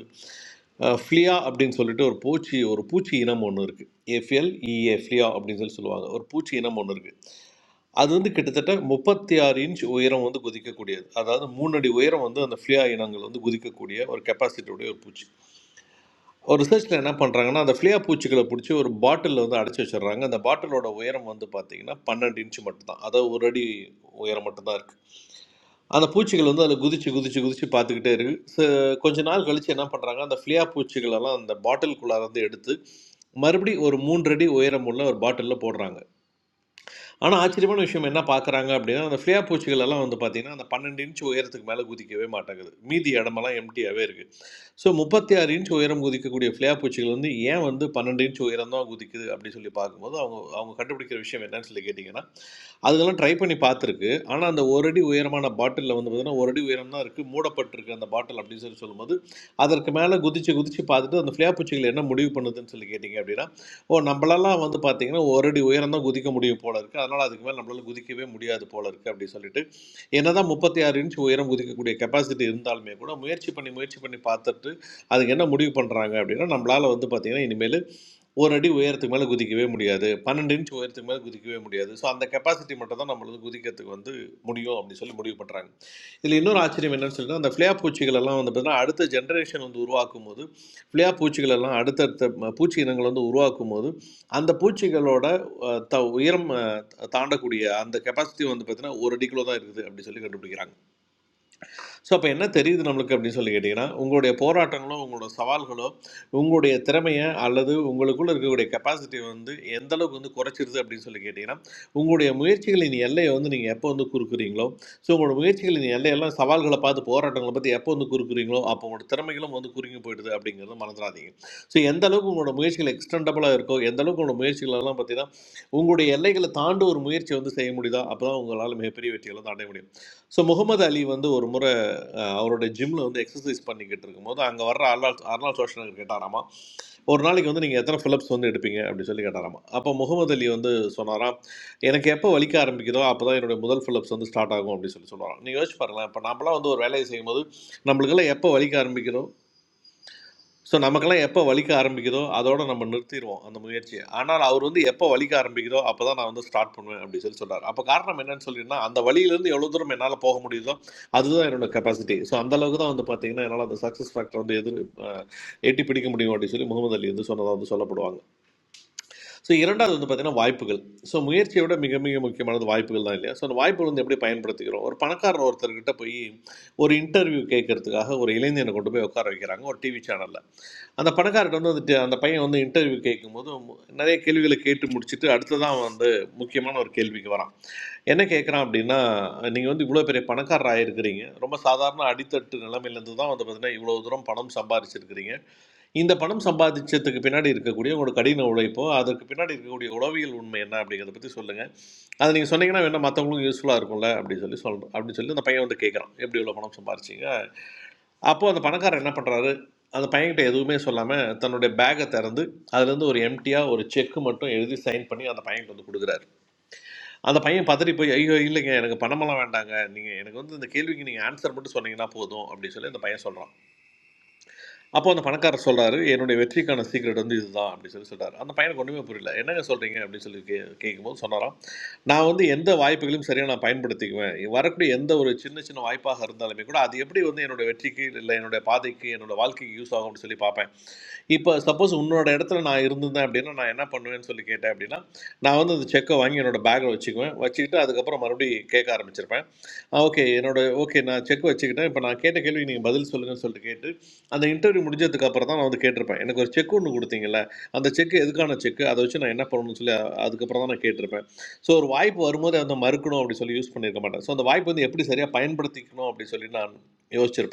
[SPEAKER 9] அஹ், ஃப்ளியா அப்படின்னு சொல்லிட்டு ஒரு பூச்சி ஒரு பூச்சி இனம் ஒன்று இருக்குது எஃப்எல்இஏ ஃப்ளியா அப்படின்னு சொல்லி சொல்லுவாங்க ஒரு பூச்சி இனம் ஒன்று இருக்குது அது வந்து கிட்டத்தட்ட முப்பத்தி ஆறு இன்ச் உயரம் வந்து குதிக்கக்கூடியது அதாவது மூணு அடி உயரம் வந்து அந்த ஃப்ளியா இனங்கள் வந்து குதிக்கக்கூடிய ஒரு கெப்பாசிட்டியுடைய ஒரு பூச்சி ஒரு ரிசர்ச்சில் என்ன பண்ணுறாங்கன்னா அந்த ஃப்ளியா பூச்சிகளை பிடிச்சி ஒரு பாட்டிலில் வந்து அடைச்சி வச்சிடுறாங்க அந்த பாட்டிலோட உயரம் வந்து பார்த்தீங்கன்னா பன்னெண்டு இன்ச்சு மட்டும்தான் அதாவது ஒரு அடி உயரம் மட்டும்தான் இருக்குது அந்த பூச்சிகள் வந்து அதில் குதிச்சு குதிச்சு குதிச்சு பார்த்துக்கிட்டே இருக்கு ச- கொஞ்ச நாள் கழிச்சு என்ன பண்ணுறாங்க அந்த ஃப்ளியா பூச்சிகளெல்லாம் அந்த பாட்டிலுக்குள்ளார வந்து எடுத்து மறுபடி ஒரு மூன்றடி உயரமுள்ள ஒரு பாட்டிலில் போடுறாங்க ஆனா ஆச்சரியமான விஷயம் என்ன பார்க்குறாங்க அப்படின்னா, அந்த ஃபியா பூச்சிகள் எல்லாம் வந்து பார்த்தீங்கன்னா, அந்த 12 இன்ச் உயரத்துக்கு மேல குதிக்கவே மாட்டேங்குது. மீதி இடமெல்லாம் எம்ப்டியாவே இருக்கு. ஸோ 36 இன்ச் உயரம் குதிக்கக்கூடிய ஃபியா பூச்சிகள் வந்து ஏன் வந்து 12 இன்ச் உயரம் தான் குதிக்குது அப்படின்னு சொல்லி பார்க்கும்போது, அவங்க அவங்க கண்டுபிடிக்கிற விஷயம் என்னன்னு சொல்லி கேட்டீங்கன்னா, அதுங்கலாம் ட்ரை பண்ணி பார்த்துருக்கு. ஆனா, அந்த 1 அடி உயரமான பாட்டில்ல வந்து பார்த்தீங்கன்னா, 1 அடி உயரம் தான் இருக்கு. மூடப்பட்டிருக்கு அந்த பாட்டில் அப்படின்னு சொல்லி சொல்லும்போது, அதற்கு மேல குதிச்சு, குதிச்சு பார்த்துட்டு அந்த ஃபியா பூச்சிகள் என்ன முடிவு பண்ணுதுன்னு சொல்லி கேட்டீங்க அப்படின்னா, ஓ நம்மளெல்லாம் வந்து பார்த்தீங்கன்னா ஒரு அடி உயரம் தான் குதிக்க முடியும் போல இருக்குது அதனால் அதுக்கு மேலே நம்மளால குதிக்கவே முடியாது போல இருக்குது அப்படின்னு சொல்லிட்டு என்னதான் முப்பத்தி ஆறு இன்ச் உயரம் குதிக்கக்கூடிய கெப்பாசிட்டி இருந்தாலுமே கூட முயற்சி பண்ணி முயற்சி பண்ணி பார்த்துட்டு அதுக்கு என்ன முடிவு பண்ணுறாங்க அப்படின்னா நம்மளால் வந்து பார்த்திங்கன்னா இனிமேல் ஒரு அடி உயரத்துக்கு மேலே குதிக்கவே முடியாது பன்னெண்டு இன்ச் உயரத்துக்கு மேலே குதிக்கவே முடியாது ஸோ அந்த கெப்பாசிட்டி மட்டும் தான் நம்மளுக்கு குதிக்கிறதுக்கு வந்து முடியும் அப்படின்னு சொல்லி முடிவு பண்ணுறாங்க இதில் இன்னொரு ஆச்சரியம் என்னன்னு சொல்லிட்டு அந்த ஃப்ளே பூச்சிகள் எல்லாம் வந்து பார்த்தீங்கன்னா அடுத்த ஜென்ரேஷன் வந்து உருவாக்கும் போது ஃப்ளியா பூச்சிகள் எல்லாம் அடுத்தடுத்த ம- பூச்சி இனங்கள் வந்து உருவாக்கும் போது அந்த பூச்சிகளோட அஹ், த உயரம் அஹ், தாண்டக்கூடிய அந்த கெப்பாசிட்டி வந்து பார்த்தீங்கன்னா ஒரு அடிக்குள்ள தான் இருக்குது அப்படி சொல்லி கண்டுபிடிக்கிறாங்க ஸோ அப்போ என்ன தெரியுது நம்மளுக்கு அப்படின்னு சொல்லி கேட்டிங்கன்னா உங்களுடைய போராட்டங்களோ உங்களோட சவால்களோ உங்களுடைய திறமையை அல்லது உங்களுக்குள்ள இருக்கக்கூடிய கெப்பாசிட்டியை வந்து எந்த அளவுக்கு வந்து குறைச்சிருது அப்படின்னு சொல்லி கேட்டிங்கன்னா உங்களுடைய முயற்சிகளின் எல்லையை வந்து நீங்கள் எப்போ வந்து குறுக்குறீங்களோ ஸோ உங்களோட முயற்சிகளின் எல்லையெல்லாம் சவால்களை பார்த்து போராட்டங்களை பற்றி எப்போ வந்து குறுக்குறீங்களோ அப்போ உங்களோட திறமைகளும் வந்து குறுங்கி போயிடுது அப்படிங்கிறத மறந்துடாதீங்க ஸோ எந்த அளவுக்கு உங்களோட முயற்சிகள் எக்ஸ்டெண்டபிளாக இருக்கோ எந்த அளவுக்கு உங்களோட முயற்சிகளெல்லாம் பார்த்தீங்கன்னா உங்களுடைய எல்லைகளை தாண்டி ஒரு முயற்சி வந்து செய்ய முடியுதா அப்போ தான் உங்களால் மிகப்பெரிய வெற்றிகளை தாண்ட முடியும் ஸோ முகமது அலி வந்து ஒரு முறை அஹ் அவரோட ஜிம்ல வந்து எக்ஸசைஸ் பண்ணிக்கிட்டு இருக்கும்போது அங்கே வர்ற அர்னால் அர்னால் சோஷனகர் கேட்டாராமா ஒரு நாளைக்கு வந்து நீங்கள் எத்தனை ஃபிலிப்ஸ் வந்து எடுப்பீங்க அப்படி சொல்லி கேட்டாராமா அப்போ முகமது அலி வந்து சொன்னாராம் எனக்கு எப்போ வலிக்க ஆரம்பிக்குதோ அப்போ தான் என்னுடைய முதல் ஃபிலிப்ஸ் வந்து ஸ்டார்ட் ஆகும் அப்படின்னு சொல்லி சொல்லுவாராம் நீங்கள் யோசிச்சு பாருங்களேன் இப்போ நம்மளாம் வந்து ஒரு வேலையை செய்யும்போது நம்மளுக்கெல்லாம் எப்போ வலிக்க ஆரம்பிக்குதோ ஸோ நமக்கெல்லாம் எப்போ வலிக்க ஆரம்பிக்குதோ அதோட நம்ம நிறுத்திடுவோம் அந்த முயற்சியை ஆனால் அவர் வந்து எப்போ வலிக்க ஆரம்பிக்குதோ அப்போ தான் நான் வந்து ஸ்டார்ட் பண்ணுவேன் அப்படின்னு சொல்லி சொல்றாரு அப்போ காரணம் என்னன்னு சொல்லினா அந்த வழியிலேருந்து எவ்வளோ தூரம் என்னால் போக முடியுதோ அதுதான் என்னோட கெப்பாசிட்டி ஸோ அந்த அளவுக்கு தான் வந்து பார்த்தீங்கன்னா என்னால் அந்த சக்ஸஸ் ஃபேக்டர் வந்து எது அஹ், எட்டி பிடிக்க முடியும் அப்படின்னு சொல்லி முகமது அலி வந்து சொன்னதாக வந்து சொல்லப்படுவாங்க ஸோ இரண்டாவது வந்து பார்த்தீங்கன்னா வாய்ப்புகள் ஸோ முயற்சியை விட மிக மிக முக்கியமானது வாய்ப்புகள் தான் இல்லையா ஸோ அந்த வாய்ப்புகள் வந்து எப்படி பயன்படுத்திக்கிறோம் ஒரு பணக்காரர் ஒருத்தர்கிட்ட போய் ஒரு இன்டர்வியூ கேட்கறதுக்காக ஒரு இளைஞனை கொண்டு போய் உட்கார வைக்கிறாங்க ஒரு டிவி சேனலில் அந்த பணக்காரர்கிட்ட வந்து வந்துட்டு அந்த பையன் வந்து இன்டர்வியூ கேட்கும்போது மு- நிறைய கேள்விகளை கேட்டு முடிச்சுட்டு அடுத்ததான் வந்து முக்கியமான ஒரு கேள்விக்கு வரான் என்ன கேட்குறான் அப்படின்னா நீங்கள் வந்து இவ்வளோ பெரிய பணக்காரர் ஆயிருக்கிறீங்க ரொம்ப சாதாரண அடித்தட்டு நிலைமையிலேருந்து தான் வந்து பார்த்தீங்கன்னா இவ்வளோ தூரம் பணம் சம்பாதிச்சிருக்கிறீங்க இந்த பணம் சம்பாதிச்சதுக்கு பின்னாடி இருக்கக்கூடிய உங்களோட கடின உழைப்போ அதற்கு பின்னாடி இருக்கக்கூடிய உளவியல் உண்மை என்ன அப்படிங்கிறத பற்றி சொல்லுங்கள் அதை நீங்கள் சொன்னீங்கன்னா வேணால் மற்றவங்களுக்கும் யூஸ்ஃபுல்லாக இருக்கும்ல அப்படின்னு சொல்லி சொல்கிறேன் அப்படின்னு சொல்லி அந்த பையன் வந்து கேட்குறான் எப்படி இவ்வளோ பணம் சம்பாரிச்சீங்க அப்போ அந்த பணக்காரர் என்ன பண்ணுறாரு அந்த பையன்கிட்ட எதுவுமே சொல்லாமல் தன்னுடைய பேக்கை திறந்து அதுலேருந்து ஒரு எம்டியாக ஒரு செக் மட்டும் எழுதி சைன் பண்ணி அந்த பையன்கிட்ட வந்து கொடுக்குறாரு அந்த பையன் பதறி போய் ஐயோ இல்லைங்க எனக்கு பணமெல்லாம் வேண்டாங்க நீங்கள் எனக்கு வந்து இந்த கேள்விக்கு நீங்கள் ஆன்சர் மட்டும் சொன்னீங்கன்னா போதும் அப்படின்னு சொல்லி அந்த பையன் சொல்கிறான் அப்போ அந்த பணக்காரர் சொல்றாரு என்னுடைய வெற்றிக்கான சீக்ரெட் வந்து இதுதான் அப்படின்னு சொல்லி சொல்றாரு அந்த பையனுக்கு ஒன்றுமே புரியல என்னங்க சொல்றீங்க அப்படின்னு சொல்லி கே கேட்கும்போது சொன்னாராம் நான் வந்து எந்த வாய்ப்புகளையும் சரியாக நான் பயன்படுத்திக்குவேன் வரக்கூடிய எந்த ஒரு சின்ன சின்ன வாய்ப்பாக இருந்தாலுமே கூட அது எப்படி வந்து என்னோட வெற்றிக்கு இல்லை என்னோட பாதைக்கு என்னோட வாழ்க்கைக்கு யூஸ் ஆகும்னு சொல்லி பார்ப்பேன் இப்போ சப்போஸ் உன்னோட இடத்துல நான் இருந்திருந்தேன் அப்படின்னா நான் என்ன பண்ணுவேன்னு சொல்லி கேட்டேன் அப்படின்னா நான் வந்து அந்த செக்கை வாங்கி என்னோட பேக்கில் வச்சுக்குவேன் வச்சுக்கிட்டு அதுக்கப்புறம் மறுபடியும் கேட்க ஆரம்பிச்சிருப்பேன் ஓகே என்னோட ஓகே நான் செக் வச்சுக்கிட்டேன் இப்போ நான் கேட்ட கேள்வி நீங்கள் பதில் சொல்லுங்கன்னு சொல்லிட்டு கேட்டு அந்த இன்டர்வியூ முடிஞ்சதுக்கு அப்புறம் தான் நான் வந்து கேட்டிருப்பேன் எனக்கு ஒரு செக் ஒன்று கொடுத்தீங்கல்ல அந்த செக் எதுக்கான செக் அதை வச்சு நான் என்ன பண்ணணும்னு சொல்லி அ- அதுக்கப்புறம் தான் நான் கேட்டிருப்பேன் ஸோ ஒரு வாய்ப்பு வரும்போது அதை மறுக்கணும் அப்படி சொல்லி யூஸ் பண்ணியிருக்க மாட்டேன் ஸோ அந்த வாய்ப்பு வந்து எப்படி சரியாக பயன்படுத்திக்கணும் அப்படி சொல்லி நான் யோசிச்சிருப்பேன்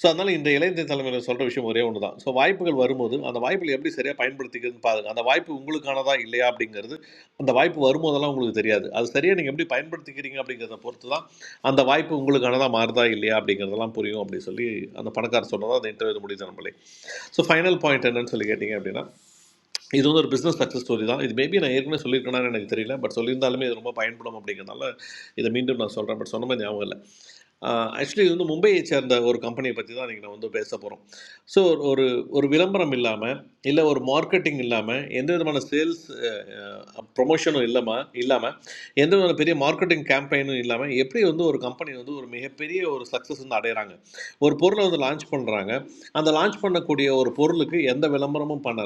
[SPEAKER 9] ஸோ அதனால் இந்த இளைஞ தலைமையில் சொல்கிற விஷயம் ஒரே ஒன்று தான் ஸோ வாய்ப்புகள் வரும்போது அந்த வாய்ப்புகளை எப்படி சரியாக பயன்படுத்திக்கிறதுன்னு பாருங்கள் அந்த வாய்ப்பு உங்களுக்கானதா இல்லையா அப்படிங்கிறது அந்த வாய்ப்பு வரும்போதெல்லாம் உங்களுக்கு தெரியாது அது சரியாக நீங்கள் எப்படி பயன்படுத்திக்கிறீங்க அப்படிங்கிறத பொறுத்து தான் அந்த வாய்ப்பு உங்களுக்கானதா மாறுதா இல்லையா அப்படிங்கிறதெல்லாம் புரியும் அப்படின்னு சொல்லி அந்த பணக்காரர் சொன்னதான் அந்த இன்டர்வியூ முடியுது நம்மளே ஸோ ஃபைனல் பாயிண்ட் என்னன்னு சொல்லி கேட்டிங்க அப்படின்னா இது வந்து ஒரு பிஸ்னஸ் சக்ஸஸ் ஸ்டோரி தான் இது மேபி நான் ஏற்கனவே சொல்லியிருக்கேனான்னு எனக்கு தெரியல பட் சொல்லியிருந்தாலுமே இது ரொம்ப பயன்படும் அப்படிங்கிறதுனால இதை மீண்டும் நான் சொல்கிறேன் பட் சொன்ன மாதிரி ஞாபகம் இல்லை ஆக்சுவலி இது வந்து மும்பையை சேர்ந்த ஒரு கம்பெனியை பற்றி தான் இன்றைக்கி நான் வந்து பேச போகிறோம் ஸோ ஒரு ஒரு விளம்பரம் இல்லாமல் இல்லை ஒரு மார்க்கெட்டிங் இல்லாமல் எந்த விதமான சேல்ஸ் ப்ரொமோஷனும் இல்லாமல் இல்லாமல் எந்த விதமான பெரிய மார்க்கெட்டிங் கேம்பெயினும் இல்லாமல் எப்படி வந்து ஒரு கம்பெனி வந்து ஒரு மிகப்பெரிய ஒரு சக்ஸஸ் வந்து அடைகிறாங்க ஒரு பொருளை வந்து லான்ச் பண்ணுறாங்க அந்த லான்ச் பண்ணக்கூடிய ஒரு பொருளுக்கு எந்த விளம்பரமும் பண்ணல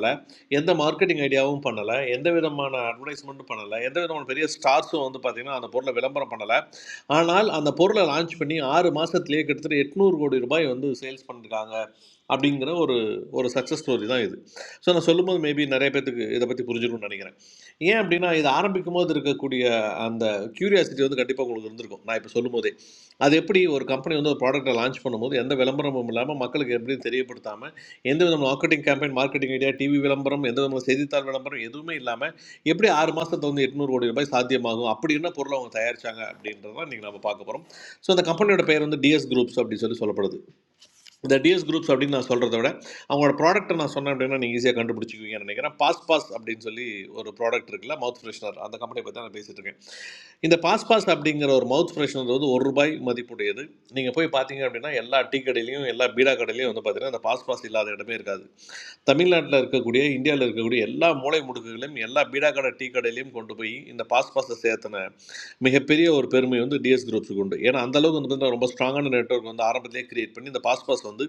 [SPEAKER 9] எந்த மார்க்கெட்டிங் ஐடியாவும் பண்ணலை எந்த விதமான அட்வர்டைஸ்மெண்ட்டும் பண்ணலை எந்த விதமான பெரிய ஸ்டார்ஸும் வந்து பார்த்திங்கன்னா அந்த பொருளை விளம்பரம் பண்ணலை ஆனால் அந்த பொருளை லான்ச் பண்ணி ஆறு மாதத்துலேயே கிட்டத்தட்ட எட்நூறு கோடி ரூபாய் வந்து சேல்ஸ் பண்ணியிருக்காங்க அப்படிங்கிற ஒரு ஒரு சக்ஸஸ் ஸ்டோரி தான் இது ஸோ நான் சொல்லும்போது மேபி நிறைய பேர்த்துக்கு இதை பற்றி புரிஞ்சுக்கணும்னு நினைக்கிறேன் ஏன் அப்படின்னா இது ஆரம்பிக்கும் போது இருக்கக்கூடிய அந்த கியூரியாசிட்டி வந்து கண்டிப்பாக உங்களுக்கு இருந்திருக்கும் நான் இப்போ சொல்லும் போதே அது எப்படி ஒரு கம்பெனி வந்து ஒரு ப்ராடக்ட்டை லான்ச் பண்ணும்போது எந்த விளம்பரமும் இல்லாமல் மக்களுக்கு எப்படி தெரியப்படுத்தாமல் எந்த விதமான marketing campaign marketing idea TV விளம்பரம் எந்த விதமான செய்தித்தாள் விளம்பரம் எதுவுமே இல்லாமல் எப்படி ஆறு மாதத்துல வந்து எட்நூறு கோடி ரூபாய் சாத்தியமாகும் அப்படி என்ன பொருளை அவங்க தயாரிச்சாங்க அப்படின்றதான் நீங்கள் நம்ம பார்க்க போகிறோம் ஸோ அந்த கம்பெனியோட பெயர் வந்து டிஎஸ் குரூப்ஸ் அப்படின்னு சொல்லி சொல்லப்படுது இந்த டிஎஸ் குரூப்ஸ் அப்படின்னு நான் சொல்கிறத விட அவங்களோட ப்ராடக்ட்டை நான் சொன்னேன் அப்படின்னா நீங்கள் ஈஸியாக கண்டுபிடிச்சிக்குவீங்கன்னு நினைக்கிறேன் பாஸ் பாஸ் அப்படின்னு சொல்லி ஒரு ப்ராடக்ட் இருக்குல்ல மவுத் ஃப்ரெஷ்னர் அந்த கம்பெனி பற்றி நான் பேசிகிட்டு இருக்கேன் இந்த பாஸ் பாஸ் அப்படிங்கிற ஒரு மவுத் ஃப்ரெஷ்னர் வந்து ஒரு ரூபாய் மதிப்புடையது நீங்கள் போய் பார்த்தீங்க அப்படின்னா எல்லா டீ கடையிலையும் எல்லா பீடா கடையிலையும் வந்து பார்த்தீங்கன்னா இந்த பாஸ் பாஸ் இல்லாத இடமே இருக்காது தமிழ்நாட்டில் இருக்கக்கூடிய இந்தியாவில் இருக்கக்கூடிய எல்லா மூலை முடுக்குகளையும் எல்லா பீடா கடை டீ கடையிலையும் கொண்டு போய் இந்த பாஸ் பாஸை சேர்த்தின மிகப்பெரிய ஒரு பெருமை வந்து டிஎஸ் குரூப்ஸுக்கு உண்டு ஏன்னா அந்த அளவுக்கு வந்து பார்த்தீங்கன்னா ரொம்ப ஸ்ட்ராங்கான நெட்வொர்க் வந்து ஆரம்பத்திலேயே கிரியேட் பண்ணி இந்த பாஸ் பாஸ் வந்து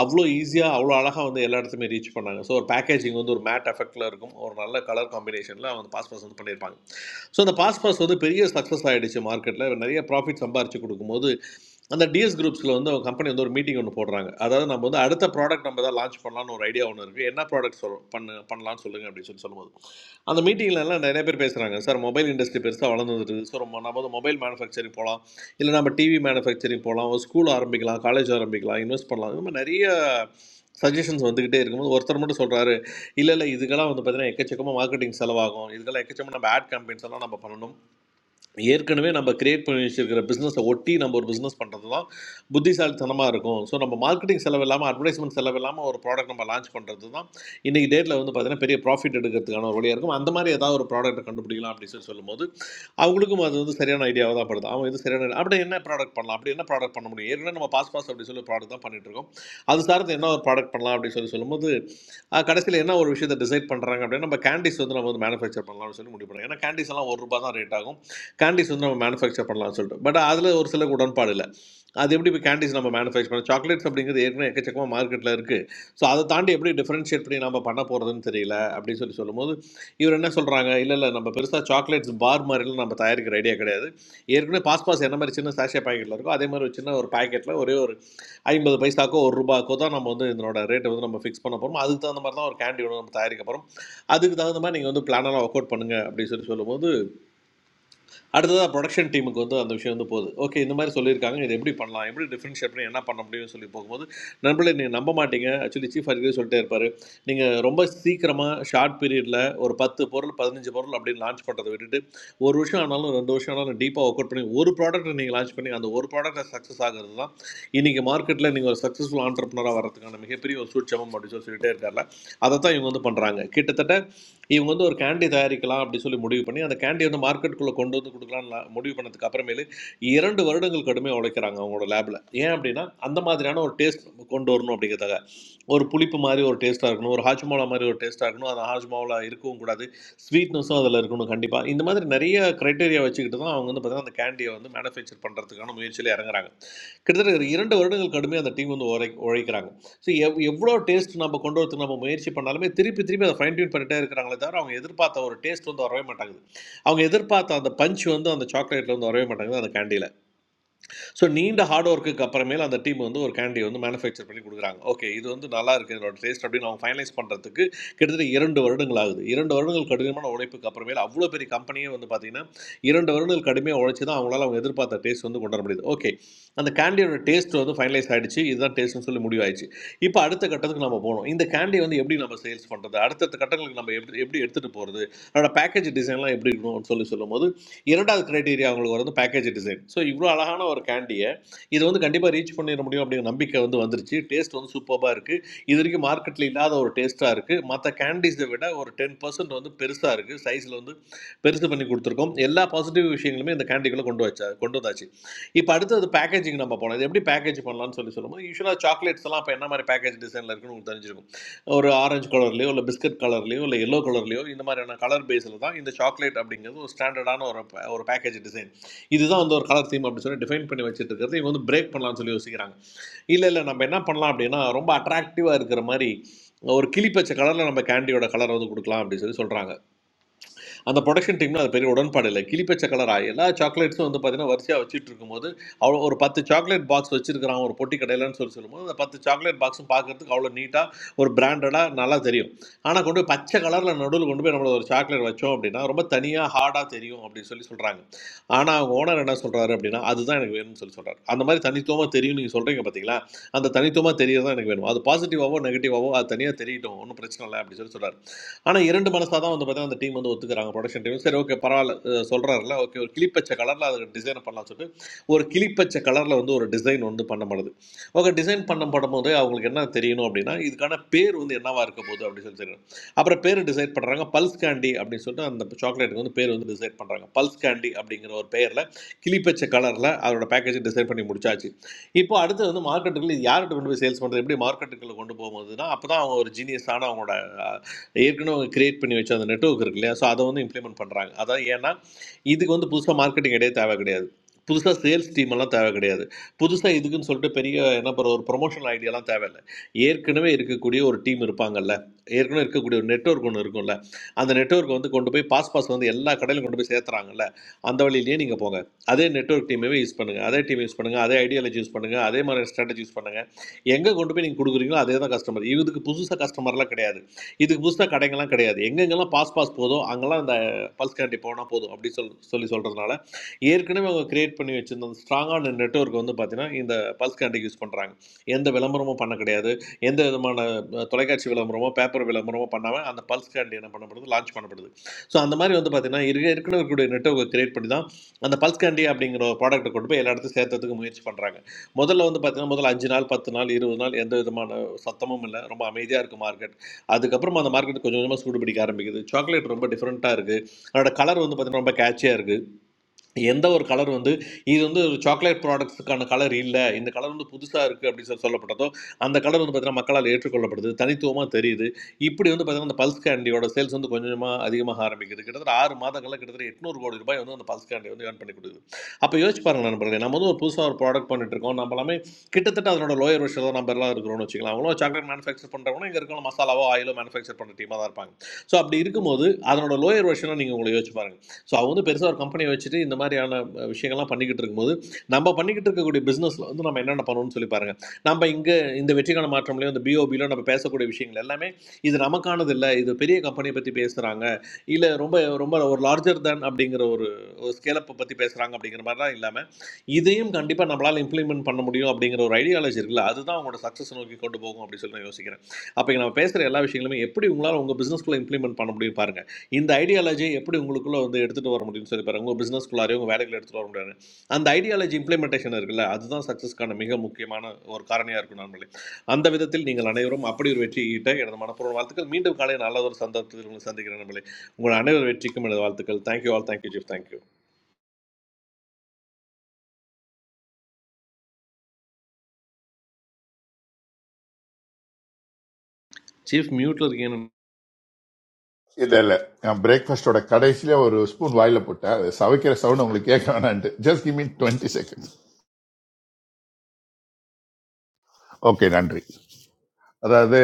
[SPEAKER 9] அவ்வளோ ஈஸியாக அவ்வளோ அழகாக வந்து எல்லா இடத்துமே ரீச் பண்ணாங்க ஸோ ஒரு பேக்கேஜிங் வந்து ஒரு மேட் எஃபெக்ட்டில் இருக்கும் ஒரு நல்ல கலர் காம்பினேஷனில் அவங்க பாஸ் பாஸ் வந்து பண்ணியிருப்பாங்க ஸோ அந்த பாஸ் பாஸ் வந்து பெரிய சக்ஸஸ் ஆகிடுச்சு மார்க்கெட்டில் நிறைய ப்ராஃபிட் சம்பாரிச்சு கொடுக்கும்போது அந்த டிஎஸ் குரூப்ஸில் வந்து அவங்க கம்பெனி வந்து ஒரு மீட்டிங் ஒன்று போடுறாங்க அதாவது நம்ம வந்து அடுத்த ப்ராடக்ட் நம்ம தான் லான்ச் பண்ணலாம்னு ஒரு ஐடியா ஒன்று இருக்குது என்ன ப்ராடக்ட் சொல் பண்ணு பண்ணலாம்னு சொல்லுங்கள் அப்படின்னு சொல்லி சொல்லும்போது அந்த மீட்டிங்ல எல்லாம் நிறைய பேர் பேசுகிறாங்க சார் மொபைல் இண்டஸ்ட்ரி பெருசாக வளர்ந்துருக்கு ஸோ நம்ம நம்ம வந்து மொபைல் மேனுஃபேக்சரிங் போகலாம் இல்லை நம்ம டிவி மேனுஃபேக்சரிங் போகலாம் ஒரு ஸ்கூல் ஆரம்பிக்கலாம் காலேஜ் ஆரம்பிக்கலாம் இன்வெஸ்ட் பண்ணலாம் இந்த மாதிரி நிறைய சஜஷன்ஸ் வந்துக்கிட்டே இருக்கும்போது ஒருத்தர் மட்டும் சொல்கிறாரு இல்லை இல்லை இதுக்கெல்லாம் வந்து பார்த்தீங்கன்னா எக்கச்சக்கமாக மார்க்கெட்டிங் செலவாகும் இதுக்கெல்லாம் எக்கச்சக்கமாக நம்ம ஆட் கேம்பெயின்ஸ் எல்லாம் நம்ம பண்ணணும் ஏற்கனவே நம்ம கிரியேட் பண்ணி வச்சிருக்கிற பிஸ்னஸை ஒட்டி நம்ம ஒரு பிஸ்னஸ் பண்ணுறது தான் புத்திசாலித்தனமாக இருக்கும் ஸோ நம்ம மார்க்கெட்டிங் செலவு இல்லாமல் அட்வர்டைஸ்மெண்ட் செலவு இல்லாமல் ஒரு ப்ராடக்ட் நம்ம லான்ச் பண்ணுறது தான் இன்றைக்கி டேட்டில் வந்து பார்த்தீங்கன்னா பெரிய ப்ராஃபிட் எடுக்கிறதுக்கான ஒரு வழியாக இருக்கும் அந்த மாதிரி ஏதாவது ஒரு ப்ராடக்ட்டை கண்டுபிடிக்கலாம் அப்படின்னு சொல்லி சொல்லும்போது அவங்களுக்கும் அது வந்து சரியான ஐடியாவாக தான் படுது அவன் இது சரியான idea. அப்படி என்ன ப்ராடக்ட் பண்ணலாம் அப்படி என்ன ப்ராடக்ட் பண்ண முடியும் ஏற்கனவே நம்ம பாஸ் பாஸ் அப்படி சொல்லி ப்ராடக்ட் தான் பண்ணிட்டு இருக்கோம் அது சார்ந்து என்ன ஒரு ப்ராடக்ட் பண்ணலாம் அப்படின்னு சொல்லி சொல்லும்போது கடைசியில் என்ன ஒரு விஷயத்தை டிசைட் பண்ணுறாங்க அப்படின்னா நம்ம கேண்டிஸ் வந்து நம்ம வந்து மேனுஃபேக்சர் பண்ணலாம்னு சொல்லி முடிவு பண்ணுறோம் ஏன்னா கேண்டிஸ் எல்லாம் ஒரு ரூபா தான் ரேட் ஆகும் கேண்டீஸ் வந்து நம்ம மேனுஃபேக்சர் பண்ணலாம்னு சொல்லிட்டு பட் அதில் ஒரு சில உடன்பாடு இல்லை அது எப்படி இப்போ கேண்டீஸ் நம்ம மேனுஃபேக்சர் பண்ண சாக்லேட்ஸ் அப்படிங்கிறது ஏற்கனவே எக்கச்சக்கமாக மார்க்கெட்டில் இருக்குது ஸோ அதை தாண்டி எப்படி டிஃப்ரென்ஷியேட் பண்ணி நம்ம பண்ண போகிறதுன்னு தெரியல அப்படின்னு சொல்லி சொல்லும்போது இவர் என்ன சொல்கிறாங்க இல்லை இல்லை நம்ம பெருசாக சாக்லேட்ஸ் பார் மாதிரிலாம் நம்ம தயாரிக்கிற ஐடியா கிடையாது ஏற்கனவே பாஸ் பாஸ் என்ன மாதிரி சின்ன சாஷே பாக்கெட்டில் இருக்கோ அதே மாதிரி ஒரு சின்ன ஒரு பாக்கெட்டில் ஒரே ஒரு ஐம்பது பைசாக்கோ ஒரு ரூபாய்க்கோ தான் நம்ம வந்து இதனோட ரேட்டை வந்து நம்ம ஃபிக்ஸ் பண்ண போகிறோம் அதுக்கு தகுந்த மாதிரி தான் ஒரு கேண்டியோட நம்ம தயாரிக்க போகிறோம் அதுக்கு தகுந்த மாதிரி நீங்கள் வந்து பிளானெல்லாம் ஒர்க் அவுட் பண்ணுங்க அப்படின்னு சொல்லி சொல்லும்போது அடுத்ததாக ப்ரொடக்ஷன் டீமுக்கு வந்து அந்த விஷயம் வந்து போகுது ஓகே இந்த மாதிரி சொல்லியிருக்காங்க இது எப்படி பண்ணலாம் எப்படி டிஃப்ரென்ஷியேட் பண்ணி என்ன பண்ண முடியும்னு சொல்லி போகும்போது நண்பர்களே நீங்கள் நம்ப மாட்டீங்க ஆக்சுவலி சீஃப் அறிக்கை சொல்லிட்டே இருப்பார் நீங்கள் ரொம்ப சீக்கிரமாக ஷார்ட் பீரியடில் ஒரு பத்து பொருள் பதினஞ்சு பொருள் அப்படின்னு லான்ச் பண்ணுறதை விட்டுட்டு ஒரு வருஷம் ஆனாலும் ரெண்டு வருஷம் ஆனாலும் டீப்பாக ஒர்க் அவுட் பண்ணி ஒரு ப்ராடக்ட்டை நீங்கள் லான்ச் பண்ணி அந்த ஒரு ப்ராடக்ட்டை சக்ஸஸ் ஆகிறது தான் இன்றைக்கி மார்க்கெட்டில் நீங்கள் ஒரு சக்ஸஸ்ஃபுல் ஆண்டர்பனராக வரதுக்கான மிகப்பெரிய ஒரு சூட்சமம் அப்படின்னு சொல்லி சொல்லிட்டே இருக்கார்ல அதை தான் இவங்க வந்து பண்ணுறாங்க கிட்டத்தட்ட இவங்க வந்து ஒரு கேண்டி தயாரிக்கலாம் அப்படின்னு சொல்லி முடிவு பண்ணி அந்த கேண்டி வந்து மார்க்கெட்டுக்குள்ளே கொண்டு வந்து கொடுக்கலாம்னு முடிவு பண்ணதுக்கு அப்புறமேலு இரண்டு வருடங்கள் கடுமையாக உழைக்கிறாங்க அவங்களோட லேபில் ஏன் அப்படின்னா அந்த மாதிரியான ஒரு டேஸ்ட் கொண்டு வரணும் அப்படிங்கிறதுக்காக ஒரு புளிப்பு மாதிரி ஒரு டேஸ்ட்டாக இருக்கணும் ஒரு ஹாஜ்மாலா மாதிரி ஒரு டேஸ்ட்டாக இருக்கணும் அந்த ஹாஜ்மாவில் இருக்கவும் கூடாது ஸ்வீட்னஸும் அதில் இருக்கணும் கண்டிப்பாக இந்த மாதிரி நிறைய க்ரைட்டீரியா வச்சுக்கிட்டு தான் அவங்க வந்து பார்த்தீங்கன்னா அந்த கேண்டியை வந்து மேனுஃபேக்சர் பண்ணுறதுக்கான முயற்சியில் இறங்குறாங்க கிட்டத்தட்ட ஒரு இரண்டு வருடங்கள் கடுமையாக அந்த டீம் வந்து உழை உழைக்கிறாங்க ஸோ எவ் எவ்வளோ டேஸ்ட் நம்ம கொண்டு வரதுக்கு நம்ம முயற்சி பண்ணாலுமே திருப்பி திருப்பி அதை ஃபைன் டியூன் பண்ணிட்டே இருக்கிறாங்களே தவிர அவங்க எதிர்பார்த்த ஒரு டேஸ்ட் வந்து வரவே மாட்டாங்குது அவங்க எதிர்பார்த்த அந்த பஞ்ச் வந்து அந்த சாக்லேட்ல வந்து வரவே மாட்டாங்குது அந்த கேண்டியில் ஸோ நீண்ட ஹார்ட் ஒர்க்குக்கு அப்புறமேல அந்த டீம் வந்து ஒரு கேண்டியை வந்து மேனுஃபேக்சர் பண்ணி கொடுக்குறாங்க ஓகே இது வந்து நல்லா இருக்குது இதோட டேஸ்ட் அப்படின்னு அவங்க ஃபைனலைஸ் பண்ணுறதுக்கு கிட்டத்தட்ட இரண்டு வருடங்கள் ஆகுது இரண்டு வருடங்கள் கடினமான உழைப்புக்கு அப்புறமேல அவ்வளோ பெரிய கம்பெனியே வந்து பார்த்தீங்கன்னா இரண்டு வருடங்கள் கடுமையாக உழைச்சி தான் அவங்களால அவங்க எதிர்பார்த்த டேஸ்ட் வந்து கொண்டு வர முடியுது ஓகே அந்த கேண்டியோட டேஸ்ட் வந்து ஃபைனலைஸ் ஆயிடுச்சு இதுதான் டேஸ்ட்னு சொல்லி முடிவாயிடுச்சு இப்போ அடுத்த கட்டத்துக்கு நம்ம போகணும் இந்த கேண்டி வந்து எப்படி நம்ம சேல்ஸ் பண்ணுறது அடுத்தடுத்த கட்டங்களுக்கு நம்ம எப்படி எப்படி எடுத்துகிட்டு போகிறது அதோட பேக்கேஜ் டிசைன்லாம் எப்படி இருக்கணும்னு சொல்லி சொல்லும்போது இரண்டாவது கிரைட்டீரியா அவங்களுக்கு வந்து பேக்கேஜ் டிசைன் ஸோ இவ்வளோ அழகான ஒரு கேண்டியை இது வந்து கண்டிப்பாக ரீச் பண்ணிட முடியும் அப்படிங்கிற நம்பிக்கை வந்து வந்துருச்சு டேஸ்ட் வந்து சூப்பராக இருக்குது இது வரைக்கும் மார்க்கெட்டில் இல்லாத ஒரு டேஸ்ட்டாக இருக்குது மற்ற கேண்டீஸை விட ஒரு டென் பர்சன்ட் வந்து பெருசாக இருக்குது சைஸில் வந்து பெருசு பண்ணி கொடுத்துருக்கோம் எல்லா பாசிட்டிவ் விஷயங்களுமே இந்த கேண்டிக்குள்ளே கொண்டு வச்சா கொண்டு வந்தாச்சு இப்போ அடுத்தது பேக்கேஜிங் நம்ம போனோம் இது எப்படி பேக்கேஜ் பண்ணலாம்னு சொல்லி சொல்லும்போது யூஸ்வலாக சாக்லேட்ஸ் எல்லாம் இப்போ என்ன மாதிரி பேக்கேஜ் டிசைனில் இருக்குன்னு உங்களுக்கு தெரிஞ்சிருக்கும் ஒரு ஆரஞ்சு கலர்லேயோ இல்லை பிஸ்கட் கலர்லேயோ இல்லை எல்லோ கலர்லேயோ இந்த மாதிரியான கலர் பேஸில் தான் இந்த சாக்லேட் அப்படிங்கிறது ஒரு ஸ்டாண்டர்டான ஒரு pa- ஒரு பேக்கேஜ் டிசைன் இதுதான் வந்து ஒரு கலர் தீம் அப்படின்னு சொல்லி டிஃபைன் பண்ணி வச்சுட்டு இருக்கிறது இவங்க வந்து பிரேக் பண்ணலாம்னு சொல்லி யோசிக்கிறாங்க இல்லை இல்லை நம்ம என்ன பண்ணலாம் அப்படின்னா ரொம்ப அட்ராக்டிவாக இருக்கிற மாதிரி ஒரு கிளிப்பச்சை கலரில் நம்ம கேண்டியோட கலர் வந்து கொடுக்கலாம் அப்படின்னு சொல்லி சொல்கிறாங்க அந்த ப்ரொடக்ஷன் டீம்ல அது பெரிய உடன்பாடு இல்லை கிளிப்பச்ச கலரா எல்லா சாக்லேட்ஸும் வந்து பார்த்தீங்கன்னா வரிசையாக வச்சுட்டு இருக்கும்போது அவ்வளோ ஒரு பத்து சாக்லேட் பாக்ஸ் வச்சிருக்கிறான் ஒரு பொட்டி கடையிலன்னு சொல்லி சொல்லும்போது அந்த பத்து சாக்லேட் பாக்ஸும் பார்க்கறதுக்கு அவ்வளோ நீட்டாக ஒரு பிராண்டடாக நல்லா தெரியும் ஆனால் கொண்டு போய் பச்சை கலரில் நடுவில் கொண்டு போய் நம்மள ஒரு சாக்லேட் வச்சோம் அப்படின்னா ரொம்ப தனியாக ஹார்டாக தெரியும் அப்படின்னு சொல்லி சொல்கிறாங்க ஆனால் அவங்க ஓனர் என்ன சொல்கிறாரு அப்படின்னா அதுதான் எனக்கு வேணும்னு சொல்லி சொல்கிறாரு அந்த மாதிரி தனித்துவமாக தெரியும் நீங்கள் சொல்கிறீங்க பார்த்தீங்களா அந்த தனித்துவமாக தெரியறது தான் எனக்கு வேணும் அது பாசிட்டிவாவோ நெகட்டிவாவோ அது தனியாக தெரியட்டும் ஒன்றும் பிரச்சனை இல்லை அப்படின்னு சொல்லி சொல்கிறாரு ஆனால் இரண்டு மனசாக தான் வந்து பார்த்தீங்கன்னா அந்த டீம் வந்து ஒத்துக்கிறாங்க ப்ரொடக்ஷன் டீம் சரி ஓகே பரவாயில்ல அஹ் சொல்றாருல ஓகே ஒரு கிளிப்பச்சை கலரில் அது டிசைன் பண்ணலாம்னு சொல்லிட்டு ஒரு கிளிப்பச்சை கலரில் வந்து ஒரு டிசைன் வந்து பண்ணப்படுது ஓகே டிசைன் பண்ண படும்போது அவங்களுக்கு என்ன தெரியணும் அப்படின்னா இதுக்கான பேர் வந்து என்னவா இருக்க போகுது அப்படின்னு சொல்லி தெரியணும் அப்புறம் பேர் டிசைட் பண்ணுறாங்க பல்ஸ் கேண்டி அப்படின்னு சொல்லிட்டு அந்த சாக்லேட்டுக்கு வந்து பேர் வந்து டிசைட் பண்ணுறாங்க பல்ஸ் கேண்டி அப்படிங்கிற ஒரு பெயரில் கிளிப்பச்சை கலரில் அதோட பேக்கேஜ் டிசைன் பண்ணி முடிச்சாச்சு இப்போ அடுத்து வந்து மார்க்கெட்டுக்குள்ள இது யார்கிட்ட கொண்டு போய் சேல்ஸ் பண்ணுறது எப்படி மார்க்கெட்டுக்குள்ள கொண்டு போகும்போதுன்னா அப்போ தான் அவங்க ஒரு ஜீனியஸான அவங்களோட ஏற்கனவே அவங்க கிரியேட் பண்ணி வச்ச அந்த நெட்வொர்க் இருக்கு இல்லையா ஸோ அதை வந்து இம்ப்ளிமெண்ட் பண்ணுறாங்க அதான் ஏன்னா இதுக்கு வந்து புதுசாக மார்க்கெட்டிங் இடையே தேவை கிடையாது புதுசாக சேல்ஸ் டீம் எல்லாம் தேவை கிடையாது புதுசாக இதுக்குன்னு சொல்லிட்டு பெரிய என்ன பண்ணுற ஒரு ப்ரொமோஷனல் ஐடியாலாம் தேவையில்லை ஏற்கனவே இருக்கக்கூடிய ஒரு டீம் இருப்பாங்கல்ல ஏற்கனவே இருக்கக்கூடிய ஒரு நெட்வொர்க் ஒன்று இருக்கும்ல அந்த நெட்வொர்க் வந்து கொண்டு போய் பாஸ் பாஸ் வந்து எல்லா கடையிலும் கொண்டு போய் சேர்த்துறாங்கல்ல அந்த வழியிலேயே நீங்கள் போங்க அதே நெட்வொர்க் டீமையே யூஸ் பண்ணுங்கள் அதே டீம் யூஸ் பண்ணுங்கள் அதே ஐடியாலஜி யூஸ் பண்ணுங்கள் அதே மாதிரி ஸ்ட்ராட்டஜி யூஸ் பண்ணுங்கள் எங்கே கொண்டு போய் நீங்கள் கொடுக்குறீங்களோ அதே தான் கஸ்டமர் இதுக்கு புதுசாக கஸ்டமர்லாம் கிடையாது இதுக்கு புதுசாக கடைங்கெல்லாம் கிடையாது எங்கெங்கெல்லாம் பாஸ் பாஸ் போதோ அங்கெல்லாம் அந்த பல்ஸ் கேண்டி போனால் போதும் அப்படி சொல் சொல்லி சொல்கிறதுனால ஏற்கனவே அவங்க கிரியேட் பண்ணி வச்சிருந்த அந்த ஸ்ட்ராங்கான நெட்ஒர்க் வந்து பார்த்தீங்கன்னா இந்த பல்ஸ் கேண்டிக்கு யூஸ் பண்ணுறாங்க எந்த விளம்பரமும் பண்ண கிடையாது எந்த விதமான அஹ், தொலைக்காட்சி விளம்பரமோ பேப்பர் விளம்பரமோ பண்ணாமல் அந்த பல்ஸ் கேண்டி என்ன பண்ணப்படுது லான்ச் பண்ணப்படுது ஸோ அந்த மாதிரி வந்து பார்த்தீங்கன்னா இருக்க ஏற்கனவே இருக்கக்கூடிய நெட்ஒர்க்கை கிரியேட் பண்ணி தான் அந்த பல்ஸ் கேண்டி அப்படிங்கிற ஒரு ப்ராடக்ட்டை கொண்டு போய் எல்லா இடத்துக்கும் சேர்த்ததுக்கு முயற்சி பண்ணுறாங்க முதல்ல வந்து பார்த்தீங்கன்னா முதல்ல அஞ்சு நாள் பத்து நாள் இருபது நாள் எந்த விதமான சத்தமும் இல்லை ரொம்ப அமைதியாக இருக்கும் மார்க்கெட் அதுக்கப்புறமா அந்த மார்க்கெட் கொஞ்சம் கொஞ்சமாக சூடு பிடிக்க ஆரம்பிக்குது சாக்லேட் ரொம்ப டிஃப்ரெண்ட்டாக இருக்குது அதோட கலர் வந்து பார்த்தீங்கன்னா ரொம்ப கேட்சியாக இருக்குது எந்த ஒரு கலர் வந்து இது வந்து ஒரு சாக்லேட் ப்ராடக்ட்ஸுக்கான கலர் இல்லை இந்த கலர் வந்து புதுசாக இருக்குது அப்படின்னு சொல்லி சொல்லப்பட்டதோ அந்த கலர் வந்து பார்த்தீங்கன்னா மக்களால் ஏற்றுக்கொள்ளப்படுது தனித்துவமாக தெரியுது இப்படி வந்து பார்த்தீங்கன்னா அந்த பல்ஸ் கேண்டியோட சேல்ஸ் வந்து கொஞ்சம் கொஞ்சமாக அதிகமாக ஆரம்பிக்குது கிட்டத்தட்ட ஆறு மாதங்களில் கிட்டத்தட்ட எட்நூறு கோடி ரூபாய் வந்து அந்த பல்ஸ் கேண்டி வந்து ஏர்ன் பண்ணி கொடுக்குது அப்போ யோசிச்சு பாருங்க நண்பர்களே நம்ம வந்து ஒரு புதுசாக ஒரு ப்ராடக்ட் பண்ணிட்டு இருக்கோம் நம்ம எல்லாமே கிட்டத்தட்ட அதனோட லோயர் விஷயம் தான் நம்ம எல்லாம் இருக்கிறோம்னு வச்சுக்கலாம் அவங்களும் சாக்லேட் மேனுஃபேக்சர் பண்ணுறவங்களும் இங்கே இருக்கிற மசாலாவோ ஆயிலோ மேனுஃபேக்சர் பண்ணுற டீமாக தான் இருப்பாங்க ஸோ அப்படி இருக்கும்போது அதனோட லோயர் வருஷனை நீங்கள் உங்களை யோசிச்சு பாருங்க ஸோ அவங்க வந்து பெருசாக ஒரு கம்பெனி வச்சுட்டு இந்த மாதிரியான அஹ், விஷயங்கள்லாம் பண்ணிக்கிட்டு இருக்கும்போது நம்ம பண்ணிக்கிட்டு இருக்கக்கூடிய பிஸ்னஸில் வந்து நம்ம என்னென்ன பண்ணணும்னு சொல்லி பாருங்கள் நம்ம இங்கே இந்த வெற்றிக்கான மாற்றம்லையும் இந்த பிஓபியிலும் நம்ம பேசக்கூடிய விஷயங்கள் எல்லாமே இது நமக்கானது இல்லை இது பெரிய கம்பெனியை பற்றி பேசுகிறாங்க இல்லை ரொம்ப ரொம்ப ஒரு லார்ஜர் தேன் அப்படிங்கிற ஒரு ஒரு ஸ்கேலப்பை பற்றி பேசுகிறாங்க அப்படிங்கிற மாதிரிலாம் இல்லாமல் இதையும் கண்டிப்பாக நம்மளால் இம்ப்ளிமெண்ட் பண்ண முடியும் அப்படிங்கிற ஒரு ஐடியாலஜி இருக்குல்ல அதுதான் அவங்களோட சக்ஸஸ் நோக்கி கொண்டு போகும் அப்படின்னு சொல்லி நான் யோசிக்கிறேன் அப்போ இங்க நம்ம பேசுகிற எல்லா விஷயங்களுமே எப்படி உங்களால் உங்கள் பிஸ்னஸ்க்குள்ளே இம்ப்ளிமெண்ட் பண்ண முடியும் பாருங்க இந்த ஐடியாலஜி எப்படி உங்களுக்குள்ள வந்து எடுத்துட்டு வர முடியும்னு சொல்லி பாருங்க உங்க பிசினஸ்க்குள்ளாரே உங்க வேலைகளை எடுத்துட்டு வர முடியாது அந்த ஐடியாலஜி இம்ப்ளிமெண்டேஷன் இருக்குல்ல அதுதான் சக்சஸ்க்கான மிக முக்கியமான ஒரு காரணியா இருக்கும் நண்பர்களே அந்த விதத்தில் நீங்கள் அனைவரும் அப்படி ஒரு வெற்றி ஈட்ட எனது மனப்பூர்வ வாழ்த்துக்கள் மீண்டும் காலை நல்ல ஒரு சந்தர்ப்பத்தில் உங்களை சந்திக்கிறேன் நண்பர்களே உங்கள் அனைவர் வெற்றிக்கும் எனது வாழ்த்துக்கள் thank you all thank you chief thank you chief மியூட்ல இருக்கீங்க
[SPEAKER 3] இல்ல இல்ல நான் பிரேக்ஃபாஸ்டோட கடைசியில ஒரு ஸ்பூன் வாயில போட்டேன் அது சவைக்கிற சவுண்ட் உங்களுக்கு கேட்க வேணான்ட்டு just give me twenty seconds okay நன்றி அதாவது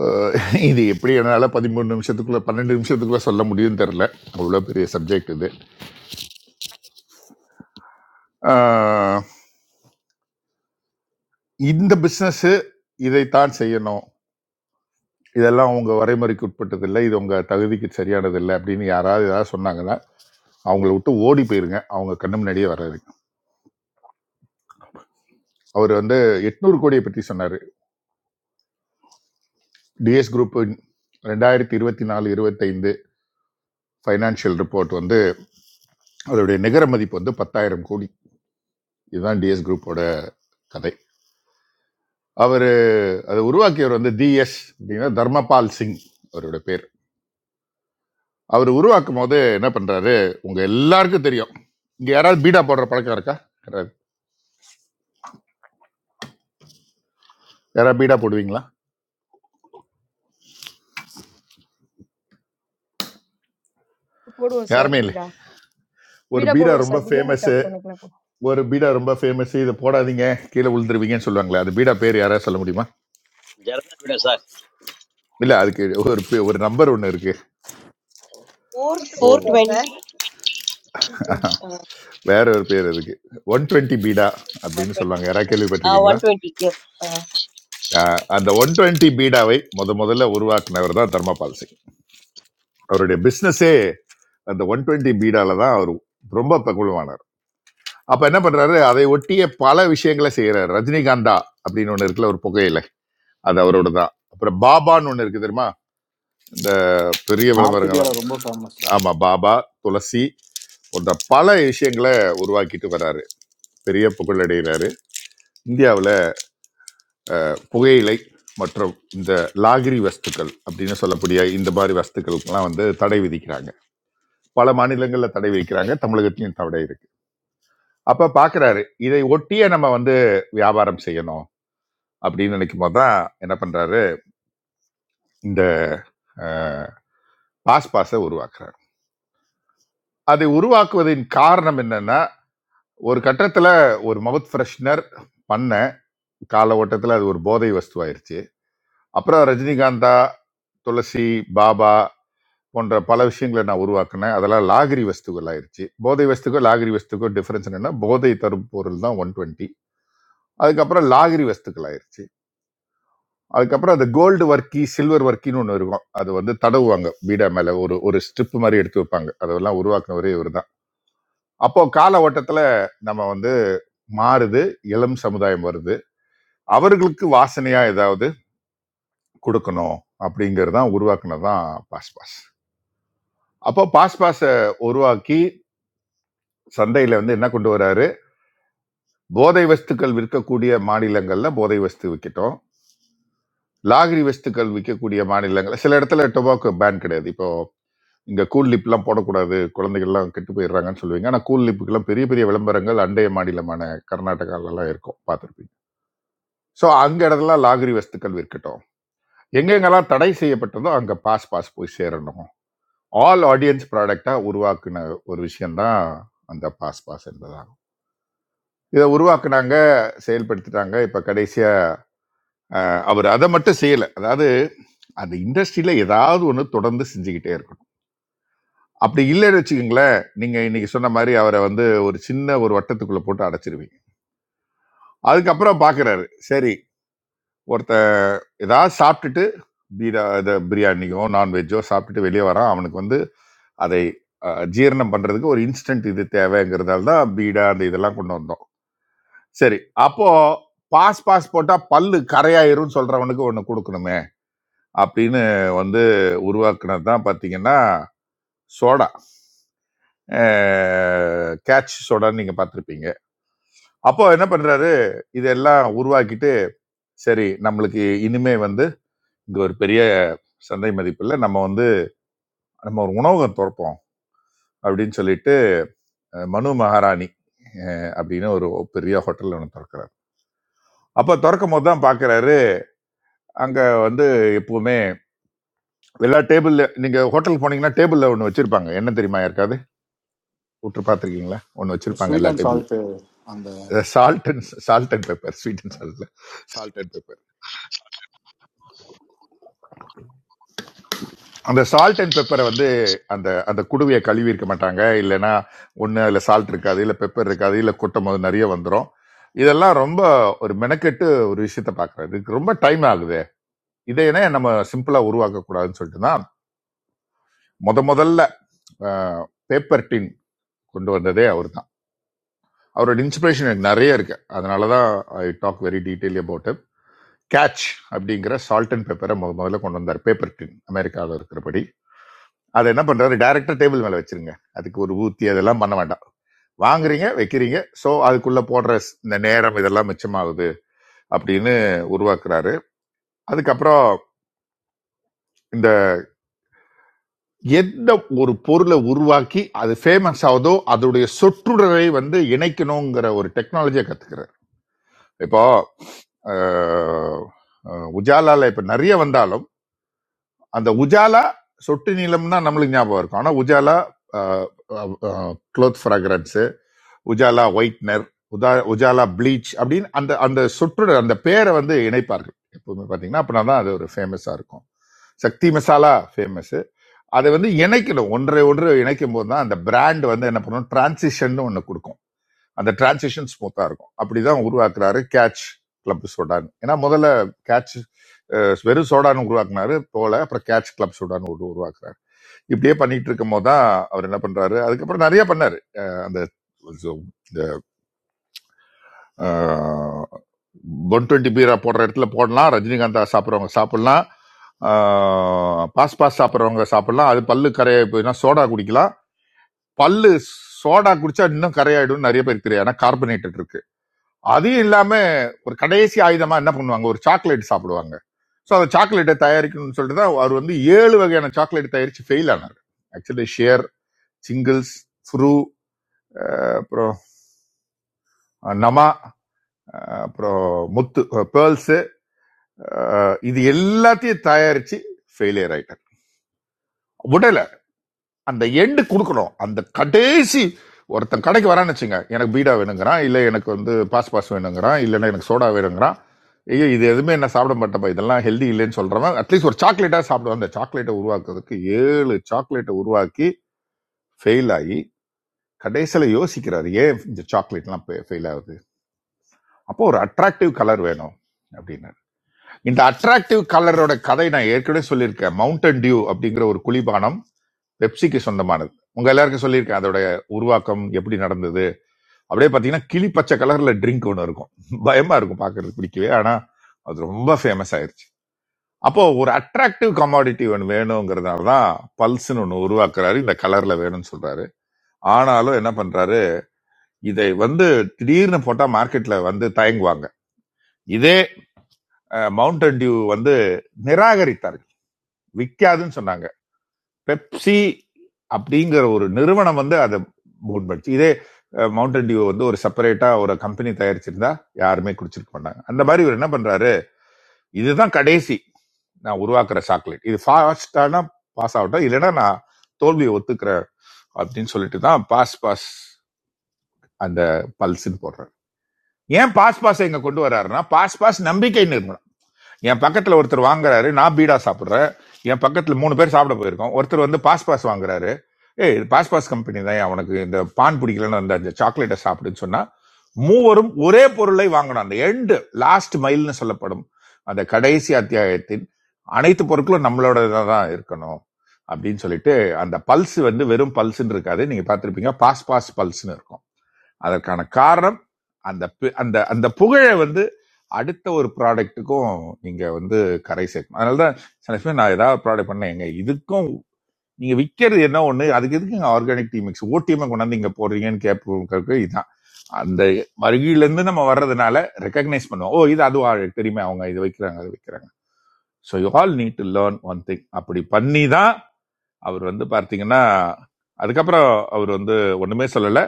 [SPEAKER 3] அஹ், இது எப்படி என்னால் பதிமூணு நிமிஷத்துக்குள்ள பன்னெண்டு நிமிஷத்துக்குள்ள சொல்ல முடியும்னு தெரில அவ்வளோ பெரிய சப்ஜெக்ட் இது அஹ், இந்த பிஸ்னஸ்ஸு இதைத்தான் செய்யணும் இதெல்லாம் உங்கள் வரைமுறைக்கு உட்பட்டது இல்லை இது உங்கள் தகுதிக்கு சரியானது இல்லை அப்படின்னு யாராவது ஏதாவது சொன்னாங்கன்னா அவங்கள விட்டு ஓடி போயிருங்க அவங்க கண்ணு முன்னாடியே வராது அவர் வந்து எட்நூறு கோடியை பற்றி சொன்னார் டிஎஸ் குரூப்பின் ரெண்டாயிரத்தி இருபத்தி நாலு இருபத்தைந்து ஃபைனான்ஷியல் ரிப்போர்ட் வந்து அதோடைய நிகர மதிப்பு வந்து பத்தாயிரம் கோடி இதுதான் டிஎஸ் குரூப்போட கதை அவர் அதை உருவாக்கியவர் வந்து டிஎஸ் அப்படின்னா தர்மபால் சிங் அவரோட பேர் அவர் உருவாக்கும் போது என்ன பண்றாரு உங்க எல்லாருக்கும் தெரியும் இங்க யாராவது பீடா போடுற பழக்கம் இருக்கா கிடையாது யாராவது பீடா போடுவீங்களா
[SPEAKER 4] போடுவோம் சார்
[SPEAKER 3] யாருமே இல்லை
[SPEAKER 4] பீடா
[SPEAKER 3] ஒரு
[SPEAKER 4] பீடா
[SPEAKER 3] பீடா
[SPEAKER 4] போடுவோம்
[SPEAKER 3] ரொம்ப
[SPEAKER 4] சார் பிரியாணி
[SPEAKER 3] ஃபேமஸ்
[SPEAKER 4] சாப்பிட்டோம்
[SPEAKER 3] ஒரு பீடா ரொம்ப ஃபேமஸ் இதை போடாதீங்க கீழே விழுந்துருவீங்கன்னு சொல்லுவாங்களே அது பீடா பேர் யாராவது சொல்ல முடியுமா
[SPEAKER 12] ஜெரதா விட சார்
[SPEAKER 3] இல்ல அதுக்கு ஒரு பே- ஒரு நம்பர் ஒண்ணு இருக்கு
[SPEAKER 7] four four
[SPEAKER 12] O
[SPEAKER 7] twenty
[SPEAKER 4] sir
[SPEAKER 3] வேற ஒரு பேர் அதுக்கு ஒன் டுவெண்ட்டி பீடா
[SPEAKER 7] ஒன்
[SPEAKER 3] அப்படின்னு
[SPEAKER 7] டுவெண்ட்டி
[SPEAKER 3] சொல்லுவாங்க யாராவது கேள்விப்பட்டிருக்கீங்களா
[SPEAKER 7] ஒன் டுவெண்ட்டி எஸ்
[SPEAKER 3] ஆஹ் அந்த ஒன் டுவெண்ட்டி பீடாவை முத முதல்ல உருவாக்குனவர் தான் தர்மபால் சிங் அவருடைய பிசினஸே அந்த ஒன் டுவெண்ட்டி பீடால தான் அவர் ரொம்ப பிரபலமானார் அப்ப என்ன பண்றாரு அதை ஒட்டிய பல விஷயங்களை செய்யறாரு ரஜினிகாந்தா அப்படின்னு ஒண்ணு இருக்குல்ல ஒரு புகையில அது அவரோட தான் அப்புறம் பாபான்னு ஒண்ணு இருக்கு தெரியுமா இந்த பெரிய
[SPEAKER 10] நார்த்
[SPEAKER 3] விளம்பரங்கள் எல்லாம்.
[SPEAKER 10] இந்தியாவில் ரொம்ப ஃபேமஸ் சார்
[SPEAKER 3] ஆமா பாபா துளசி போன்ற பல விஷயங்களை உருவாக்கிட்டு வர்றாரு பெரிய புகழ் இந்தியாவில் புகையிலை மற்றும் இந்த லாகிரி வஸ்துக்கள் அப்படின்னு சொல்லக்கூடிய இந்த மாதிரி வஸ்துக்களுக்கெல்லாம் வந்து தடை விதிக்கிறாங்க பல மாநிலங்களில் தடை விதிக்கிறாங்க தமிழகத்திலையும் தடை இருக்கு அப்ப பாக்குறாரு இதை ஒட்டியே நம்ம வந்து வியாபாரம் செய்யணும் அப்படின்னு நினைக்கும் போது தான் என்ன பண்றாரு இந்த பாஸ் பாஸை உருவாக்குறாரு அதை உருவாக்குவதின் காரணம் என்னன்னா ஒரு கட்டத்துல ஒரு மவுத் ஃப்ரெஷ்னர் பண்ண கால ஓட்டத்துல அது ஒரு போதை வஸ்துவாயிருச்சு அப்புறம் ரஜினிகாந்தா துளசி பாபா போன்ற பல விஷயங்களை நான் உருவாக்கினேன் அதெல்லாம் லாகிரி வஸ்துகள் ஆயிருச்சு போதை வஸ்துக்கும் லாகிரி வஸ்துக்கும் டிஃபரன்ஸ் என்னன்னா போதை தரும் பொருள் தான் ஒன் டுவெண்ட்டி அதுக்கப்புறம் லாகிரி வஸ்துக்கள் ஆயிருச்சு அதுக்கப்புறம் அந்த கோல்டு வர்க்கி சில்வர் வர்க்கின்னு ஒன்று இருக்கும் அது வந்து தடவுவாங்க பீடா மேல ஒரு ஒரு ஸ்ட்ரிப் மாதிரி எடுத்து வைப்பாங்க அதெல்லாம் உருவாக்குனவரே இவர் தான் அப்போ கால ஓட்டத்துல நம்ம வந்து மாறுது இளம் சமுதாயம் வருது அவர்களுக்கு வாசனையா ஏதாவது கொடுக்கணும் அப்படிங்கிறது தான் உருவாக்குனது தான் பாஸ் பாஸ் அப்போ பாஸ் பாஸை உருவாக்கி சந்தையில வந்து என்ன கொண்டு வராரு போதை வஸ்துக்கள் விற்கக்கூடிய மாநிலங்களில் போதை வஸ்து விற்கட்டும் லாகிரி வஸ்துக்கள் விற்கக்கூடிய மாநிலங்கள் சில இடத்துல டொபாக்கோ பேன் கிடையாது இப்போ இங்க கூல் லிப்லாம் போடக்கூடாது குழந்தைகள்லாம் கெட்டு போயிடுறாங்கன்னு சொல்லுவீங்க ஆனால் கூல் லிப்புக்கெல்லாம் பெரிய பெரிய விளம்பரங்கள் அண்டைய மாநிலமான கர்நாடகாலலாம் இருக்கும் பார்த்துருப்பீங்க ஸோ அங்க இடத்துல லாகிரி வஸ்துக்கள் விற்கட்டும் எங்கெங்கெல்லாம் தடை செய்யப்பட்டதோ அங்க பாஸ் பாஸ் போய் சேரணும் ஆல் ஆடியன்ஸ் ப்ராடக்டா உருவாக்குன ஒரு விஷயம்தான் அந்த பாஸ் பாஸ் என்பதாகும் இதை உருவாக்குனாங்க செயல்படுத்திட்டாங்க இப்போ கடைசியா அவர் அதை மட்டும் செய்யல அதாவது அந்த இண்டஸ்ட்ரியில ஏதாவது ஒன்று தொடர்ந்து செஞ்சுக்கிட்டே இருக்கணும் அப்படி இல்லைன்னு வச்சுக்கோங்களேன் நீங்க இன்னைக்கு சொன்ன மாதிரி அவரை வந்து ஒரு சின்ன ஒரு வட்டத்துக்குள்ள போட்டு அடைச்சிருவீங்க அதுக்கப்புறம் பாக்குறாரு சரி ஒருத்த ஏதாவது சாப்பிட்டுட்டு பீரா இதை பிரியாணியோ நான்வெஜ்ஜோ சாப்பிட்டுட்டு வெளியே வரான் அவனுக்கு வந்து அதை அஹ், ஜீரணம் பண்றதுக்கு ஒரு இன்ஸ்டன்ட் இது தேவைங்கிறதால தான் பீடா அந்த இதெல்லாம் கொண்டு வந்தோம் சரி அப்போ பாஸ் பாஸ் போட்டா பல்லு கரையாயிரும்னு சொல்றவனுக்கு ஒன்று கொடுக்கணுமே அப்படின்னு வந்து உருவாக்குனது தான் பார்த்தீங்கன்னா சோடா அஹ், கேட்ச் சோடான்னு நீங்கள் பார்த்துருப்பீங்க அப்போ என்ன பண்ணுறாரு இதெல்லாம் உருவாக்கிட்டு சரி நம்மளுக்கு இனிமே வந்து இங்கே ஒரு பெரிய சந்தை மதிப்பில் நம்ம வந்து நம்ம ஒரு உணவகம் திறப்போம் அப்படின்னு சொல்லிட்டு அஹ், மனு மகாராணி அஹ், அப்படின்னு ஒரு பெரிய ஹோட்டல் ஒன்று திறக்கிறாரு அப்போ திறக்கும் போது தான் பார்க்குறாரு அங்கே வந்து எப்பவுமே எல்லா டேபிள் நீங்கள் ஹோட்டல் போனீங்கன்னா டேபிளில் ஒன்று வச்சுருப்பாங்க என்ன தெரியுமா யாருக்காவது விட்டு பார்த்துருக்கீங்களா ஒன்று வச்சுருப்பாங்க
[SPEAKER 10] ஸ்வீட்
[SPEAKER 3] எல்லா
[SPEAKER 10] அண்ட்
[SPEAKER 3] டேபிள்லையும்
[SPEAKER 10] சால்ட்டு அந்த
[SPEAKER 3] salt and salt and pepper sweet and சால்ட்ல சால்ட் அண்ட் பெப்பர் அந்த சால்ட் அண்ட் பெப்பரை வந்து அந்த அந்த குடுவையை கழுவி இருக்க மாட்டாங்க இல்லைன்னா ஒன்று அதில் சால்ட் இருக்காது இல்லை பெப்பர் இருக்காது இல்லை கொட்டும் போது நிறைய வந்துடும் இதெல்லாம் ரொம்ப ஒரு மெனக்கெட்டு ஒரு விஷயத்த பார்க்குறது இதுக்கு ரொம்ப டைம் ஆகுது இதையனே நம்ம சிம்பிளாக உருவாக்கக்கூடாதுன்னு சொல்லிட்டு தான் முத முதல்ல பேப்பர் டின் கொண்டு வந்ததே அவர் தான் அவரோட இன்ஸ்பிரேஷன் எனக்கு நிறைய இருக்கு அதனால தான் I talk very detail about Catch அப்படிங்கிற சால்ட் அண்ட் பெப்பரை முத முதல்ல கொண்டு வந்தார் பேப்பர் டின் அமெரிக்காவில் இருக்கிறபடி அதை என்ன பண்றாரு டேரக்டா டேபிள் மேல வச்சிருங்க அதுக்கு ஒரு ஊத்தி அதெல்லாம் பண்ண வேண்டாம் வாங்குறீங்க வைக்கிறீங்க ஸோ அதுக்குள்ள போடுற ஸ்- இந்த நேரம் இதெல்லாம் மிச்சமாகுது அப்படின்னு உருவாக்குறாரு அதுக்கப்புறம் இந்த எந்த ஒரு பொருளை உருவாக்கி அது ஃபேமஸ் ஆகுதோ அதோடைய சொற்றுடரை வந்து இணைக்கணுங்கிற ஒரு டெக்னாலஜியை கத்துக்கிறார் இப்போ அஹ், அஹ், உஜாலால இப்ப நிறைய வந்தாலும் அந்த உஜாலா சொட்டு நீளம்னா நம்மளுக்கு ஞாபகம் இருக்கும் ஆனா Ujala cloth fragrance Ujala whitener உதா உஜாலா ப்ளீச் அப்படின்னு அந்த அந்த சொற்றொடர் அந்த பேரை வந்து இணைப்பார்கள் எப்பவுமே பார்த்தீங்கன்னா அப்படின்னா தான் அது ஒரு ஃபேமஸாக இருக்கும் சக்தி மசாலா ஃபேமஸ் அதை வந்து இணைக்கணும் ஒன்றை ஒன்று இணைக்கும் போது தான் அந்த பிராண்ட் வந்து என்ன பண்ணணும் டிரான்சிஷன் ஒன்று கொடுக்கும் அந்த டிரான்சிஷன் ஸ்மூத்தாக இருக்கும் அப்படிதான் உருவாக்குறாரு கேட்ச் கிளப் சோடான் ஏன்னா முதல்ல கேட்ச் அஹ், வெறும் சோடான் உருவாக்குனாரு போல அப்புறம் கேட்ச் கிளப் சோடான் ஒரு உருவாக்குறாரு இப்படியே பண்ணிட்டு இருக்கும் போது தான் அவர் என்ன பண்றாரு அதுக்கப்புறம் நிறைய பண்ணாரு அஹ், அந்த ஒன் டுவெண்ட்டி பீரா போடுற இடத்துல போடலாம் ரஜினிகாந்தா சாப்பிட்றவங்க சாப்பிடலாம் ஆஹ் பாஸ் பாஸ் சாப்பிட்றவங்க சாப்பிடலாம் அது பல்லு கரையா போயினா சோடா குடிக்கலாம் பல்லு சோடா குடிச்சா இன்னும் கரையாயிடும் நிறைய பேருக்கு தெரியாது ஏன்னா கார்பனேட்டட் இருக்கு அதையும் இல்லாம ஒரு கடைசி ஆயுதமா என்ன பண்ணுவாங்க ஒரு சாக்லேட் சாப்பிடுவாங்க ஸோ அந்த சாக்லேட்டை தயாரிக்கணும்னு சொல்லிட்டு தான் அவர் வந்து ஏழு வகையான சாக்லேட் தயாரிச்சு ஃபெயில் ஆனார் ஆக்சுவலி ஷேர் சிங்கிள்ஸ் ஃப்ரூ அப்புறம் அஹ், நமா அஹ், அப்புறம் முத்து பேர்ல்ஸ் இது எல்லாத்தையும் தயாரிச்சு ஃபெயிலியர் ஆயிட்டார் உடனே அந்த எண்டு கொடுக்கணும் அந்த கடைசி ஒருத்தன் கடைக்கு வரான்னு வச்சுங்க எனக்கு பீடா வேணுங்கிறான் இல்லை எனக்கு வந்து பாஸ் பாஸ் வேணுங்கிறான் இல்லைன்னா எனக்கு சோடா வேணுங்கிறான் ஐயோ இது எதுவுமே என்ன சாப்பிட மாட்டேப்பா இதெல்லாம் ஹெல்தி இல்லைன்னு சொல்றவன் அட்லீஸ்ட் ஒரு சாக்லேட்டாக சாப்பிடுவான் அந்த சாக்லேட்டை உருவாக்குறதுக்கு ஏழு சாக்லேட்டை உருவாக்கி ஃபெயில் ஆகி கடைசியில் யோசிக்கிறாரு ஏன் இந்த சாக்லேட்லாம் ஃபெயில் ஆகுது அப்போ ஒரு அட்ராக்டிவ் கலர் வேணும் அப்படின்னு இந்த அட்ராக்டிவ் கலரோட கதை நான் ஏற்கனவே சொல்லியிருக்கேன் மவுண்டன் டியூ அப்படிங்கிற ஒரு குளிபானம் பெப்சிக்கு சொந்தமானது உங்க எல்லாருக்கும் சொல்லியிருக்கேன் அதோட உருவாக்கம் எப்படி நடந்தது அப்படியே பாத்தீங்கன்னா கிளி பச்சை கலர்ல ட்ரிங்க் ஒன்று இருக்கும் பயமா இருக்கும் பாக்குறதுக்கு பிடிக்கவே ஆனா அது ரொம்ப ஃபேமஸ் ஆயிருச்சு அப்போ ஒரு அட்ராக்டிவ் கமாடிட்டி ஒன்று வேணுங்கிறதுனால தான் பல்ஸ்னு ஒன்று உருவாக்குறாரு இந்த கலர்ல வேணும்னு சொல்றாரு ஆனாலும் என்ன பண்றாரு இதை வந்து திடீர்னு போட்டா மார்க்கெட்ல வந்து தயங்குவாங்க இதே மவுண்டன் டியூ வந்து நிராகரித்தார்கள் விற்காதுன்னு சொன்னாங்க பெப்சி அப்படிங்கிற ஒரு நிறுவனம் வந்து அதை மூட் பண்ணிச்சு இதே மவுண்டன் டியூ வந்து ஒரு செப்பரேட்டா ஒரு கம்பெனி தயாரிச்சிருந்தா யாருமே குடிச்சிருக்க மாட்டாங்க அந்த மாதிரி இவர் என்ன பண்றாரு இதுதான் கடைசி நான் உருவாக்குற சாக்லேட் இது ஃபாஸ்டானா பாஸ் ஆகட்டும் இல்லைன்னா நான் தோல்வியை ஒத்துக்கிறேன் அப்படின்னு சொல்லிட்டு தான் பாஸ் பாஸ் அந்த பல்ஸ்ன்னு போடுறாரு ஏன் பாஸ் பாஸ் எங்க கொண்டு வர்றாருன்னா பாஸ் பாஸ் நம்பிக்கை நிறுவனம் என் பக்கத்துல ஒருத்தர் வாங்குறாரு நான் பீடா சாப்பிடுறேன் என் பக்கத்துல மூணு பேர் சாப்பிட போயிருக்கோம் ஒருத்தர் வந்து பாஸ் பாஸ் வாங்குறாரு ஏய் இது பாஸ் பாஸ் கம்பெனி தான் அவனுக்கு இந்த பான் பிடிக்கலன்னு அந்த அந்த சாக்லேட்டை சாப்பிடுன்னு சொன்னா மூவரும் ஒரே பொருளை வாங்கணும் அந்த எண்டு லாஸ்ட் மைல்னு சொல்லப்படும் அந்த கடைசி அத்தியாயத்தின் அனைத்து பொருட்களும் நம்மளோட தான் இருக்கணும் அப்படின்னு சொல்லிட்டு அந்த பல்ஸ் வந்து வெறும் பல்ஸ்ன்னு இருக்காது நீங்க பார்த்திருப்பீங்க பாஸ் பாஸ் பல்ஸ்னு இருக்கும் அதற்கான காரணம் அந்த பி- அந்த அந்த புகழை வந்து அடுத்த ஒரு ப்ராடக்ட்டுக்கும் நீங்க வந்து கரை சேர்க்கணும் அதனாலதான் சில பேர் நான் ஏதாவது ப்ராடக்ட் பண்ணேன் எங்க இதுக்கும் நீங்க விற்கிறது என்ன ஒண்ணு அதுக்கு எதுக்கு இங்க ஆர்கானிக் டீ மிக்ஸ் ஓடிஎம் கொண்டாந்து இங்க போடுறீங்கன்னு கேட்பவங்களுக்கு இதுதான் அந்த வருகையில இருந்து நம்ம வர்றதுனால ரெக்கக்னைஸ் பண்ணுவோம் ஓ இது அதுவா தெரியுமே அவங்க இது வைக்கிறாங்க அது வைக்கிறாங்க so you all need to learn one thing அப்படி பண்ணி தான் அவர் வந்து பார்த்தீங்கன்னா அதுக்கப்புறம் அவர் வந்து ஒண்ணுமே சொல்லல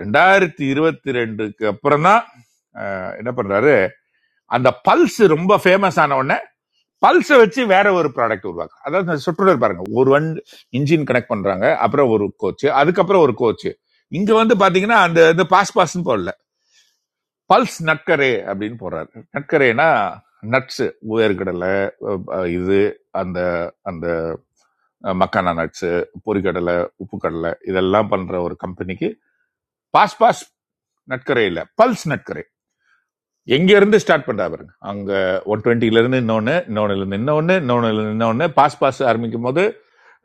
[SPEAKER 3] ரெண்டாயிரத்தி இருபத்தி ரெண்டுக்கு அப்புறம் தான் என்ன பண்றாரு அந்த பல்ஸ் ரொம்ப ஃபேமஸ் ஆன உடனே பல்ஸை வச்சு வேற ஒரு ப்ராடக்ட் உருவாக்கு அதாவது இந்த சுற்றுலர் பாருங்க ஒரு வன் இன்ஜின் கனெக்ட் பண்றாங்க அப்புறம் ஒரு கோச் அதுக்கப்புறம் ஒரு கோச் இங்க வந்து பாத்தீங்கன்னா அந்த இந்த பாஸ் பாஸ்ன்னு போடல பல்ஸ் நட்கரே அப்படின்னு போடுறாரு நட்கரேனா நட்ஸ் உயர்கடலை இது அந்த அந்த மக்கானா நட்ஸ் பொரிக்கடலை உப்பு கடலை இதெல்லாம் பண்ற ஒரு கம்பெனிக்கு பாஸ் பாஸ் நட்கரே இல்ல பல்ஸ் நட்கரே எங்க இருந்து ஸ்டார்ட் பண்றா பாருங்க அங்க ஒன் டுவெண்ட்டில இருந்து இன்னொன்னு இன்னொன்னுல இருந்து இன்னொன்னு இன்னொன்னுல இருந்து இன்னொன்னு பாஸ் பாஸ் ஆரம்பிக்கும் போது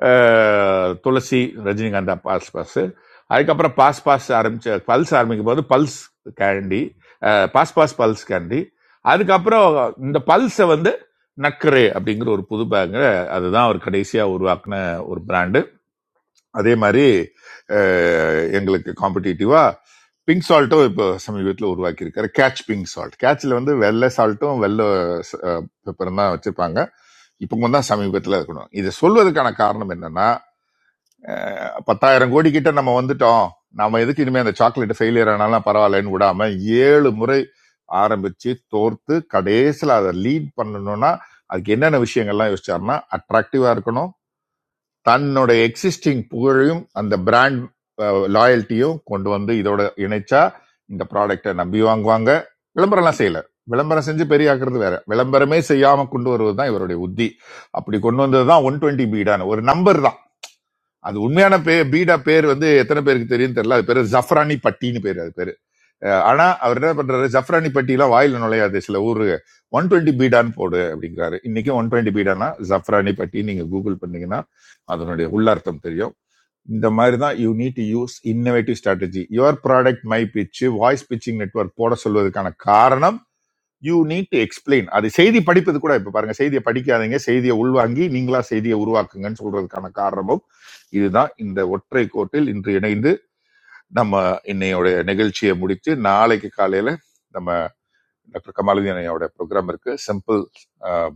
[SPEAKER 3] அஹ், துளசி ரஜினிகாந்தா பாஸ் பாஸ் அதுக்கப்புறம் பாஸ் பாஸ் ஆரம்பிச்ச பல்ஸ் ஆரம்பிக்கும் போது பல்ஸ் கேண்டி அஹ், பாஸ் பாஸ் பல்ஸ் கேண்டி அதுக்கப்புறம் இந்த பல்ஸை வந்து நக்கரே அப்படிங்கிற ஒரு புது பேங்க அதுதான் அவர் கடைசியா உருவாக்குன ஒரு பிராண்டு அதே மாதிரி அஹ், எங்களுக்கு காம்படிட்டிவா பிங்க் சால்ட்டும் இப்போ சமீபத்தில் உருவாக்கியிருக்காரு கேட்ச் பிங்க் சால்ட் கேட்ச்ல வந்து வெள்ளை சால்ட்டும் வெள்ளை பெப்பரும் தான் வச்சிருப்பாங்க இப்போ தான் சமீபத்தில் இருக்கணும் இதை சொல்வதற்கான காரணம் என்னன்னா அஹ், பத்தாயிரம் கோடி கிட்ட நம்ம வந்துட்டோம் நாம எதுக்கு இனிமே அந்த சாக்லேட் ஃபெயிலியர் ஆனாலும் பரவாயில்லன்னு விடாம ஏழு முறை ஆரம்பிச்சு தோர்த்து கடைசியில் அதை லீட் பண்ணணும்னா அதுக்கு என்னென்ன விஷயங்கள்லாம் யோசிச்சாருன்னா அட்ராக்டிவா இருக்கணும் தன்னோட எக்ஸிஸ்டிங் புகழையும் அந்த பிராண்ட் லாயல்ட்டியும் கொண்டு வந்து இதோட இணைச்சா இந்த ப்ராடக்ட்டை நம்பி வாங்குவாங்க விளம்பரம்லாம் செய்யல விளம்பரம் செஞ்சு பெரிய ஆக்குறது வேற விளம்பரமே செய்யாம கொண்டு வருவது தான் இவருடைய உத்தி அப்படி கொண்டு வந்தது தான் ஒன் டுவெண்ட்டி பீடான ஒரு நம்பர் தான் அது உண்மையான பே பீடா பேர் வந்து எத்தனை பேருக்கு தெரியும் தெரியல அது பேர் ஜஃப்ரானி பட்டின்னு பேர் அது பேரு அஹ் ஆனா அவர் என்ன பண்றாரு ஜஃப்ரானி பட்டியெல்லாம் வாயில நுழையாது சில ஊரு ஒன் டுவெண்ட்டி பீடான் போடு அப்படிங்கிறாரு இன்னைக்கு ஒன் டுவெண்ட்டி பீடானா ஜஃப்ரானி பட்டி நீங்க கூகுள் பண்ணீங்கன்னா அதனுடைய உள்ளார்த்தம் தெரியும் இந்த மாதிரி தான் you need to use innovative strategy your product my pitch voice pitching network போட சொல்வதற்கான காரணம் யூ நீட் டு எக்ஸ்பிளைன் அது செய்தி படிப்பது கூட இப்போ பாருங்க செய்தியை படிக்காதீங்க செய்தியை உள்வாங்கி நீங்களா செய்தியை உருவாக்குங்கன்னு சொல்றதுக்கான காரணமும் இதுதான் இந்த ஒற்றை கோட்டில் இன்று இணைந்து நம்ம இன்னையோட நிகழ்ச்சியை முடித்து நாளைக்கு காலையில நம்ம டாக்டர் கமாலுதீன் ஐயாவோட ப்ரோக்ராம் இருக்கு சிம்பிள்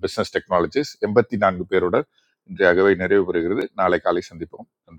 [SPEAKER 3] பிசினஸ் டெக்னாலஜிஸ் எண்பத்தி நான்கு பேரோட இன்றைய அகவை நிறைவு பெறுகிறது நாளை காலை சந்திப்போம் நன்றி.